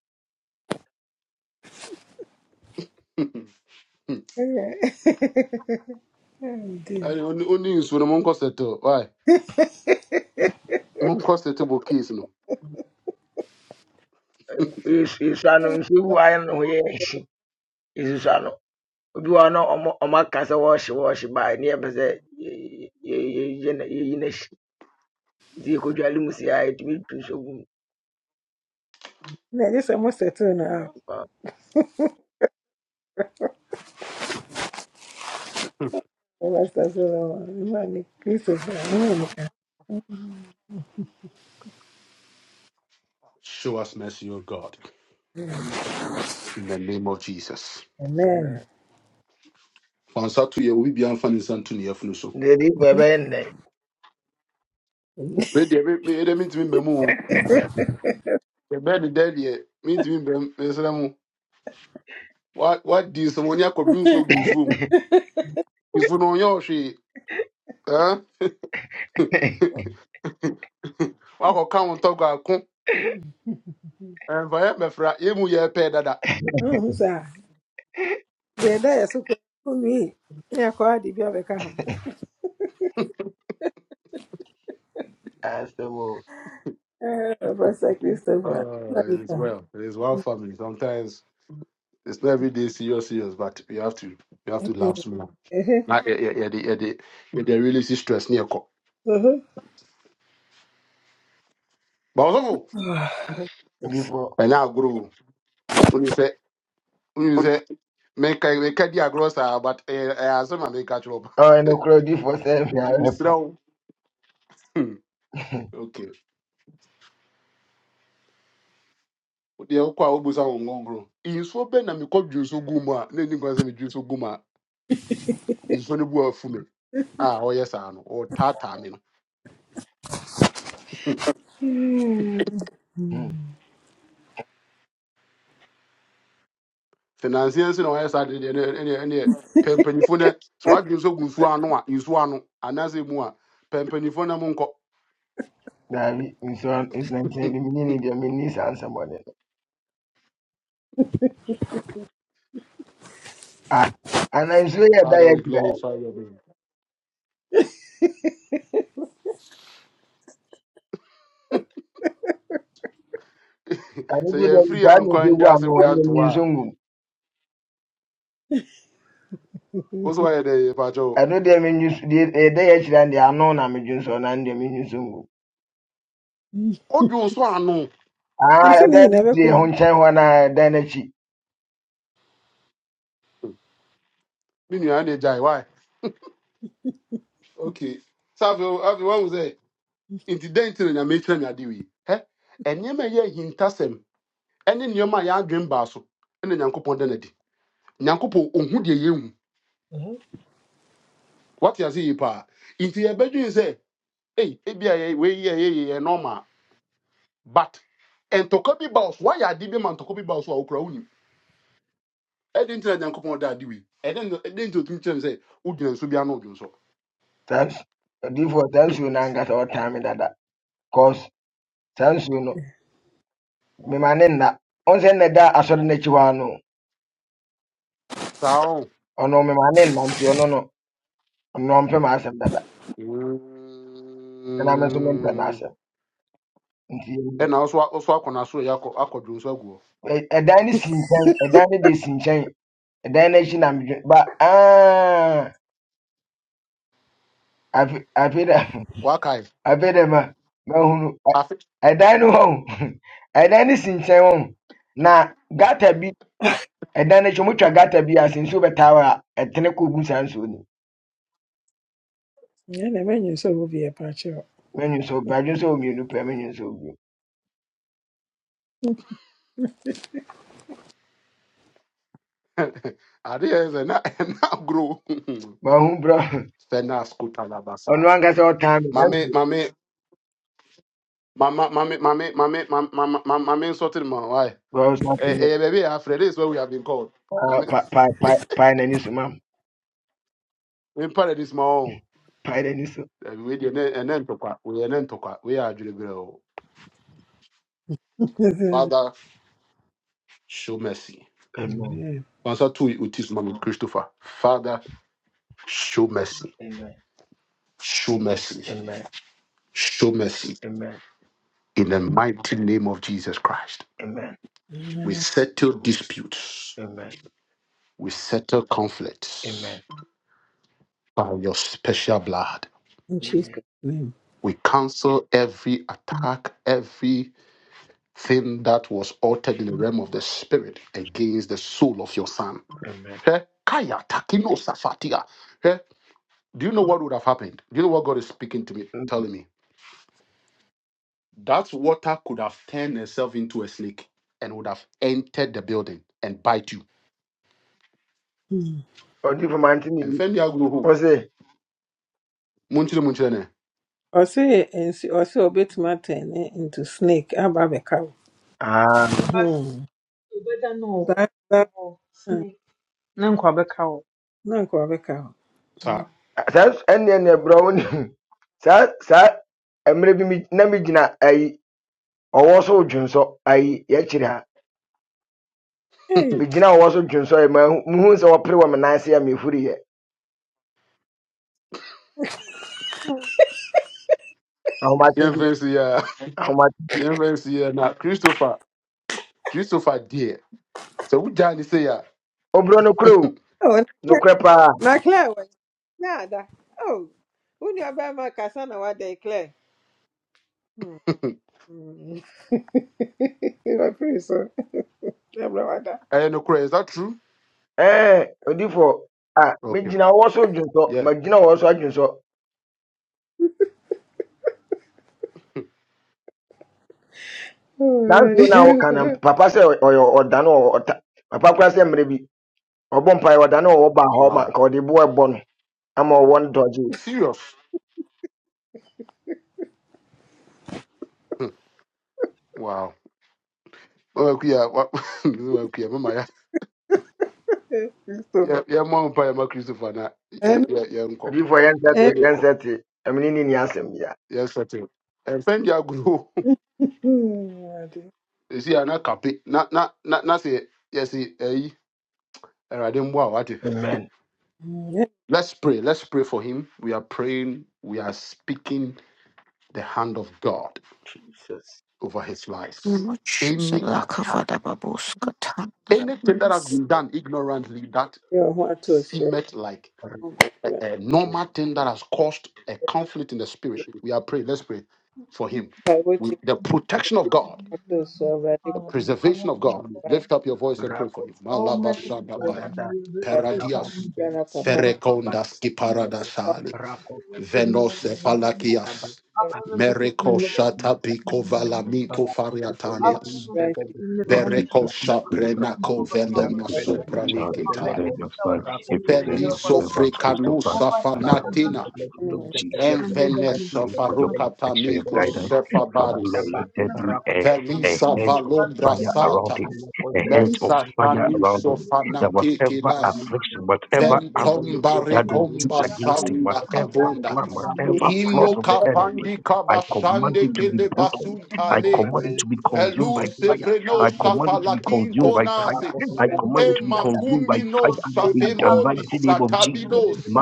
Speaker 3: *laughs*
Speaker 1: Yeah. *laughs* Oh, dear.
Speaker 3: Ayi, Oni oni nsu no monkɔ settle. Why?
Speaker 1: *laughs*
Speaker 3: Monkɔ settle bo case no.
Speaker 4: Yesu- Yesua no nsuo bi wɔ ha no ye ho yɛ ahyi. Yesusua no, obi wɔ hɔ no ɔmo ɔmo aka sɛ wɔɔhye wɔɔhye baa ne ye ye ye ye yɛyi na- yɛyi n'ahyi. Nti yɛkɔdwale mu si ha yɛtumi tu nsuo gu mu.
Speaker 1: Now, just almost a two and a half. Oh, that's that's what I want. Imagine Christopher. Oh,
Speaker 3: Show us mercy, O God, in the name of Jesus.
Speaker 1: Amen.
Speaker 3: Fansa to ye will be anfa ne nsa to ne yafunu so.
Speaker 4: Ndị Igbo
Speaker 1: Mm-hmm.
Speaker 4: ebe nne
Speaker 3: Me de me me de mintimi mbɛ mu. o.
Speaker 1: *laughs*
Speaker 3: Yɛ bɛ de dɛ deɛ mintimi mbɛ mesra mu. What what di so oni akɔdu nsu ogu nsuo mu. Nsuo no ɔnyɛ ɔhwe. Eh? Wakɔ ka wɔn tɔgɔ ako. Ɛnfa yɛ mɛfra emu yɛ pɛ dada.
Speaker 1: Oh, sir. They're there, so for me. Yeah, quite the baby come.
Speaker 4: asemo
Speaker 1: Oh, Pastor Christopher.
Speaker 3: Oh, it is
Speaker 1: Uh-huh.
Speaker 3: well. It is well family. Sometimes it's not every day serious serious, but we have to we have to laugh small. na yɛ- yɛ- yɛde yɛde yɛde release stress ne yɛkɔ
Speaker 1: Uh-huh.
Speaker 3: ba ɔsɔfo
Speaker 1: *sighs* Oh, yes.
Speaker 4: *laughs* oh,
Speaker 3: ɛnyɛ agorɔ o wonim sɛ wonim sɛ meka meka di agorɔ saa but ɛyɛ ɛyɛ asɛm a meka kyerɛ ɔba
Speaker 4: ọ nukro difo
Speaker 3: *laughs*
Speaker 4: semi
Speaker 3: nti
Speaker 4: arep
Speaker 3: mesrɛ wo hmm, okay deɛ wokɔ a wobu sa wo ngɔngorɔ nsuo bɛ na mekɔ dwi nso gu mu a na ɛni kwan sɛ medwi so gu mu a nsuo no bu afu me a ɔyɛ saa no ɔtaataa me no finansiɛ nso na ɔyɛ saa deɛ deɛ ne- ɛneɛ ɛneɛ pɛ mpanyimfoɔ no nso gu nsuo ano a nsuo ano anaasɛ mu a pɛ mpanyimfoɔ no monkɔ
Speaker 4: dabi nsuo ntina ni mini ni dia mini sa ansemo ne ah ana nsuo yɛ da
Speaker 3: Father,
Speaker 4: yɛ
Speaker 3: we
Speaker 4: kyerɛ
Speaker 3: glorify your name.
Speaker 4: ano
Speaker 3: So
Speaker 4: de
Speaker 3: yeah,
Speaker 4: deɛ
Speaker 3: free
Speaker 4: taa na
Speaker 3: and
Speaker 4: ɛsɛ
Speaker 3: kind,
Speaker 4: gu
Speaker 3: just say
Speaker 4: ano
Speaker 3: we want
Speaker 4: ɛno deɛ
Speaker 3: to
Speaker 4: menyi *laughs* the
Speaker 3: work.
Speaker 4: ngum
Speaker 3: Also, why the Pacho?
Speaker 4: ɛno deɛ menyi so deɛ ɛda yɛ the deɛ ano
Speaker 1: Mm.
Speaker 3: Oh, you so I know.
Speaker 1: I
Speaker 4: ah
Speaker 1: said, you
Speaker 4: that is
Speaker 1: never
Speaker 4: the si ho
Speaker 1: come.
Speaker 4: nkyɛn hɔ na ɛda thanks
Speaker 3: Then you are Why? Okay. So, everyone will say, in the day, in your matron, you are doing. Eh? And you may hear him tassem. And then you may have dream basso. And then Yanko Pondanadi. Yanko Po, um, who you?
Speaker 1: Mm-hmm.
Speaker 3: What you say, pa? Into your bedroom, say, hey, it be a way, yeah, yeah, yeah, normal. But, and to copy boss, why are be man to copy boss or I didn't. da ade wei ɛde nti ɛdɛn nti did kyerɛ me sɛ wogyina nso bi ano odwo nso
Speaker 4: saa nsu- ɔdifo saa nsuo no ankasa ɔtaa me cause saa nsuo no mema ne nna ɔnsɛ nna da asɔre n'akyi hɔ ano
Speaker 3: saa o
Speaker 4: ɔno mema ne nna nti ɔno no ɔno ɔmpɛ m'asɛm dada ɛna me nso mempɛ
Speaker 3: Mm.
Speaker 4: n'asɛm nti
Speaker 3: ɛna wo so wo so akɔ n'asoro yɛ akɔ akɔ dwo nso agu hɔ
Speaker 4: ɛ- ɛdan no si nkyɛn ɛdan no deɛ si nkyɛn ɛdan no akyi na medwe ba aa afe- afei dɛ
Speaker 3: wakae
Speaker 4: afei dɛ *laughs* ma mahunu Ɛ-
Speaker 3: afe
Speaker 4: ɛdan no hɔ o, *laughs* ɛdan no si nkyɛn hɔ o. na gata bi ɛdan no akyi motwa gata bi ase nsuo bɛtaa hɔ a ɛtene kɔ gu saa nsuo no mu.
Speaker 1: Yeah, never knew so will be a patch up.
Speaker 4: menwu so badwe sɛ ɔmmienu pɛ menwu sɛ ɔmmienu
Speaker 3: *laughs* ade yɛ sɛ na *laughs* ɛna agoro
Speaker 4: mahu brɛ *laughs*
Speaker 3: fɛnas
Speaker 4: ɔno
Speaker 3: kotalabasa
Speaker 4: ankasa ɔtaa me
Speaker 3: *laughs*
Speaker 4: thank
Speaker 3: mame
Speaker 4: you
Speaker 3: mame mama mame mame mame mame mame mame nsɔte ne ma wae
Speaker 4: wɔn nso ase no
Speaker 3: ɛyɛ baabi yɛ afrɛ this is where we have been called
Speaker 4: Ah,
Speaker 3: mame
Speaker 4: pa
Speaker 3: *laughs*
Speaker 4: pa pa pae n'ani so mam
Speaker 3: in paradise ma We
Speaker 4: pae n'ani so
Speaker 3: ɛbi wei deɛ ɛnɛ ɛnɛ We and then ntɔkwa wei yɛ adwereberɛ o
Speaker 1: *laughs*
Speaker 3: father show mercy.
Speaker 4: amen
Speaker 1: Yeah.
Speaker 3: Kwanzaa tu utis mami Christopher. Father, show mercy,
Speaker 4: amen
Speaker 3: show mercy,
Speaker 4: amen
Speaker 3: show mercy
Speaker 4: amen
Speaker 3: in the mighty name of Jesus Christ.
Speaker 4: amen
Speaker 3: We settle disputes,
Speaker 4: amen
Speaker 3: we settle conflicts
Speaker 4: amen
Speaker 3: by your special blood.
Speaker 1: In Jesus.
Speaker 4: amen
Speaker 3: We cancel every attack, everything that was altered in the realm of the spirit against the soul of your son.
Speaker 4: amen
Speaker 3: Eh, Kaya takino safatia. Eh, Do you know what would have happened? Do you know what God is speaking to me, telling me? That water could have turned itself into a snake and would have entered the building and bite you.
Speaker 1: Mm.
Speaker 4: ɔdi fo mante ne
Speaker 3: And
Speaker 4: yi
Speaker 3: Fendi Aguhu,
Speaker 4: wɔn se
Speaker 3: Munchine Munchine,
Speaker 1: Or say, see, or say, to my turn eh, into snake. How about a
Speaker 4: aa
Speaker 1: cow? Ah,
Speaker 6: na
Speaker 1: na nkɔ bɛka ho
Speaker 3: sir.
Speaker 4: saa s- ɛnneɛ neɛ brɛ wɔn ne mu saa saa mmerɛ bi me- na me gyina ayi ɔwɔ so dwonsɔ ayi yɛkyerɛ ha me gyina ɔwɔ so dwonsɔ yi ma muhu sɛ wɔpere wɔ me nan ase a mefiri yɛ
Speaker 5: you.
Speaker 4: ahomaten
Speaker 3: Yeah,
Speaker 4: bi
Speaker 3: fancy, ya.
Speaker 4: ahomaten
Speaker 3: yeah, fancy, ya. Now, Christopher, Christopher, dear. So, who Johnny say, yeah,
Speaker 4: obrɔ no korɛ o
Speaker 1: Oh,
Speaker 4: nokorɛ paa
Speaker 1: na Claire wɔ na ada oh wo nua bɛrima kasa na wada yi Claire Hmm, hmm. wapere so ɛbrɛ wada
Speaker 3: I know, *laughs* is that true?
Speaker 4: Ɛɛ odiyifoɔ a
Speaker 3: Okay,
Speaker 4: megyina wɔn so dwonsɔ,
Speaker 3: yeah,
Speaker 4: magyina wɔn so adwonsɔ.
Speaker 1: Oh,
Speaker 4: Saa
Speaker 1: Awurade,
Speaker 4: nsuo no a
Speaker 1: nyɛ wo
Speaker 4: woka no, papa sɛ ɔyɛ ɔdane wɔ ɔta. Papa koraa sɛ mmerɛ bi ɔbɔ mpaeɛ ɔdane wɔ baa hɔ ma nka ɔde boɔ ɛbɔ no ama ɔwɔ no dɔgye.
Speaker 3: serious. Hmm, Wow. Oh, Okay, yeah, wa- *laughs* okay, yeah, mama, ya.
Speaker 1: so hɔ.
Speaker 3: yeah, yeah, mom, pa, yeah, Christopher, na, yeah,
Speaker 1: Ɛno,
Speaker 3: yeah, yeah, uncle,
Speaker 4: Odiyifoɔ yɛnsɛ
Speaker 3: and
Speaker 4: te
Speaker 3: then,
Speaker 4: yɛnsɛ te ɛmene ne ni asɛm bia.
Speaker 3: yes, sir. And Fendi Aguhu.
Speaker 1: hmm, Awurade.
Speaker 3: see, I'm not copy. Not not not not say yes. See, eh, eh, I didn't Hey, what? you-
Speaker 4: Amen.
Speaker 1: Nyɛ
Speaker 3: Let's pray. Let's pray for him. We are praying. We are speaking the hand of God
Speaker 4: Jesus.
Speaker 3: over his life.
Speaker 5: Much is
Speaker 3: Any attack, anything that has been
Speaker 4: Rakota,
Speaker 3: done ignorantly that
Speaker 1: deɛ ɔwɔ ho atɔ so
Speaker 3: seemed like
Speaker 4: rakota,
Speaker 3: a,
Speaker 1: Awurade.
Speaker 3: a normal thing that has caused a conflict in the spirit, we are praying. Let's pray for him
Speaker 1: Kae wotie
Speaker 3: with the protection
Speaker 1: me,
Speaker 3: of God
Speaker 1: atɔ so Awurade
Speaker 3: The
Speaker 1: bɔ
Speaker 3: preservation of God.
Speaker 1: mpae.
Speaker 3: Lift up your
Speaker 4: rakota,
Speaker 3: voice and pray for
Speaker 4: rakota,
Speaker 3: him.
Speaker 1: Oh,
Speaker 3: Malabashandapaya.
Speaker 4: radada,
Speaker 1: Awurade,
Speaker 4: rakota,
Speaker 3: Peradias.
Speaker 1: yɛ
Speaker 4: rakota,
Speaker 3: Ferekondas
Speaker 1: ampa mo,
Speaker 3: kiparadasali. Venose
Speaker 4: rakota,
Speaker 3: falakias.
Speaker 1: Awurade.
Speaker 3: Mereko
Speaker 4: radada, rakota,
Speaker 3: shatapiko valamito fariatanias.
Speaker 1: Thank you,
Speaker 7: Lord
Speaker 3: Pereko
Speaker 7: Jesus, we pray
Speaker 3: shaprenako
Speaker 7: that you
Speaker 3: velema
Speaker 7: preserve your child, you preserve your son, you preserve your
Speaker 3: Feliso
Speaker 7: servant, Christopher.
Speaker 3: frikanusa
Speaker 7: I pray for you
Speaker 3: fanatina.
Speaker 7: to the blood of Jesus. I
Speaker 3: Enveneso
Speaker 7: pray for your protection, your
Speaker 3: farukatamiko
Speaker 7: guidance. Father,
Speaker 3: sefabaris.
Speaker 7: Lord, let there be a, a hedge of fire
Speaker 4: Rakuta
Speaker 7: around him, a hedge of
Speaker 3: Mesatas.
Speaker 7: fire around him, that whatever affliction, whatever arrow that will shoot against him, whatever plan, whatever plot of the
Speaker 4: Thank
Speaker 7: enemy,
Speaker 3: Mokapandi
Speaker 7: I command
Speaker 3: kabashande
Speaker 7: it to be broken. I command it to be consumed by
Speaker 3: Veluse
Speaker 7: fire.
Speaker 3: vreno
Speaker 7: I command it to be
Speaker 3: safalatin
Speaker 7: consumed by fire.
Speaker 3: tonasis.
Speaker 7: I command it
Speaker 3: E
Speaker 7: to be consumed by
Speaker 3: makumbino
Speaker 7: fire in the
Speaker 3: safemoli
Speaker 7: mighty name of Jesus.
Speaker 3: satabinos.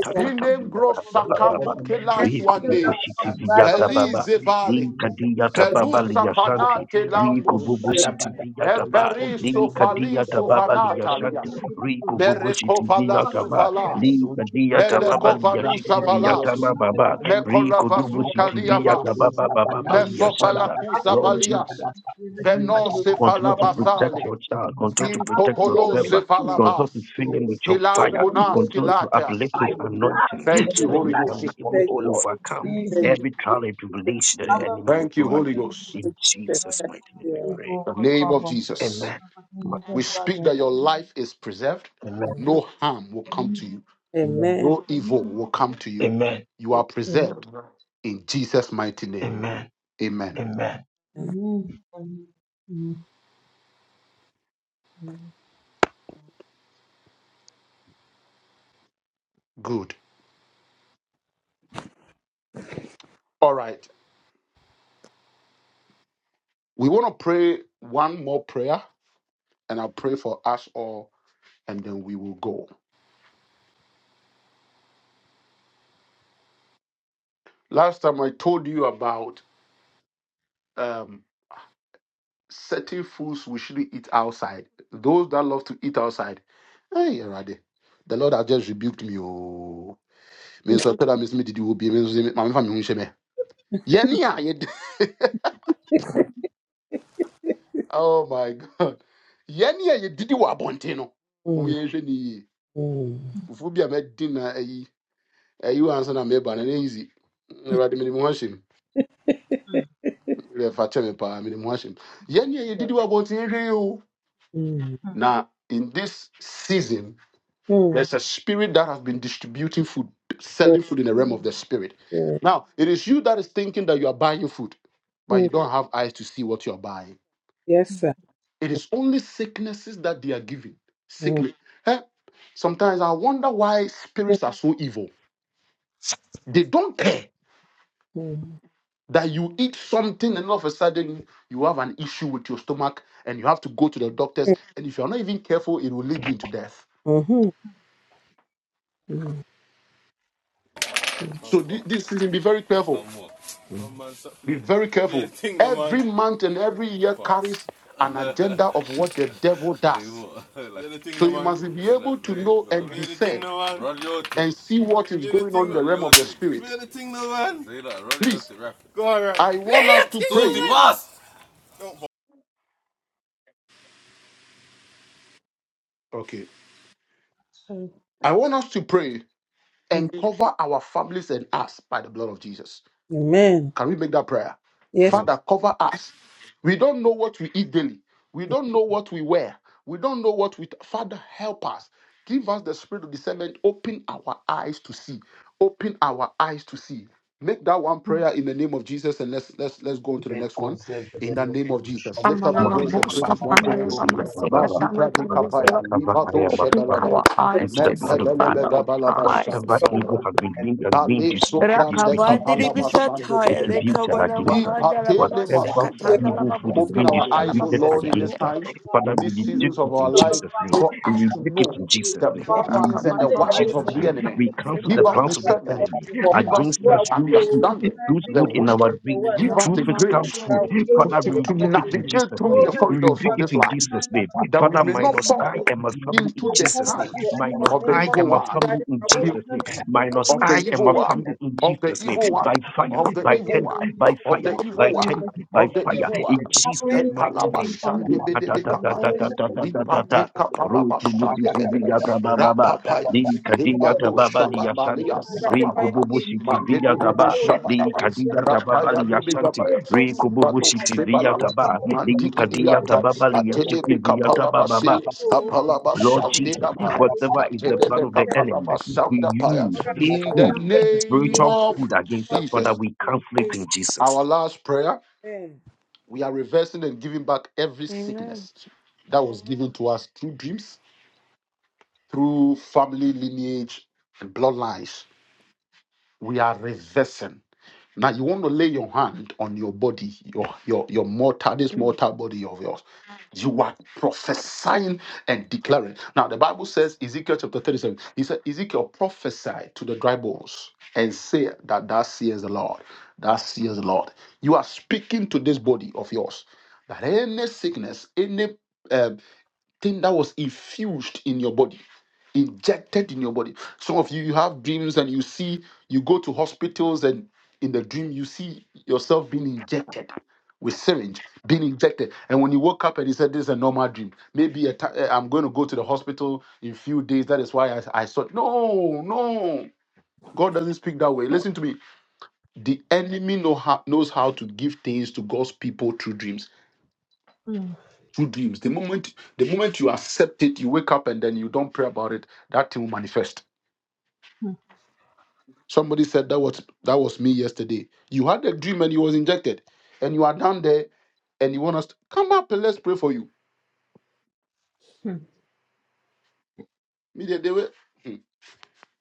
Speaker 3: Sinembro sakambukelas one day.
Speaker 7: Rikububushitiviyatababa.
Speaker 3: Felize vale.
Speaker 7: Linkadiyatababa
Speaker 3: Velusa
Speaker 7: liyashanti.
Speaker 3: fanate lambose.
Speaker 7: Rikububushitiviyatababa.
Speaker 3: Eberiso faliso
Speaker 7: Linkadiyatababa liyashanti.
Speaker 3: vanatalias. Merekovalas
Speaker 7: Rikububushitiviyatababa.
Speaker 3: valas.
Speaker 7: Linkadiyatababa
Speaker 3: Melekovanusa valas.
Speaker 7: liyashitiviyatababa.
Speaker 3: Mekolavazuka liavas.
Speaker 7: Rikudubushitiviyatababa bababa
Speaker 4: you.
Speaker 3: Mesofalakusa
Speaker 7: Lord
Speaker 3: valia.
Speaker 4: Your
Speaker 7: Jesus.
Speaker 4: mercy,
Speaker 7: Continue to protect your child. Continue to protect your servant.
Speaker 4: Lord.
Speaker 7: Continue to fill
Speaker 4: Your
Speaker 7: him with your
Speaker 4: mercy, so
Speaker 7: fire.
Speaker 4: much
Speaker 7: Continue
Speaker 4: mercy.
Speaker 7: to uplift his
Speaker 4: By your blood,
Speaker 7: anointing
Speaker 4: let
Speaker 7: so that
Speaker 4: your
Speaker 7: he
Speaker 4: blood
Speaker 7: can
Speaker 4: speak
Speaker 7: be
Speaker 4: for
Speaker 7: able
Speaker 4: me,
Speaker 1: thank you,
Speaker 4: O
Speaker 7: to
Speaker 4: Lord.
Speaker 7: overcome
Speaker 4: In
Speaker 1: thank
Speaker 4: Jesus'
Speaker 7: every
Speaker 1: you, thank
Speaker 7: trial
Speaker 4: name,
Speaker 7: and
Speaker 1: you,
Speaker 7: tribulation that
Speaker 1: thank
Speaker 7: the
Speaker 4: amen.
Speaker 7: enemy will
Speaker 3: Thank you.
Speaker 7: throw at him.
Speaker 3: The
Speaker 7: In
Speaker 1: you, Jesus.
Speaker 7: Jesus'
Speaker 1: Thank
Speaker 7: mighty
Speaker 1: you,
Speaker 7: name we
Speaker 1: dear.
Speaker 7: pray.
Speaker 3: name of Jesus.
Speaker 4: Amen.
Speaker 3: We speak that your life is preserved.
Speaker 4: Amen.
Speaker 1: Mhm.
Speaker 3: No harm will come to you.
Speaker 4: Amen.
Speaker 1: Amen.
Speaker 3: No evil will come to you. You are preserved in Jesus' mighty name.
Speaker 4: Amen. Amen.
Speaker 3: Amen.
Speaker 4: Amen.
Speaker 3: Good. All right. We want to pray one more prayer, and I'll pray for us all, and then we will go. Last time I told you about um, certain foods we shouldn't eat outside. Those that love to eat outside, hey, already. The Lord has just rebuked me. oh. me nso ɛpɛ me me didi wo bie me nso sɛ me- fa me ho nhyɛ me yɛne a yɛdi *laughs* oh my god yɛne a yɛdidi wɔ abɔnten no
Speaker 1: Amen.
Speaker 3: wɔn yɛn hwɛ ne yie
Speaker 1: Mm,
Speaker 3: fufuo bi a mɛdi na ayi ayi wɔ ansa na mɛba na n'eyi zi ɛwɛde mede mo ho ahyɛ mu ɛfa kyɛ me paa mede mo ho ahyɛ mu yɛne a yɛdidi wɔ abɔnten yɛn hwɛ yie o
Speaker 1: mm,
Speaker 3: in this season
Speaker 1: mm,
Speaker 3: there's a spirit that has been distributing food
Speaker 1: Yes.
Speaker 3: selling food in the realm of the spirit
Speaker 1: Yes.
Speaker 3: now it is you that is thinking that you are buying food but
Speaker 1: Mm,
Speaker 3: you don't have eyes to see what you are buying
Speaker 1: yes, sir.
Speaker 3: It is only sicknesses that they are given.
Speaker 1: Mm,
Speaker 3: Sickness. Eh, Sometimes I wonder why
Speaker 1: mm,
Speaker 3: spirits are so evil. They don't care
Speaker 1: mm,
Speaker 3: that you eat something and all of a sudden you have an issue with your stomach and you have to go to the
Speaker 1: mm,
Speaker 3: doctors. And if you're not even careful, it will lead you to death.
Speaker 1: mhm, mm, mm,
Speaker 2: And
Speaker 3: So
Speaker 2: what?
Speaker 3: thi- this season, be very careful.
Speaker 2: Oh man, stop
Speaker 3: Be
Speaker 2: play,
Speaker 3: very
Speaker 2: play the
Speaker 3: careful.
Speaker 2: thing, no man.
Speaker 3: Every month and every year
Speaker 2: Pass.
Speaker 3: carries an
Speaker 2: Play
Speaker 3: ass.
Speaker 2: what? *laughs* play the thing, no
Speaker 3: You
Speaker 2: man.
Speaker 3: must be
Speaker 2: Play
Speaker 3: able
Speaker 2: that, play
Speaker 3: to know
Speaker 2: Go.
Speaker 3: and
Speaker 2: Play the thing,
Speaker 3: discern
Speaker 2: no man. Run your thing.
Speaker 3: and see what is
Speaker 2: Play the
Speaker 3: going on
Speaker 2: thing.
Speaker 3: in the
Speaker 2: Run
Speaker 3: realm
Speaker 2: your
Speaker 3: of the
Speaker 2: thing. Play
Speaker 3: spirit.
Speaker 2: the thing, no man. Say that, run your
Speaker 3: Please,
Speaker 2: thing, rap. Go on, rap.
Speaker 3: I want us to
Speaker 2: Susie,
Speaker 3: pray.
Speaker 2: pass! Don't
Speaker 3: Okay. I want us to pray
Speaker 1: mm.
Speaker 3: and cover our families and us by the blood of Jesus.
Speaker 1: Amen.
Speaker 3: Can we make that prayer?
Speaker 1: Yes.
Speaker 4: Amen.
Speaker 3: Father, cover us. We don't know what we eat daily. We don't know what we wear. We don't know what we. Father, help us. Give us the spirit of discernment. Open our eyes to see. Open our eyes to see. Make that one prayer in the name of Jesus, and let's let's let's go on to the next one.
Speaker 4: Conserve the
Speaker 3: In the name of Jesus,
Speaker 4: revolution.
Speaker 3: lift up your
Speaker 5: Amanama
Speaker 3: voice
Speaker 7: Mali
Speaker 3: and pray
Speaker 5: Boska
Speaker 7: Padu
Speaker 3: this
Speaker 4: Father,
Speaker 3: one
Speaker 4: that,
Speaker 3: prayer.
Speaker 4: O
Speaker 5: Pandalama
Speaker 7: Shivia
Speaker 4: Lord,
Speaker 7: Baba.
Speaker 5: Sekatama
Speaker 3: Mazubra de
Speaker 7: Father, I
Speaker 3: Capaya,
Speaker 5: Tangisala.
Speaker 7: cover
Speaker 4: blah,
Speaker 7: I
Speaker 3: Livado
Speaker 7: am a
Speaker 5: Open
Speaker 3: Shebelebe,
Speaker 5: our
Speaker 7: family
Speaker 5: eyes
Speaker 7: into
Speaker 4: blah,
Speaker 7: the
Speaker 5: to
Speaker 4: blah,
Speaker 7: blood
Speaker 5: see,
Speaker 7: of
Speaker 3: Mentebelebe
Speaker 4: blah,
Speaker 5: Father.
Speaker 7: Jesus.
Speaker 5: Open our
Speaker 3: Gabalaba
Speaker 5: eyes to
Speaker 3: Shanda
Speaker 7: Whatever
Speaker 5: see,
Speaker 7: evil
Speaker 5: Lord.
Speaker 3: Balaba,
Speaker 7: has been being has been
Speaker 3: Bale
Speaker 7: disputed,
Speaker 3: Sopran de
Speaker 7: disputed,
Speaker 5: Rakavandiri
Speaker 3: Capalaba
Speaker 7: disputed,
Speaker 3: Shanda de
Speaker 5: Bisataya,
Speaker 3: Bebe,
Speaker 7: distributed
Speaker 5: Lekavana
Speaker 7: against
Speaker 3: Ni
Speaker 7: us.
Speaker 5: Mahanda Labama
Speaker 3: Patele
Speaker 7: Whatever
Speaker 5: Sekatanda
Speaker 3: Masubradia.
Speaker 7: evil food is
Speaker 3: Open
Speaker 5: Lababoska
Speaker 7: being
Speaker 3: our
Speaker 5: Panda
Speaker 3: eyes, O
Speaker 7: distributed
Speaker 3: Lord,
Speaker 5: Lababosia,
Speaker 3: in these
Speaker 7: against us.
Speaker 3: times,
Speaker 7: Father,
Speaker 3: in
Speaker 7: we
Speaker 3: these seasons
Speaker 7: rebuke
Speaker 3: of
Speaker 7: it
Speaker 3: our
Speaker 7: in
Speaker 3: life,
Speaker 7: Jesus' name.
Speaker 3: for us
Speaker 7: We
Speaker 3: to
Speaker 7: rebuke it
Speaker 3: know
Speaker 7: in Jesus'
Speaker 3: the
Speaker 7: name. We
Speaker 3: plottings
Speaker 7: rebuke
Speaker 3: and the
Speaker 5: Rakavana
Speaker 7: it in
Speaker 3: wiles
Speaker 7: Jesus'
Speaker 3: of
Speaker 5: Mahosia,
Speaker 3: the
Speaker 7: name.
Speaker 3: enemy.
Speaker 7: We cancel
Speaker 3: Give
Speaker 7: the
Speaker 3: us
Speaker 5: Sekatanda,
Speaker 7: plans of the
Speaker 3: discernment,
Speaker 7: enemy
Speaker 3: give us
Speaker 7: against us
Speaker 3: the
Speaker 7: through food,
Speaker 3: understanding,
Speaker 7: through
Speaker 3: the
Speaker 7: food in our
Speaker 3: wisdom,
Speaker 7: dreams
Speaker 3: give us
Speaker 7: through
Speaker 3: the
Speaker 7: physical
Speaker 3: grace
Speaker 5: Rakavana.
Speaker 7: food.
Speaker 3: to,
Speaker 7: Father,
Speaker 3: to,
Speaker 7: we
Speaker 3: to
Speaker 7: rebuke it in
Speaker 3: navigate
Speaker 7: Jesus'
Speaker 3: through
Speaker 7: name.
Speaker 3: the
Speaker 7: We
Speaker 3: corridors
Speaker 7: rebuke
Speaker 3: of
Speaker 7: it
Speaker 3: this
Speaker 7: in
Speaker 3: life
Speaker 7: Jesus' name.
Speaker 3: that we
Speaker 7: Father,
Speaker 3: may not
Speaker 7: minus I
Speaker 3: fall
Speaker 7: and my family in
Speaker 3: into the
Speaker 7: Jesus' name.
Speaker 3: hands
Speaker 7: Minus
Speaker 3: of the
Speaker 7: I
Speaker 3: evil
Speaker 7: and my
Speaker 3: one,
Speaker 7: family in
Speaker 3: in-
Speaker 7: Jesus' name. Minus
Speaker 3: of the
Speaker 7: I and
Speaker 3: evil
Speaker 7: my
Speaker 3: one,
Speaker 7: family in
Speaker 3: of the
Speaker 7: Jesus' name.
Speaker 3: evil one,
Speaker 7: By fire,
Speaker 3: of the
Speaker 7: by
Speaker 3: evil
Speaker 7: tender,
Speaker 3: one,
Speaker 7: by
Speaker 3: of
Speaker 7: fire,
Speaker 3: the evil
Speaker 7: by tender,
Speaker 3: one,
Speaker 7: by
Speaker 3: of the
Speaker 7: fire,
Speaker 3: evil
Speaker 7: in
Speaker 3: one.
Speaker 7: Jesus' mighty name.
Speaker 3: Epalabashande bebebe kapaya.
Speaker 7: Li-ka-da-da-da-da-da-da-da-da-da.
Speaker 3: Lipate kapalabashande bebebe.
Speaker 7: Ru-tu-bu-ti-ti-vi-ya-ta-ba-ba-ba.
Speaker 3: Rapapaya.
Speaker 4: blah,
Speaker 3: Libado
Speaker 7: Li-ka-di-ya-ta-ba-ba-li-ya-shanti.
Speaker 3: shababalia
Speaker 4: blah, blah.
Speaker 3: sabababa. Mandebebebe
Speaker 7: Ri-ku-bu-bu-si-ti-vi-ya-ta-ba. The
Speaker 3: shabalaba.
Speaker 7: kadia
Speaker 3: Rapaya
Speaker 7: tababali
Speaker 3: bebe
Speaker 7: yashanti,
Speaker 3: kapaya.
Speaker 7: re kububu
Speaker 3: Zibado
Speaker 7: siti via
Speaker 4: blah,
Speaker 3: shebalaba.
Speaker 4: blah.
Speaker 7: taba, di kadia
Speaker 3: Mandibidiate.
Speaker 4: Dr.
Speaker 7: tababali yasiti
Speaker 3: Atelebe
Speaker 7: via tabababa.
Speaker 3: kapalabasi.
Speaker 7: Lord
Speaker 3: Apalabashande
Speaker 7: Jesus,
Speaker 3: kapaya.
Speaker 7: whatever is the plan
Speaker 3: Atelebe
Speaker 7: of the enemy, he
Speaker 3: kapalabashande kapaya.
Speaker 7: used
Speaker 3: In the
Speaker 7: food,
Speaker 3: name
Speaker 7: spiritual
Speaker 3: of
Speaker 7: food against us. Father,
Speaker 3: Jesus,
Speaker 7: we cancel it in Jesus.
Speaker 1: Amen.
Speaker 5: Amen.
Speaker 3: ours that was given to us through family lineage and bloodlines, we are reversing. Now you want to lay your hand on your body, your your your mortal, this mortal body of yours. You are prophesying and declaring. Now the Bible says, Ezekiel chapter 37, he said, Ezekiel prophesy to the dry bones and say that thus says the Lord. Thus says the Lord. You are speaking to this body of yours that any sickness, any um, thing that was infused in your body, injected in your body. Some of you, you have dreams and you see, you go to hospitals and in the dream, you see yourself being injected with syringe, being injected. And when you woke up and you said, This is a normal dream, maybe i t- I'm going to go to the hospital in a few days. That is why I, I thought, No, no. God doesn't speak that way. Listen to me. The enemy know how, knows how to give things to God's people through dreams True dreams. The moment the moment you accept it, you wake up and then you don't pray about it, that thing will manifest. Somebody said that was that was me yesterday. You had a dream and you was injected, and you are down there and you want us to come up and let's pray for you. Me, they, they were, hmm,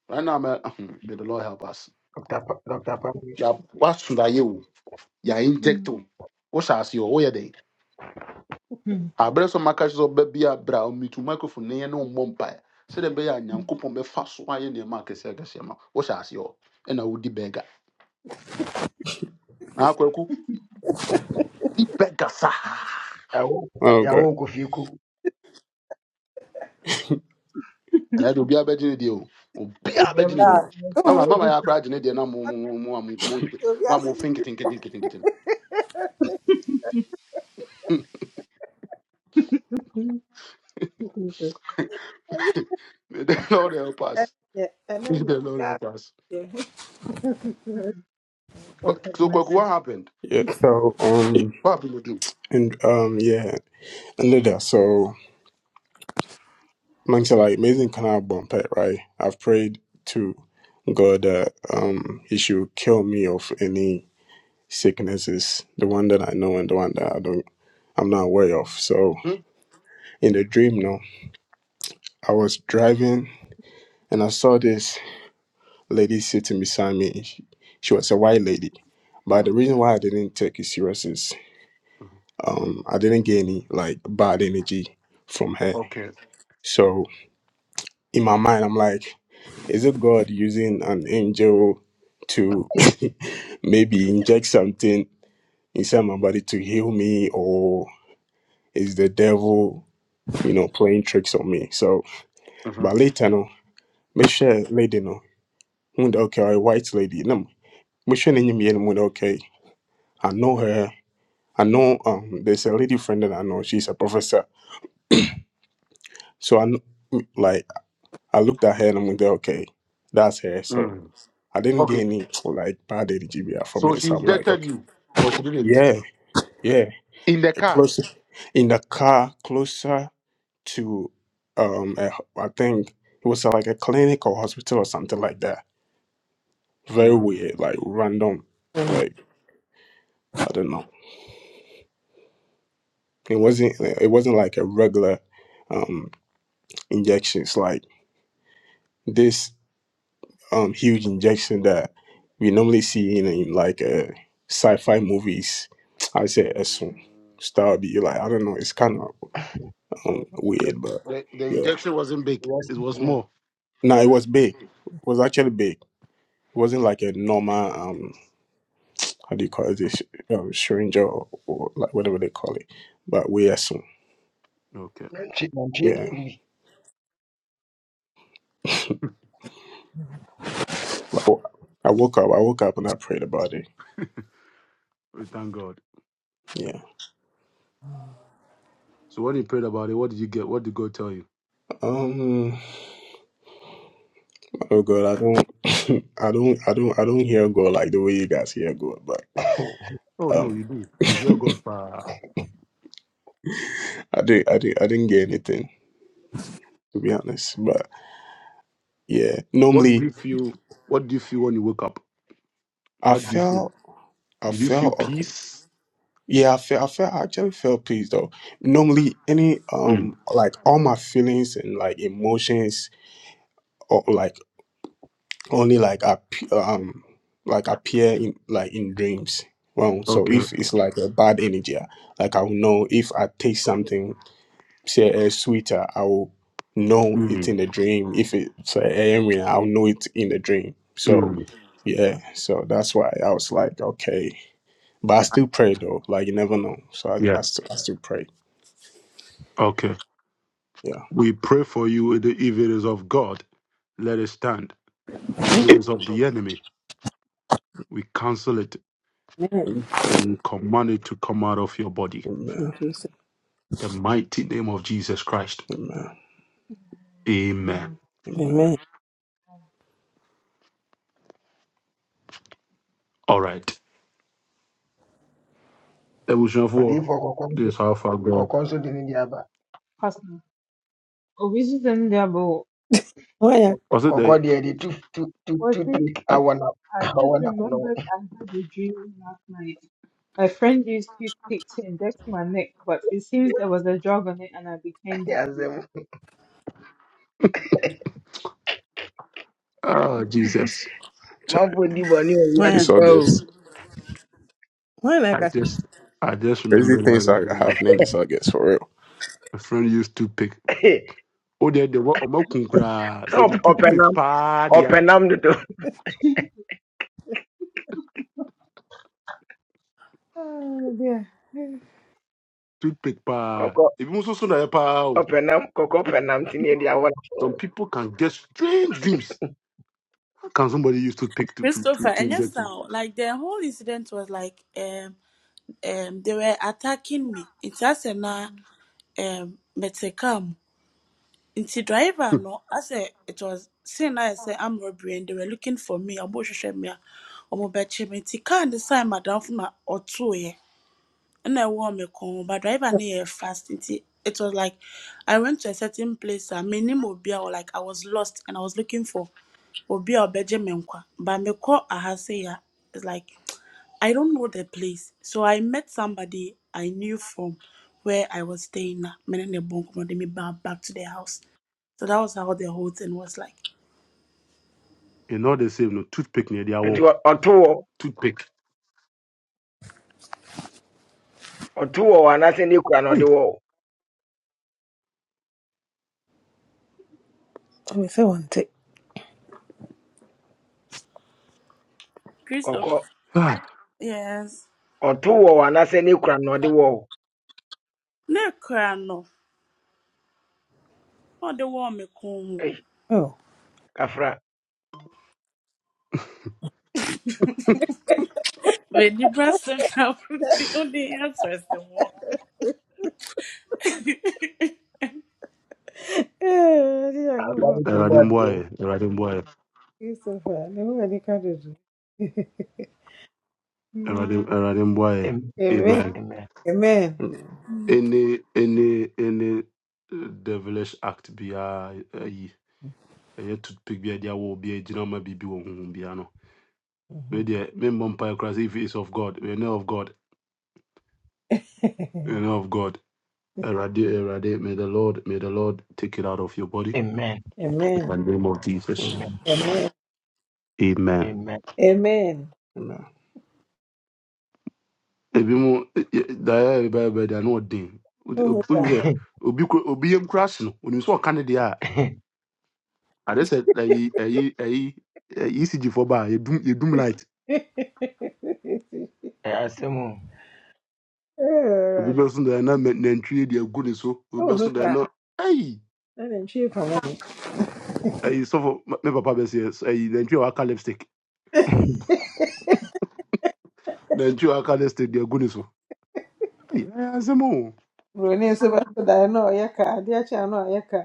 Speaker 3: right now, man, hmm, *laughs* may the Lord help us.
Speaker 4: Pa- Dr. Pammy,
Speaker 3: Yeah, what should I do? Yeah, inject him. What shall I see? Oh, yeah, they. I bring some markers of baby, I bring me to microphone, nay, no mumpire. So the bear and young couple may fast why in your market, say, I guess, yeah, man. What shall I see? Oh, and I would be beggar. akwaku
Speaker 4: ɛwo
Speaker 8: Oh,
Speaker 4: yɛawo
Speaker 8: good.
Speaker 4: kɔ fie ko
Speaker 3: ɛnna de obiara bɛgye ne o obiara bɛgye ne mama mama yɛ akora agye ne na mo mo mo mo mo mo mo a mo fin nketenketenketenkete no *laughs* may the lord help
Speaker 1: Eh,
Speaker 3: us
Speaker 1: yeah,
Speaker 3: may
Speaker 1: amen.
Speaker 3: the lord
Speaker 1: Yeah,
Speaker 3: help us
Speaker 1: yeah.
Speaker 3: *laughs* Kwa- so kwaku what happened
Speaker 8: Yeah. So, um,
Speaker 3: what happened with you
Speaker 8: and um, yeah, and later, so man said like amazing canal bump it, right? I've prayed to God that um He should kill me of any sicknesses, the one that I know and the one that I don't, I'm not aware of. So
Speaker 3: hmm?
Speaker 8: in the dream, no, I was driving and I saw this lady sitting beside me. She, she was a white lady, but
Speaker 3: hmm
Speaker 8: the reason why I didn't take it serious is
Speaker 3: hmm
Speaker 8: um I didn't get any like bad energy from her
Speaker 3: okay
Speaker 8: So in my mind, I'm like, is it God using an angel to *laughs* maybe inject something inside my body to heal me, or is the devil, you know, playing tricks on me? So,
Speaker 3: hmm
Speaker 8: but later, no, make sure lady, no, who the- okay, a white lady, no, make sure any me anyone okay. I know her. I know um, there's a lady friend that I know. She's a professor. So I kn- like I looked at her and I'm like, okay, that's her. So I didn't get any like bad energy reaction from
Speaker 3: so
Speaker 8: her.
Speaker 3: she
Speaker 8: So I'm like,
Speaker 3: injected
Speaker 8: okay,
Speaker 3: you in
Speaker 8: yeah, yeah,
Speaker 3: the car
Speaker 8: closer in the car, closer to um, a, I think it was uh, like a clinic or hospital or something like that. Very weird, like random, like I don't know. It wasn't. It wasn't like a regular um injection. It's like this um huge injection that we normally see in, in like uh, sci-fi movies. I say, soon style be like I don't know. It's kind of um,
Speaker 3: Yep.
Speaker 8: weird, but
Speaker 3: the, the
Speaker 8: yeah.
Speaker 3: injection wasn't big
Speaker 4: rest
Speaker 3: it was
Speaker 4: hmm
Speaker 3: small
Speaker 8: No, it was big. It was actually big. It wasn't like a normal um how do you call it this um, syringe or, or like whatever they call it. But we are some
Speaker 4: nantwie nantwie
Speaker 8: yeah.
Speaker 4: deɛ no bi
Speaker 8: But w- I woke up. I woke up and I prayed about it.
Speaker 3: we thank god
Speaker 8: Yeah.
Speaker 3: so when you prayed about it what did you get what did god tell you
Speaker 8: Um. Oh God, I don't, *laughs* I don't, I don't, I don't hear God like the way you guys hear God. But
Speaker 3: oh
Speaker 8: um, I did, I did, I didn't get anything to be honest. But yeah, normally I felt, I felt awkward. Yeah, I feel I feel I actually felt peace though. Normally any um like all my feelings and like emotions or like only like app um like appear in like in dreams. Well, so if it's like a bad energy, ah, like I will know if I taste something say a sweeter, I will know it
Speaker 3: mm,
Speaker 8: in the dream. If it's a i I I'll know it in the dream. So
Speaker 3: mm,
Speaker 8: yeah, so that's why I was like, okay. But I still pray though. Like you never know. So I,
Speaker 3: yeah
Speaker 8: I, still, I still pray.
Speaker 3: okay
Speaker 8: Yeah.
Speaker 3: we pray for you if it is of god let it stand. If it is of the enemy, we cancel it
Speaker 8: Amen.
Speaker 3: and we command it to come out of your body.
Speaker 1: In Jesus.
Speaker 3: The mighty name of Jesus Christ.
Speaker 8: Amen.
Speaker 3: Amen.
Speaker 8: Amen.
Speaker 1: Amen.
Speaker 3: All right. Evolution 4.
Speaker 4: odiyifoɔ kɔkɔɔ nso
Speaker 3: This is how far God.
Speaker 4: kɔkɔɔ nso de ne deɛ aba
Speaker 1: Why? uh,
Speaker 4: Kɔ-
Speaker 3: Was it
Speaker 4: kɔkɔɔ
Speaker 3: the
Speaker 4: deɛ de tu tu tu tu take
Speaker 3: uh,
Speaker 4: awɔ na awɔ na kɔnɔ
Speaker 6: I had a dream last night. A friend used toothpicks to inject my neck, but it seems there was a drug on it and I became dizzy.
Speaker 4: yasɛm
Speaker 3: oh, Jesus?
Speaker 8: Ch-
Speaker 4: manfo di bɔne wɔ
Speaker 1: Why? uh,
Speaker 4: wiase
Speaker 8: This
Speaker 4: pa o
Speaker 8: August,
Speaker 1: Why? Like
Speaker 3: I
Speaker 1: I
Speaker 3: just I just
Speaker 8: crazy
Speaker 3: remember
Speaker 8: things are happening
Speaker 3: that
Speaker 8: this August for real.
Speaker 3: my friend used to pick.
Speaker 4: sɛ
Speaker 3: Oh, they they were omo kunkra. Say the
Speaker 4: ɔp- ɔpɛ
Speaker 3: toothpick
Speaker 4: nam
Speaker 3: pa
Speaker 4: ɔpɛ
Speaker 3: there.
Speaker 4: nam dodo
Speaker 3: Toothpick pa.
Speaker 4: kɔkɔ
Speaker 3: If you so na pa. oh.
Speaker 4: ɔpɛ nam kɔkɔ pɛ nam te ne yɛde awɔ na kɔnɔ
Speaker 3: Some people can get strange dreams. How can somebody use toothpick to to to
Speaker 9: Christopher,
Speaker 3: to
Speaker 9: and
Speaker 3: inject
Speaker 9: yes,
Speaker 3: you?
Speaker 9: now, like the whole incident was like, um, um, they were attacking me. It's as a na, um, metekam. It's the driver, no, I said it was saying I said I'm robbery and they were looking for me. I'm bush me. I'm a bet me. It's kind of sign madam from or two yeah. And I want me come, but driver near fast. It's it was like I went to a certain place. I mean, or like I was lost and I was looking for obi a ɔbɛgye me nkwa ba mekɔ aha sei a it's like I don't know the place. So I met somebody I knew from where I was staying. na, me ne ne bɔnkɔ no de me ba- back to their house. So that was how the whole thing was like.
Speaker 3: e no the same no toothpick near dia
Speaker 4: nti
Speaker 3: wall.
Speaker 4: ɔ- ɔto wɔ
Speaker 3: toothpick
Speaker 4: ɔto wɔ wɔ anaasɛ ne kura na ɔde
Speaker 3: hey
Speaker 4: wɔ ɔkɔ
Speaker 9: Christopher.
Speaker 3: ah
Speaker 9: Yes.
Speaker 4: ɔto wɔ hɔ anaasɛ ne kura no ɔde wɔ hɔ
Speaker 9: Ne cry no. Oh, the one me come
Speaker 4: ei
Speaker 1: oh.
Speaker 4: kafra
Speaker 9: When you bust them down, *laughs* The only answer is the one. *laughs*
Speaker 1: *laughs* Eh, I I go for
Speaker 4: Asane tiri mu
Speaker 3: erade
Speaker 4: aden.
Speaker 3: mboye erade mboye
Speaker 1: Christopher. Then who are they coming to? do. *laughs* Mm,
Speaker 3: erade erade boy.
Speaker 4: Am-
Speaker 1: Amen.
Speaker 3: amen
Speaker 4: amen
Speaker 1: Amen.
Speaker 8: Amen.
Speaker 3: any any any eh, devilish act be ayi ɛyɛ toothpick be dia wo wall. Be a bibi wo honhom bia no
Speaker 1: Mhm.
Speaker 3: me deɛ me mmɔ mpae koraa sɛ if it is of god we know of god we
Speaker 1: *laughs*
Speaker 3: know of god erade erade may the lord may the lord take it out of your body
Speaker 4: amen
Speaker 3: in
Speaker 1: Amen.
Speaker 3: the name of jesus
Speaker 4: amen
Speaker 8: Amen.
Speaker 1: Amen.
Speaker 3: amen
Speaker 4: amen
Speaker 1: Amen.
Speaker 8: Amen.
Speaker 3: ebi mu daya yɛrɛ bɛ bɛ da n'o den Obi
Speaker 1: Who
Speaker 3: tun
Speaker 1: was
Speaker 4: *laughs*
Speaker 3: obi kura- obi ye nkura sinu o ni sɔ kan de a ale sɛ ayi ayi ayi ecg fɔ ba ye dum ye dum light
Speaker 1: that? *laughs*
Speaker 4: ɛyɛ asɛm o
Speaker 3: obi
Speaker 1: Eh,
Speaker 3: bɛ sun da yɛ n'a nɛntiri ye deɛ gu ne so
Speaker 1: Oh,
Speaker 3: obi
Speaker 1: who's
Speaker 3: bɛ
Speaker 1: ohu
Speaker 3: sun da yɛ
Speaker 1: saa
Speaker 3: n'a ayi
Speaker 1: na ne ntwi fa mu
Speaker 3: ayi sɔfɔ ma- ne papa bɛ se yɛ ayi wa ka lipstick
Speaker 4: *laughs*
Speaker 3: nɛntiri wa ka lipstick deɛ gu ne so ayi ayi asɛmɔ o uh
Speaker 1: buroni nso bɛso dan na ɔyɛ ka adeɛ akyɛ a na ɔyɛ ka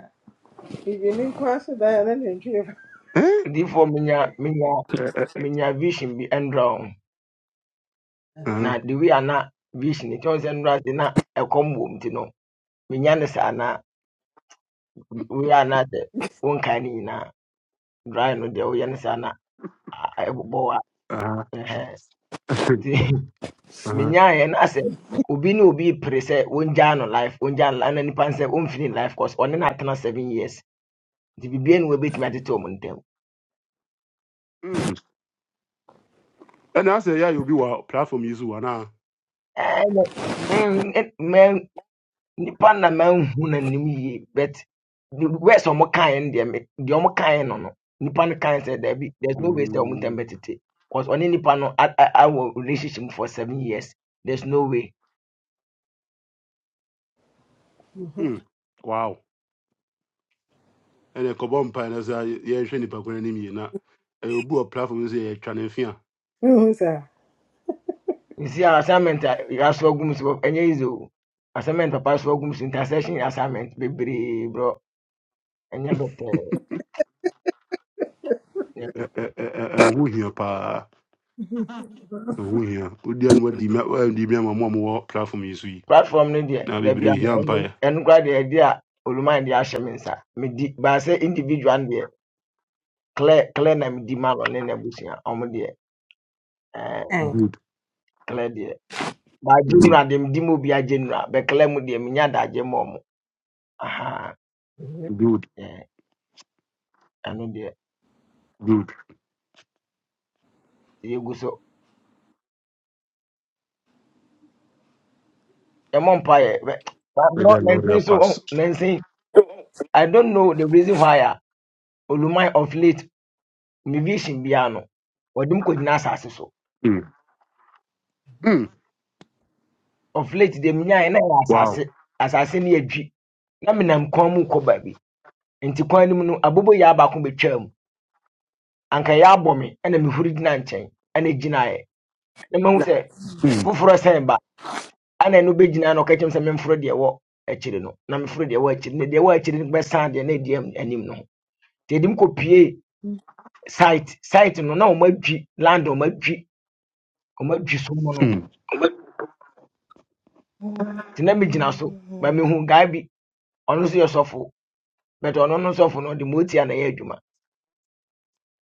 Speaker 1: bibini nko aso dan a na ne ntwi fa
Speaker 3: ɛ
Speaker 4: odiifoɔ menya menya
Speaker 3: ɛ
Speaker 4: menya *laughs* vision bi ndra ho
Speaker 3: ɛhɛn,
Speaker 4: na the way a na vision nti ɔn sɛ ndra ase na ɛkɔm wɔ mu ti no menya ne saa na woyɛ a na sɛ wonkae ne nyinaa dry no deɛ woyɛ ne saa na a- a- ɛbobɔ wa
Speaker 3: ɛhɛn,
Speaker 4: *laughs*
Speaker 3: ɛhɛn.
Speaker 4: menyaeɛ na sɛ obi ne obi pere sɛ wɔngyaa no life wɔngyaa no life na nipa no sɛ ɔmfini life course ɔne no atena seven years nti biribia ne wɔbɛtumi atete ɔmo ntam
Speaker 3: Hmm. ɛna asɛ yɛ a *laughs* wa platform yi so wa naa
Speaker 4: Ɛno, men- ɛ- men- nipa na manhu no anim yie but the words ɔmo kaeɛ no deɛ me- deɛ ɔmo kaeɛ no no nipa no kaeɛ sɛ daabi there's no way sɛ ɔmo ntam bɛtete cause ɔne nipa i a- i awɔ relationship for seven years there's no way
Speaker 3: Hmm. wow. ɛna ɛkɔbɔ mpae na sɛ yɛ- yɛhwɛ nipa kwan anim yie na ɛyɛ obi wɔ platform no sɛ yɛtwa ne mfe a
Speaker 1: ohu saa
Speaker 4: nsi a assignment a yɛaso agum so ɛnyɛ easy o assignment papa so agum so intersection assignment bebree brɔ ɛnyɛ bɛtɛɛ ɛnyɛ
Speaker 3: ɛ-
Speaker 4: bɛtɛɛ
Speaker 3: ɛ- ɛ- ɛ- ɛnho hia paa ɛho hia wodua no wadi mi wadi mi ama mo a mowɔ platform yi so yi
Speaker 4: platform no deɛ
Speaker 3: na
Speaker 4: dabi a
Speaker 3: bebree hia mpaeɛ
Speaker 4: ɛno koraa deɛ ɛde a oluman de ahyɛ me nsa medi baasɛ individual no deɛ clear clear na medi ma no ne n'abusua ɔmo deɛ ɛɛ
Speaker 1: Ɛn,
Speaker 3: good
Speaker 4: clear deɛ baa
Speaker 3: good
Speaker 4: general deɛ medi ma obi a general bɛ clear mu deɛ menya adagye ma ɔmo aha
Speaker 3: good
Speaker 4: ɛɛ ɛno deɛ
Speaker 3: good
Speaker 4: yɛgu so ɛmɔ mpa yɛ bɛ baa
Speaker 3: may
Speaker 4: brɔ
Speaker 3: the lord
Speaker 4: nansi
Speaker 3: help
Speaker 4: so ɔn
Speaker 3: us
Speaker 4: nansi I don't know the reason why a Olumai of late me vision biara no wɔde mu kɔgyina asase so.
Speaker 3: mm. Mm.
Speaker 4: Of late deɛ menyaeɛ na ɛyɛ
Speaker 3: wow
Speaker 4: asase. Asase no yɛ dwi. Na menam kwan mu kɔ baabi. Nti kwan no mu no, abobo yɛ abaako betwaa mu. Anka yɛ abɔ me, ɛna mehuri gyina nkyɛn, ɛna gyinaeɛ. Na mahu sɛ
Speaker 3: mm.
Speaker 4: foforɔ sɛn ba. Ana ɛno bɛgyina na ɔka kyerɛ me sɛ memforo deɛ ɛwɔ akyiri no. Na meforo deɛ ɛwɔ akyiri no. Na deɛ ɛwɔ akyiri no bɛsan deɛ na ɛdi am- anim no ho. Nti ɛde mu kɔpuee site. Site no, na wɔn adwi, land wɔn adwi, wɔn adwi so mu no.
Speaker 3: Mm.
Speaker 4: nti na megyina so ma mehu guy bi ɔno nso yɛ sɔfo but ɔno no sɔfo no ɔde motia na ɛyɛ adwuma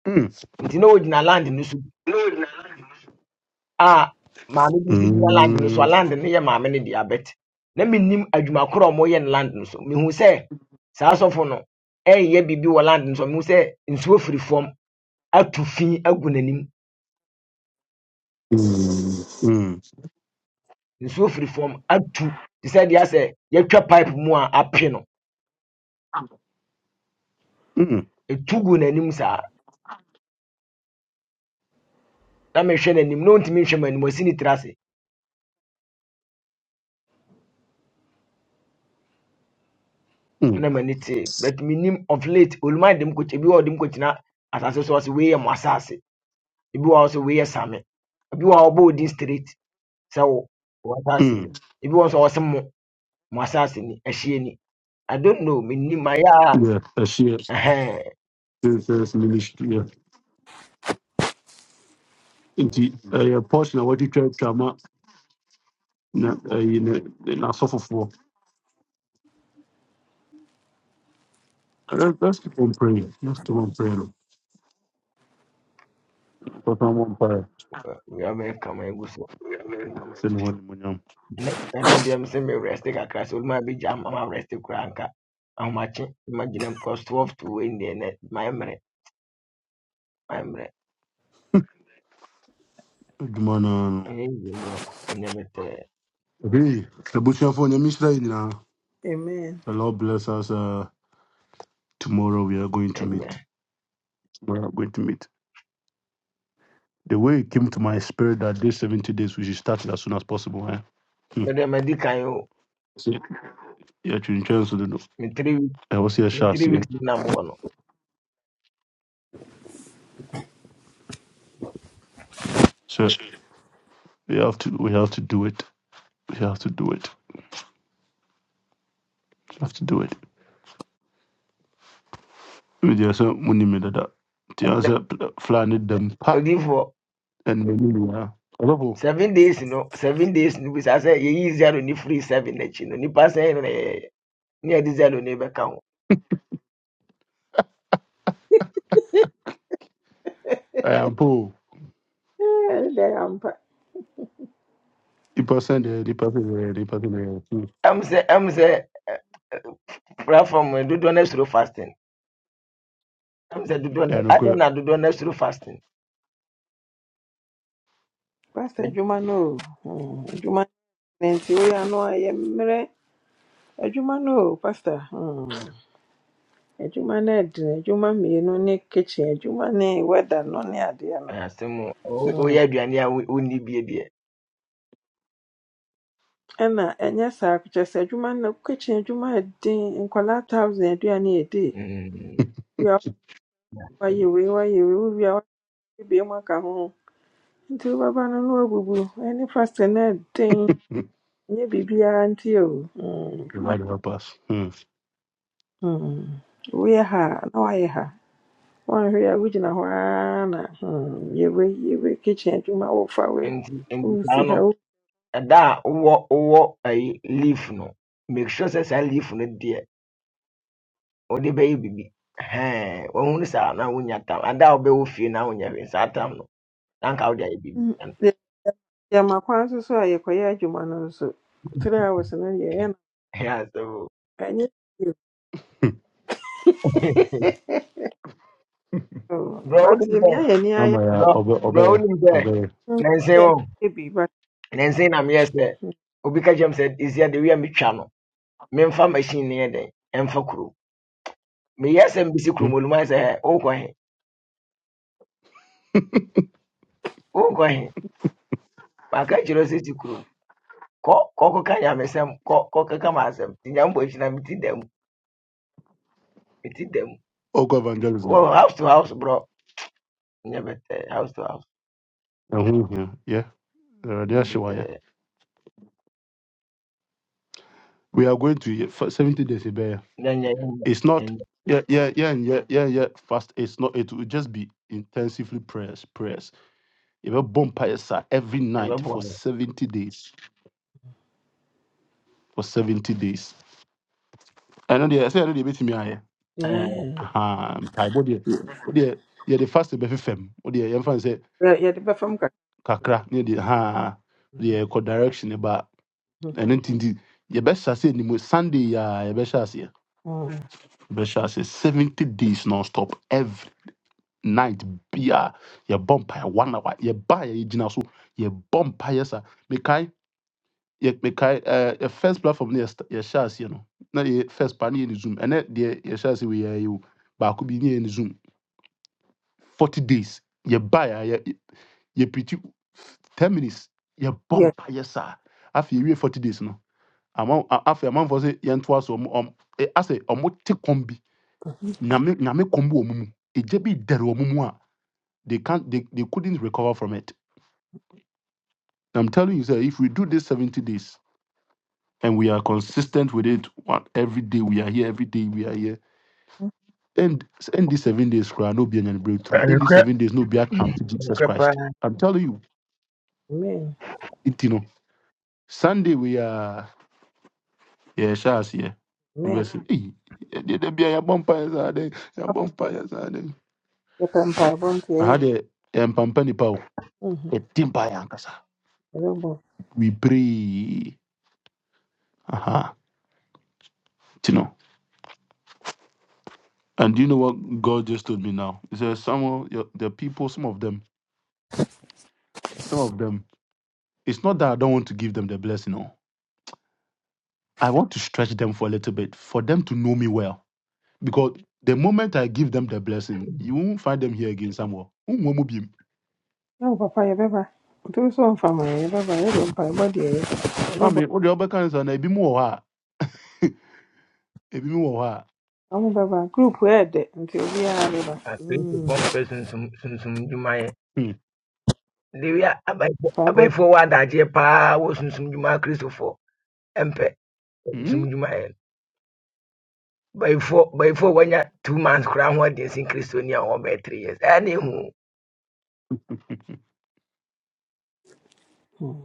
Speaker 3: Mm.
Speaker 4: nti na ogyina land no so bi a maame bi nso gyina land no so a
Speaker 3: Mm.
Speaker 4: land no yɛ maame no dea bet na menim adwuma korɔ a ɔmoyɛ no land no so mehu sɛ saa sɔfo no ɛnyɛ biribi wɔ land no so mehu sɛ nsuo firi fam atu fi agu n'anim
Speaker 3: Mm.
Speaker 4: nsuo firi fam atu te sɛ deɛ sɛ yɛtwa pipe mu a ape no
Speaker 3: Mm.
Speaker 4: ɛtu gu n'anim saa na mehwɛ n'anim na ɔntumi nhwɛ m'anim ɔsi ne tiri ase
Speaker 3: Mm.
Speaker 4: na m'ani te but menim of late oluma de mkɔkyɛ bi wɔ hɔ a ɔde asase so a ɔse wei mo asase ebi wɔ hɔ a ɔse same ebi wɔ hɔ odin straight sɛ wo wo asase ni
Speaker 3: Mm.
Speaker 4: ebi wɔ hɔ nso mo mo asase ni ɛhyeɛ ni i don't know menim ayɛ a
Speaker 3: Yeah, ɛhyeɛ
Speaker 4: ɛhɛn
Speaker 3: princess ministry yeah. nti ɛyɛ portion a wɔde twa twa na you know, ne- n'asɔ foforɔ let's let's keep on praying let's keep on praying papa I'm on fire.
Speaker 4: yɛbɛka ma egu so
Speaker 3: hɔ ne mo nyam
Speaker 4: ɛnɛ ɛnɛ deɛ mesɛ me rest kakra sɛ oluma bi gya ma rest koraa nka ahomakye ma gyina cause twelve to wei deɛ nɛ mayɛ mmerɛ mayɛ mmerɛ
Speaker 3: adwuma no ara no
Speaker 4: ɛnyɛ yie mmerɛ
Speaker 3: ebi abusuafo onyame nhyira yɛ nyinaa
Speaker 1: amen
Speaker 3: the lord bless us uh, tomorrow we are going to meet we are going to meet the way it came to my spirit that these 70 days we should start it as soon as possible eh? hmm.
Speaker 4: mede madi kan o
Speaker 3: See, yɛtwentwɛn so
Speaker 4: me three weeks
Speaker 3: I ɛwɔ sɛ
Speaker 4: me
Speaker 3: yɛhyɛ
Speaker 4: three
Speaker 3: aseɛ
Speaker 4: weeks na mowɔ no
Speaker 3: so we have to we have to do it we have to do it we have to do it Media sɛ munim me dada. Nti ara
Speaker 4: Dɛ-
Speaker 3: sɛ pla- Fulani dɛm pa
Speaker 4: odiyifoɔ
Speaker 3: ɛna ɛmu nyinaa. Ɔsɔfo,
Speaker 4: seven days no seven days no bi sa say ye yɛyi zero ne free seven n'akyi no nipa sɛn no na yɛyɛ ne yɛde zero no bɛka ho
Speaker 3: ɛyɛ ampa o.
Speaker 1: ɛne deɛ ampa
Speaker 3: Nipa sɛ deɛ nipa sɛ deɛ nipa sɛ deɛ. Hmm.
Speaker 4: ɛm sɛ ɛm sɛ ɛ, platform do do no asuro fasting I'm ɛm sɛ do
Speaker 3: Ɛyɛ
Speaker 4: no adɛn
Speaker 3: nokorɛ.
Speaker 4: na do no asuro fasting
Speaker 1: pastor
Speaker 4: Ɛ-
Speaker 1: adwuma no o Mm, adwuma ne nti woyɛ ano a yɛ mmerɛ adwuma no o pastor Mm, adwuma no ɛdene adwuma mmienu ne kitchen adwuma ne weather no ne adeɛ no
Speaker 4: asɛm a, wo- woyɛ aduane a wo- wonni bie deɛ
Speaker 1: ɛna ɛnyɛ saa kokyɛ sɛ adwuma no kitchen adwuma yɛ den nkwadaa thousand aduane a ɛdi
Speaker 4: Mm,
Speaker 1: wia wayɛ wei wayɛ wei wowia wayɛ biem aka ho nti wobɛba no no bubu eni fast na wabubu ɛne faste no ɛden
Speaker 3: Hmm.
Speaker 1: ɛnyɛ biribiara nti o Mm,
Speaker 3: The
Speaker 1: adwuma
Speaker 3: Lord help us. Hmm.
Speaker 1: no, mm, woyɛ ha a, na wayɛ ha wanhwɛ a wogyina hɔ ara na mm, Yewe, yewe. yɛ juma kitchen adwuma wofa wei
Speaker 4: nti And
Speaker 1: wosi
Speaker 4: saa
Speaker 1: ha
Speaker 4: no ɛda a wo wowɔ ayi leaf no make sure say say leaf no deɛ wode bɛyɛ biribi Ɛhɛn. wahunu saa na wonya tam ada a wobɛwɔ fie na wonyɛ hwee saa tam no na anka wode ayɛ biribi
Speaker 1: Mm. Yɛ- Yɛma kwan so so a yɛkɔyɛ adwuma no nso three hours no yɛyɛ no
Speaker 4: Yeah, so
Speaker 1: ɛnyɛ
Speaker 3: Hmm.
Speaker 4: *laughs*
Speaker 1: *laughs* yie oo.
Speaker 4: brɛ
Speaker 1: but
Speaker 4: wonim sɛ
Speaker 1: yɛmia yɛni
Speaker 3: Ama
Speaker 1: ayɛ
Speaker 3: yɛ a,
Speaker 4: brɛ
Speaker 3: ɔbɛ
Speaker 4: brɛ
Speaker 3: ɔbɛyɛ
Speaker 4: wonim sɛ
Speaker 3: ɔbɛyɛ.
Speaker 4: nansen wɔ
Speaker 1: yɛ bi but
Speaker 4: nansen na meyɛ sɛ obi ka kyerɛm sɛ ɛsia de wia metwa no memfa machine ne yɛ dɛn ɛmfa kurom meyɛ sɛ mbisi kurom
Speaker 3: Hmm.
Speaker 4: ɔlum ayɛ sɛ "Hɛ, wokɔ he wokɔ he maka kyerɛ wo sɛ si kurom kɔ kɔkɔka nyamesɛm kɔ kɔkeka ma asɛm nti nyambɔ akyi na meti da mu meti da mu
Speaker 3: Ɔkɔ
Speaker 4: Wɔ
Speaker 3: evangelism.
Speaker 4: house to house brɔ nyɛ bɛtɛ house to house
Speaker 3: Hmm. Yeah. yeah.
Speaker 4: nyɛ
Speaker 3: ahyɛ wo
Speaker 4: bɛtɛ
Speaker 3: ayɛ. We are going to yɛ- fa- seventy days ɛbɛyɛ.
Speaker 4: na nyɛ
Speaker 3: It's not
Speaker 4: ɛnyɛ
Speaker 3: yeah yeah yeah yeah yeah yeah fast. It's not. It will just be intensively prayers prayers. If a bomb sa every night
Speaker 4: ɛbɛboa
Speaker 3: for
Speaker 4: no
Speaker 3: seventy days. for 70 days. I know the I say I know the bit me aye.
Speaker 4: ɛɛ
Speaker 1: Mm.
Speaker 3: ha! i bo de. Wo de ye the fast be fem. Wo de yem fan say
Speaker 1: Yɛ- yɛde bɛfa kakra
Speaker 3: kakra ne the, ha the co direction ba.
Speaker 1: Mhm.
Speaker 3: And then the, ye best I say the mo Sunday Yeah, ye best I say.
Speaker 1: Mm.
Speaker 3: Best I say 70 days non stop every night bia ye bump one hour ye buy ye gina so ye bump sa. yɛkae yɛ first platform no yɛst- yɛhyɛ aseɛ no na yɛ first pa no yɛ ne zoom ɛnɛ deɛ yɛhyɛ ase wei yɛayɛ o baako bi ne yɛ ne zoom 40 days yɛbaeɛ a yɛ- yɛpirikyi 10 minutes yɛbɔ
Speaker 1: yes
Speaker 3: mpa yɛ saa afei yɛwie 40 days no ama- a- afei amanfoɔ sɛ yɛntoa so ɔmo ɔm- ɛ- asɛ ɔmo te kɔm bi nyame nyame kɔm bi wɔ ɔmo mu ɛgya bi dɛre ɔmo mu a they can't they, they couldn't recover from it i'm telling you sir if we do this 70 days and we are consistent with it what every day we are here every day we are here end end these seven days koraa no be any breakthrough
Speaker 4: ɛhwɛ
Speaker 3: end these seven days no be account to jesus
Speaker 4: nokorɛ paa
Speaker 3: christ i'm telling you
Speaker 1: amen
Speaker 3: nti no sunday we are yeah hyɛ aseɛ we
Speaker 1: amen
Speaker 3: were saying hey ɛdeɛ da A yɛabɔ mpaeɛ saa dɛn yɛabɔ mpaeɛ saa dɛn
Speaker 1: yɛpɛ mpaebɔ nti
Speaker 3: aha
Speaker 1: ɛyɛ
Speaker 3: deɛ yɛmpampa nipa o
Speaker 1: Mhm.
Speaker 3: yɛdi
Speaker 1: yɛbɛbɔ
Speaker 3: we pray aha You know. and do you know what god just told me now he said some of your- the people some of them some of them it's not that i don't want to give them the blessing no i want to stretch them for a little bit for them to know me well Because the moment I give them the blessing, you won't find them here again somewhere. Wonhu wɔn mu
Speaker 1: ɛwo papa yɛbɛba ntom so mfa ma yɛ yɛbɛba yɛde mpaebɔ de ɛyɛ
Speaker 3: I
Speaker 1: yɛbɛbɔ
Speaker 3: mean, what the other kinds are? ebi mu wɔ hɔ a, ebi mu wɔ *laughs*
Speaker 1: ɔmo bɛba group ɛɛdɛ nti obiara bɛba Mm.
Speaker 4: akristofoɔ mpɛ sunsum sunsum dwumayɛ dewi a abaifo
Speaker 1: mpaebɔ
Speaker 4: abaifoɔ wɔ adagyeɛ paa wɔ sunsum dwuma akristofoɔ ɛmpɛ
Speaker 3: hmm, hmm,
Speaker 4: sunsum dwumayɛ no baifoɔ baifoɔ a wɔanya two months Kura. ho ɔden sin kristoni a wɔbɛyɛ three years ɛyɛ hu
Speaker 1: Mhm.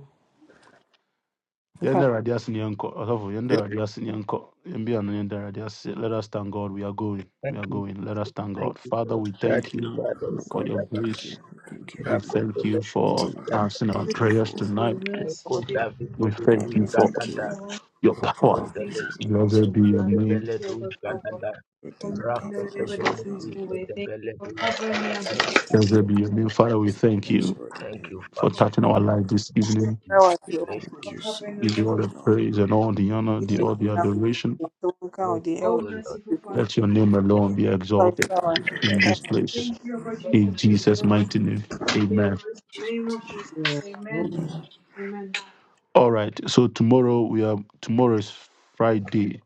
Speaker 3: yɛn
Speaker 1: mpa
Speaker 3: da Awurade ase na yɛnkɔ. Ɔsɔfo, yɛn da Awurade ase na yɛnkɔ. Yɛn bi ano, yɛn da Awurade ase. Let us thank God. We are going. We
Speaker 4: Thank
Speaker 3: are
Speaker 4: you,
Speaker 3: going. Let us thank
Speaker 4: thank
Speaker 3: God.
Speaker 4: you,
Speaker 3: Father,
Speaker 4: Lord.
Speaker 3: we
Speaker 4: God,
Speaker 3: thank
Speaker 4: you
Speaker 3: you
Speaker 4: Father, God.
Speaker 8: Oh
Speaker 3: for
Speaker 8: God,
Speaker 4: stand
Speaker 3: your
Speaker 8: I thank you.
Speaker 3: grace.
Speaker 8: Thank you
Speaker 3: We
Speaker 4: up.
Speaker 8: for
Speaker 4: God.
Speaker 3: thank you
Speaker 4: Lekoko,
Speaker 3: for
Speaker 8: letting
Speaker 4: Uskada,
Speaker 8: life.
Speaker 3: answering our
Speaker 8: Thank you
Speaker 3: prayers
Speaker 8: for
Speaker 3: tonight.
Speaker 4: Lekoko, David,
Speaker 3: We
Speaker 8: oh
Speaker 4: Lekoko,
Speaker 8: God,
Speaker 3: thank you for
Speaker 8: thank you
Speaker 3: your
Speaker 8: for all
Speaker 3: power.
Speaker 8: your
Speaker 4: Ozele
Speaker 8: blessings
Speaker 4: du
Speaker 8: on The
Speaker 3: Blessed be your name.
Speaker 4: zedebele du jandala
Speaker 8: Everything you done
Speaker 4: rako
Speaker 8: for us, Father
Speaker 4: fedele
Speaker 8: God,
Speaker 4: du
Speaker 8: we do
Speaker 4: zedebele du
Speaker 8: for
Speaker 4: jadabada.
Speaker 8: everything that
Speaker 3: Blessed be
Speaker 8: you
Speaker 3: your name. Father, we thank
Speaker 8: thanks
Speaker 3: you.
Speaker 8: you already
Speaker 4: Thank
Speaker 8: doing
Speaker 4: you,
Speaker 8: the
Speaker 4: Father.
Speaker 3: for
Speaker 8: things you
Speaker 3: touching
Speaker 8: brought.
Speaker 3: our life this
Speaker 4: Thank
Speaker 3: evening.
Speaker 4: you, Jesus.
Speaker 8: We
Speaker 4: Bless you.
Speaker 8: thank you so
Speaker 3: Give
Speaker 8: much,
Speaker 3: you all
Speaker 8: Father
Speaker 3: the
Speaker 8: God.
Speaker 3: praise and all the honor, the
Speaker 4: Thank
Speaker 3: all the
Speaker 4: you, Jesus.
Speaker 3: adoration.
Speaker 4: Bless you, O Lord.
Speaker 3: Let your
Speaker 8: Amen.
Speaker 3: name alone
Speaker 8: Father.
Speaker 3: be exalted
Speaker 8: Amen.
Speaker 3: in this place.
Speaker 8: Amen.
Speaker 3: In
Speaker 8: We
Speaker 3: Jesus'
Speaker 8: wake up
Speaker 3: mighty
Speaker 8: in
Speaker 3: name.
Speaker 8: the morning.
Speaker 3: Amen.
Speaker 8: Just went to you. Amen.
Speaker 3: All right. So tomorrow we are tomorrow is Friday.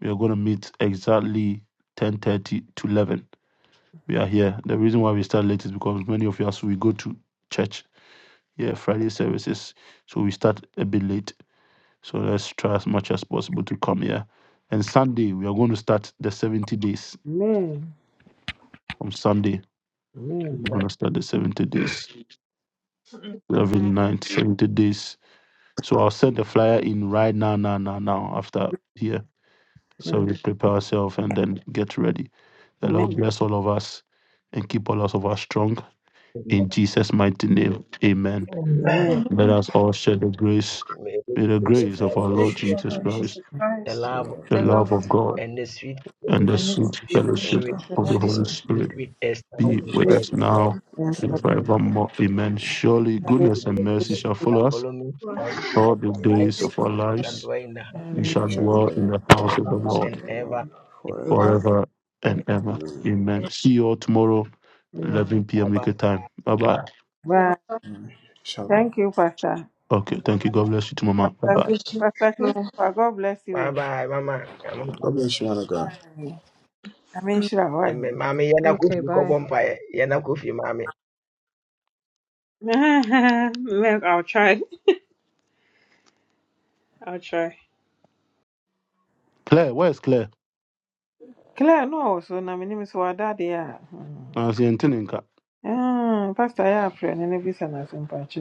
Speaker 3: We are gonna meet exactly ten thirty to eleven. We are here. The reason why we start late is because many of us we go to church. Yeah, Friday services. So we start a bit late. So let's try as much as possible to come here. And Sunday, we are going to start the 70 days.
Speaker 1: amen
Speaker 3: From Sunday,
Speaker 1: amen
Speaker 3: we're going
Speaker 4: Amen.
Speaker 3: to start the 70 days. 11, ninth 70 days. So I'll send the flyer in right now, now, now, now, after here. So
Speaker 1: Mm-hmm.
Speaker 3: we prepare ourselves and then get ready. The
Speaker 1: Amen.
Speaker 3: Lord bless all of us and keep all of us strong. In
Speaker 4: Amen.
Speaker 3: Jesus' mighty name, amen.
Speaker 4: Amen.
Speaker 1: Amen.
Speaker 3: Let us all share the grace.
Speaker 4: May we
Speaker 3: May the
Speaker 4: put the good
Speaker 8: Praise
Speaker 4: of
Speaker 8: of
Speaker 3: grace
Speaker 8: our
Speaker 3: of our
Speaker 8: Lord
Speaker 4: Lord
Speaker 3: Lord
Speaker 8: Jesus
Speaker 4: Jesus
Speaker 3: Jesus
Speaker 8: Christ,
Speaker 4: Christ,
Speaker 3: Christ,
Speaker 4: the
Speaker 8: the
Speaker 4: love
Speaker 8: love
Speaker 4: of
Speaker 8: of
Speaker 3: the
Speaker 4: God,
Speaker 3: love of
Speaker 8: God,
Speaker 3: God
Speaker 4: and the sweet
Speaker 3: and
Speaker 4: fellowship
Speaker 3: the
Speaker 8: and
Speaker 4: of
Speaker 8: the
Speaker 3: sweet
Speaker 4: the Holy
Speaker 8: fellowship
Speaker 3: fellowship
Speaker 8: of the
Speaker 4: Spirit
Speaker 8: Holy
Speaker 3: of
Speaker 1: Amen.
Speaker 3: the Holy
Speaker 8: Spirit,
Speaker 4: be
Speaker 3: Spirit
Speaker 4: with us now
Speaker 3: be
Speaker 8: be
Speaker 4: and
Speaker 8: with
Speaker 3: with
Speaker 8: us
Speaker 3: us
Speaker 8: now
Speaker 4: forevermore.
Speaker 3: now
Speaker 8: and
Speaker 3: and
Speaker 4: Amen.
Speaker 8: forevermore.
Speaker 3: forevermore. Amen. Surely goodness and mercy
Speaker 8: Praise
Speaker 3: shall follow us
Speaker 4: Follow me all the days
Speaker 8: of
Speaker 3: all
Speaker 4: of
Speaker 3: the
Speaker 4: my
Speaker 8: the
Speaker 4: life.
Speaker 3: days
Speaker 8: days
Speaker 3: of
Speaker 8: of
Speaker 3: our
Speaker 4: I
Speaker 8: our
Speaker 4: shall
Speaker 8: life,
Speaker 3: lives.
Speaker 4: dwell in the house. of
Speaker 3: We
Speaker 8: and we
Speaker 4: the
Speaker 3: shall
Speaker 4: Lord
Speaker 8: shall
Speaker 3: dwell in
Speaker 8: dwell
Speaker 3: the
Speaker 8: in
Speaker 3: house
Speaker 8: the
Speaker 3: of
Speaker 4: ever
Speaker 3: the
Speaker 8: house of
Speaker 3: Lord
Speaker 4: and
Speaker 8: the
Speaker 4: ever.
Speaker 8: Lord forever.
Speaker 3: forever and ever.
Speaker 8: Amen.
Speaker 3: Amen. See you all tomorrow, 11 p.m.
Speaker 4: Baba,
Speaker 3: UK time. Bye bye.
Speaker 1: Well,
Speaker 8: Amen. Shalom.
Speaker 1: thank you, Pastor.
Speaker 3: Okay, thank you. God bless you to Mama. Bye bye.
Speaker 1: Pastor Pastor Christopher, God bless
Speaker 4: Bye
Speaker 1: you.
Speaker 4: bye, Mama.
Speaker 8: God bless you, man of God.
Speaker 1: I mean, sure, why?
Speaker 4: Mami, yana kufi ko bompa, yana kufi, Mami.
Speaker 6: *laughs* Look, I'll try. I'll try.
Speaker 3: Claire, where's Claire?
Speaker 1: Claire, no, so na my name is Wada, dear.
Speaker 3: I see you in Tininka.
Speaker 1: Pastor, I have friend, and it is an asim patch.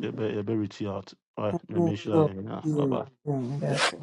Speaker 3: You better reach out. All right, let
Speaker 1: No,
Speaker 3: me show
Speaker 1: no,
Speaker 3: you. Bye bye.
Speaker 1: no,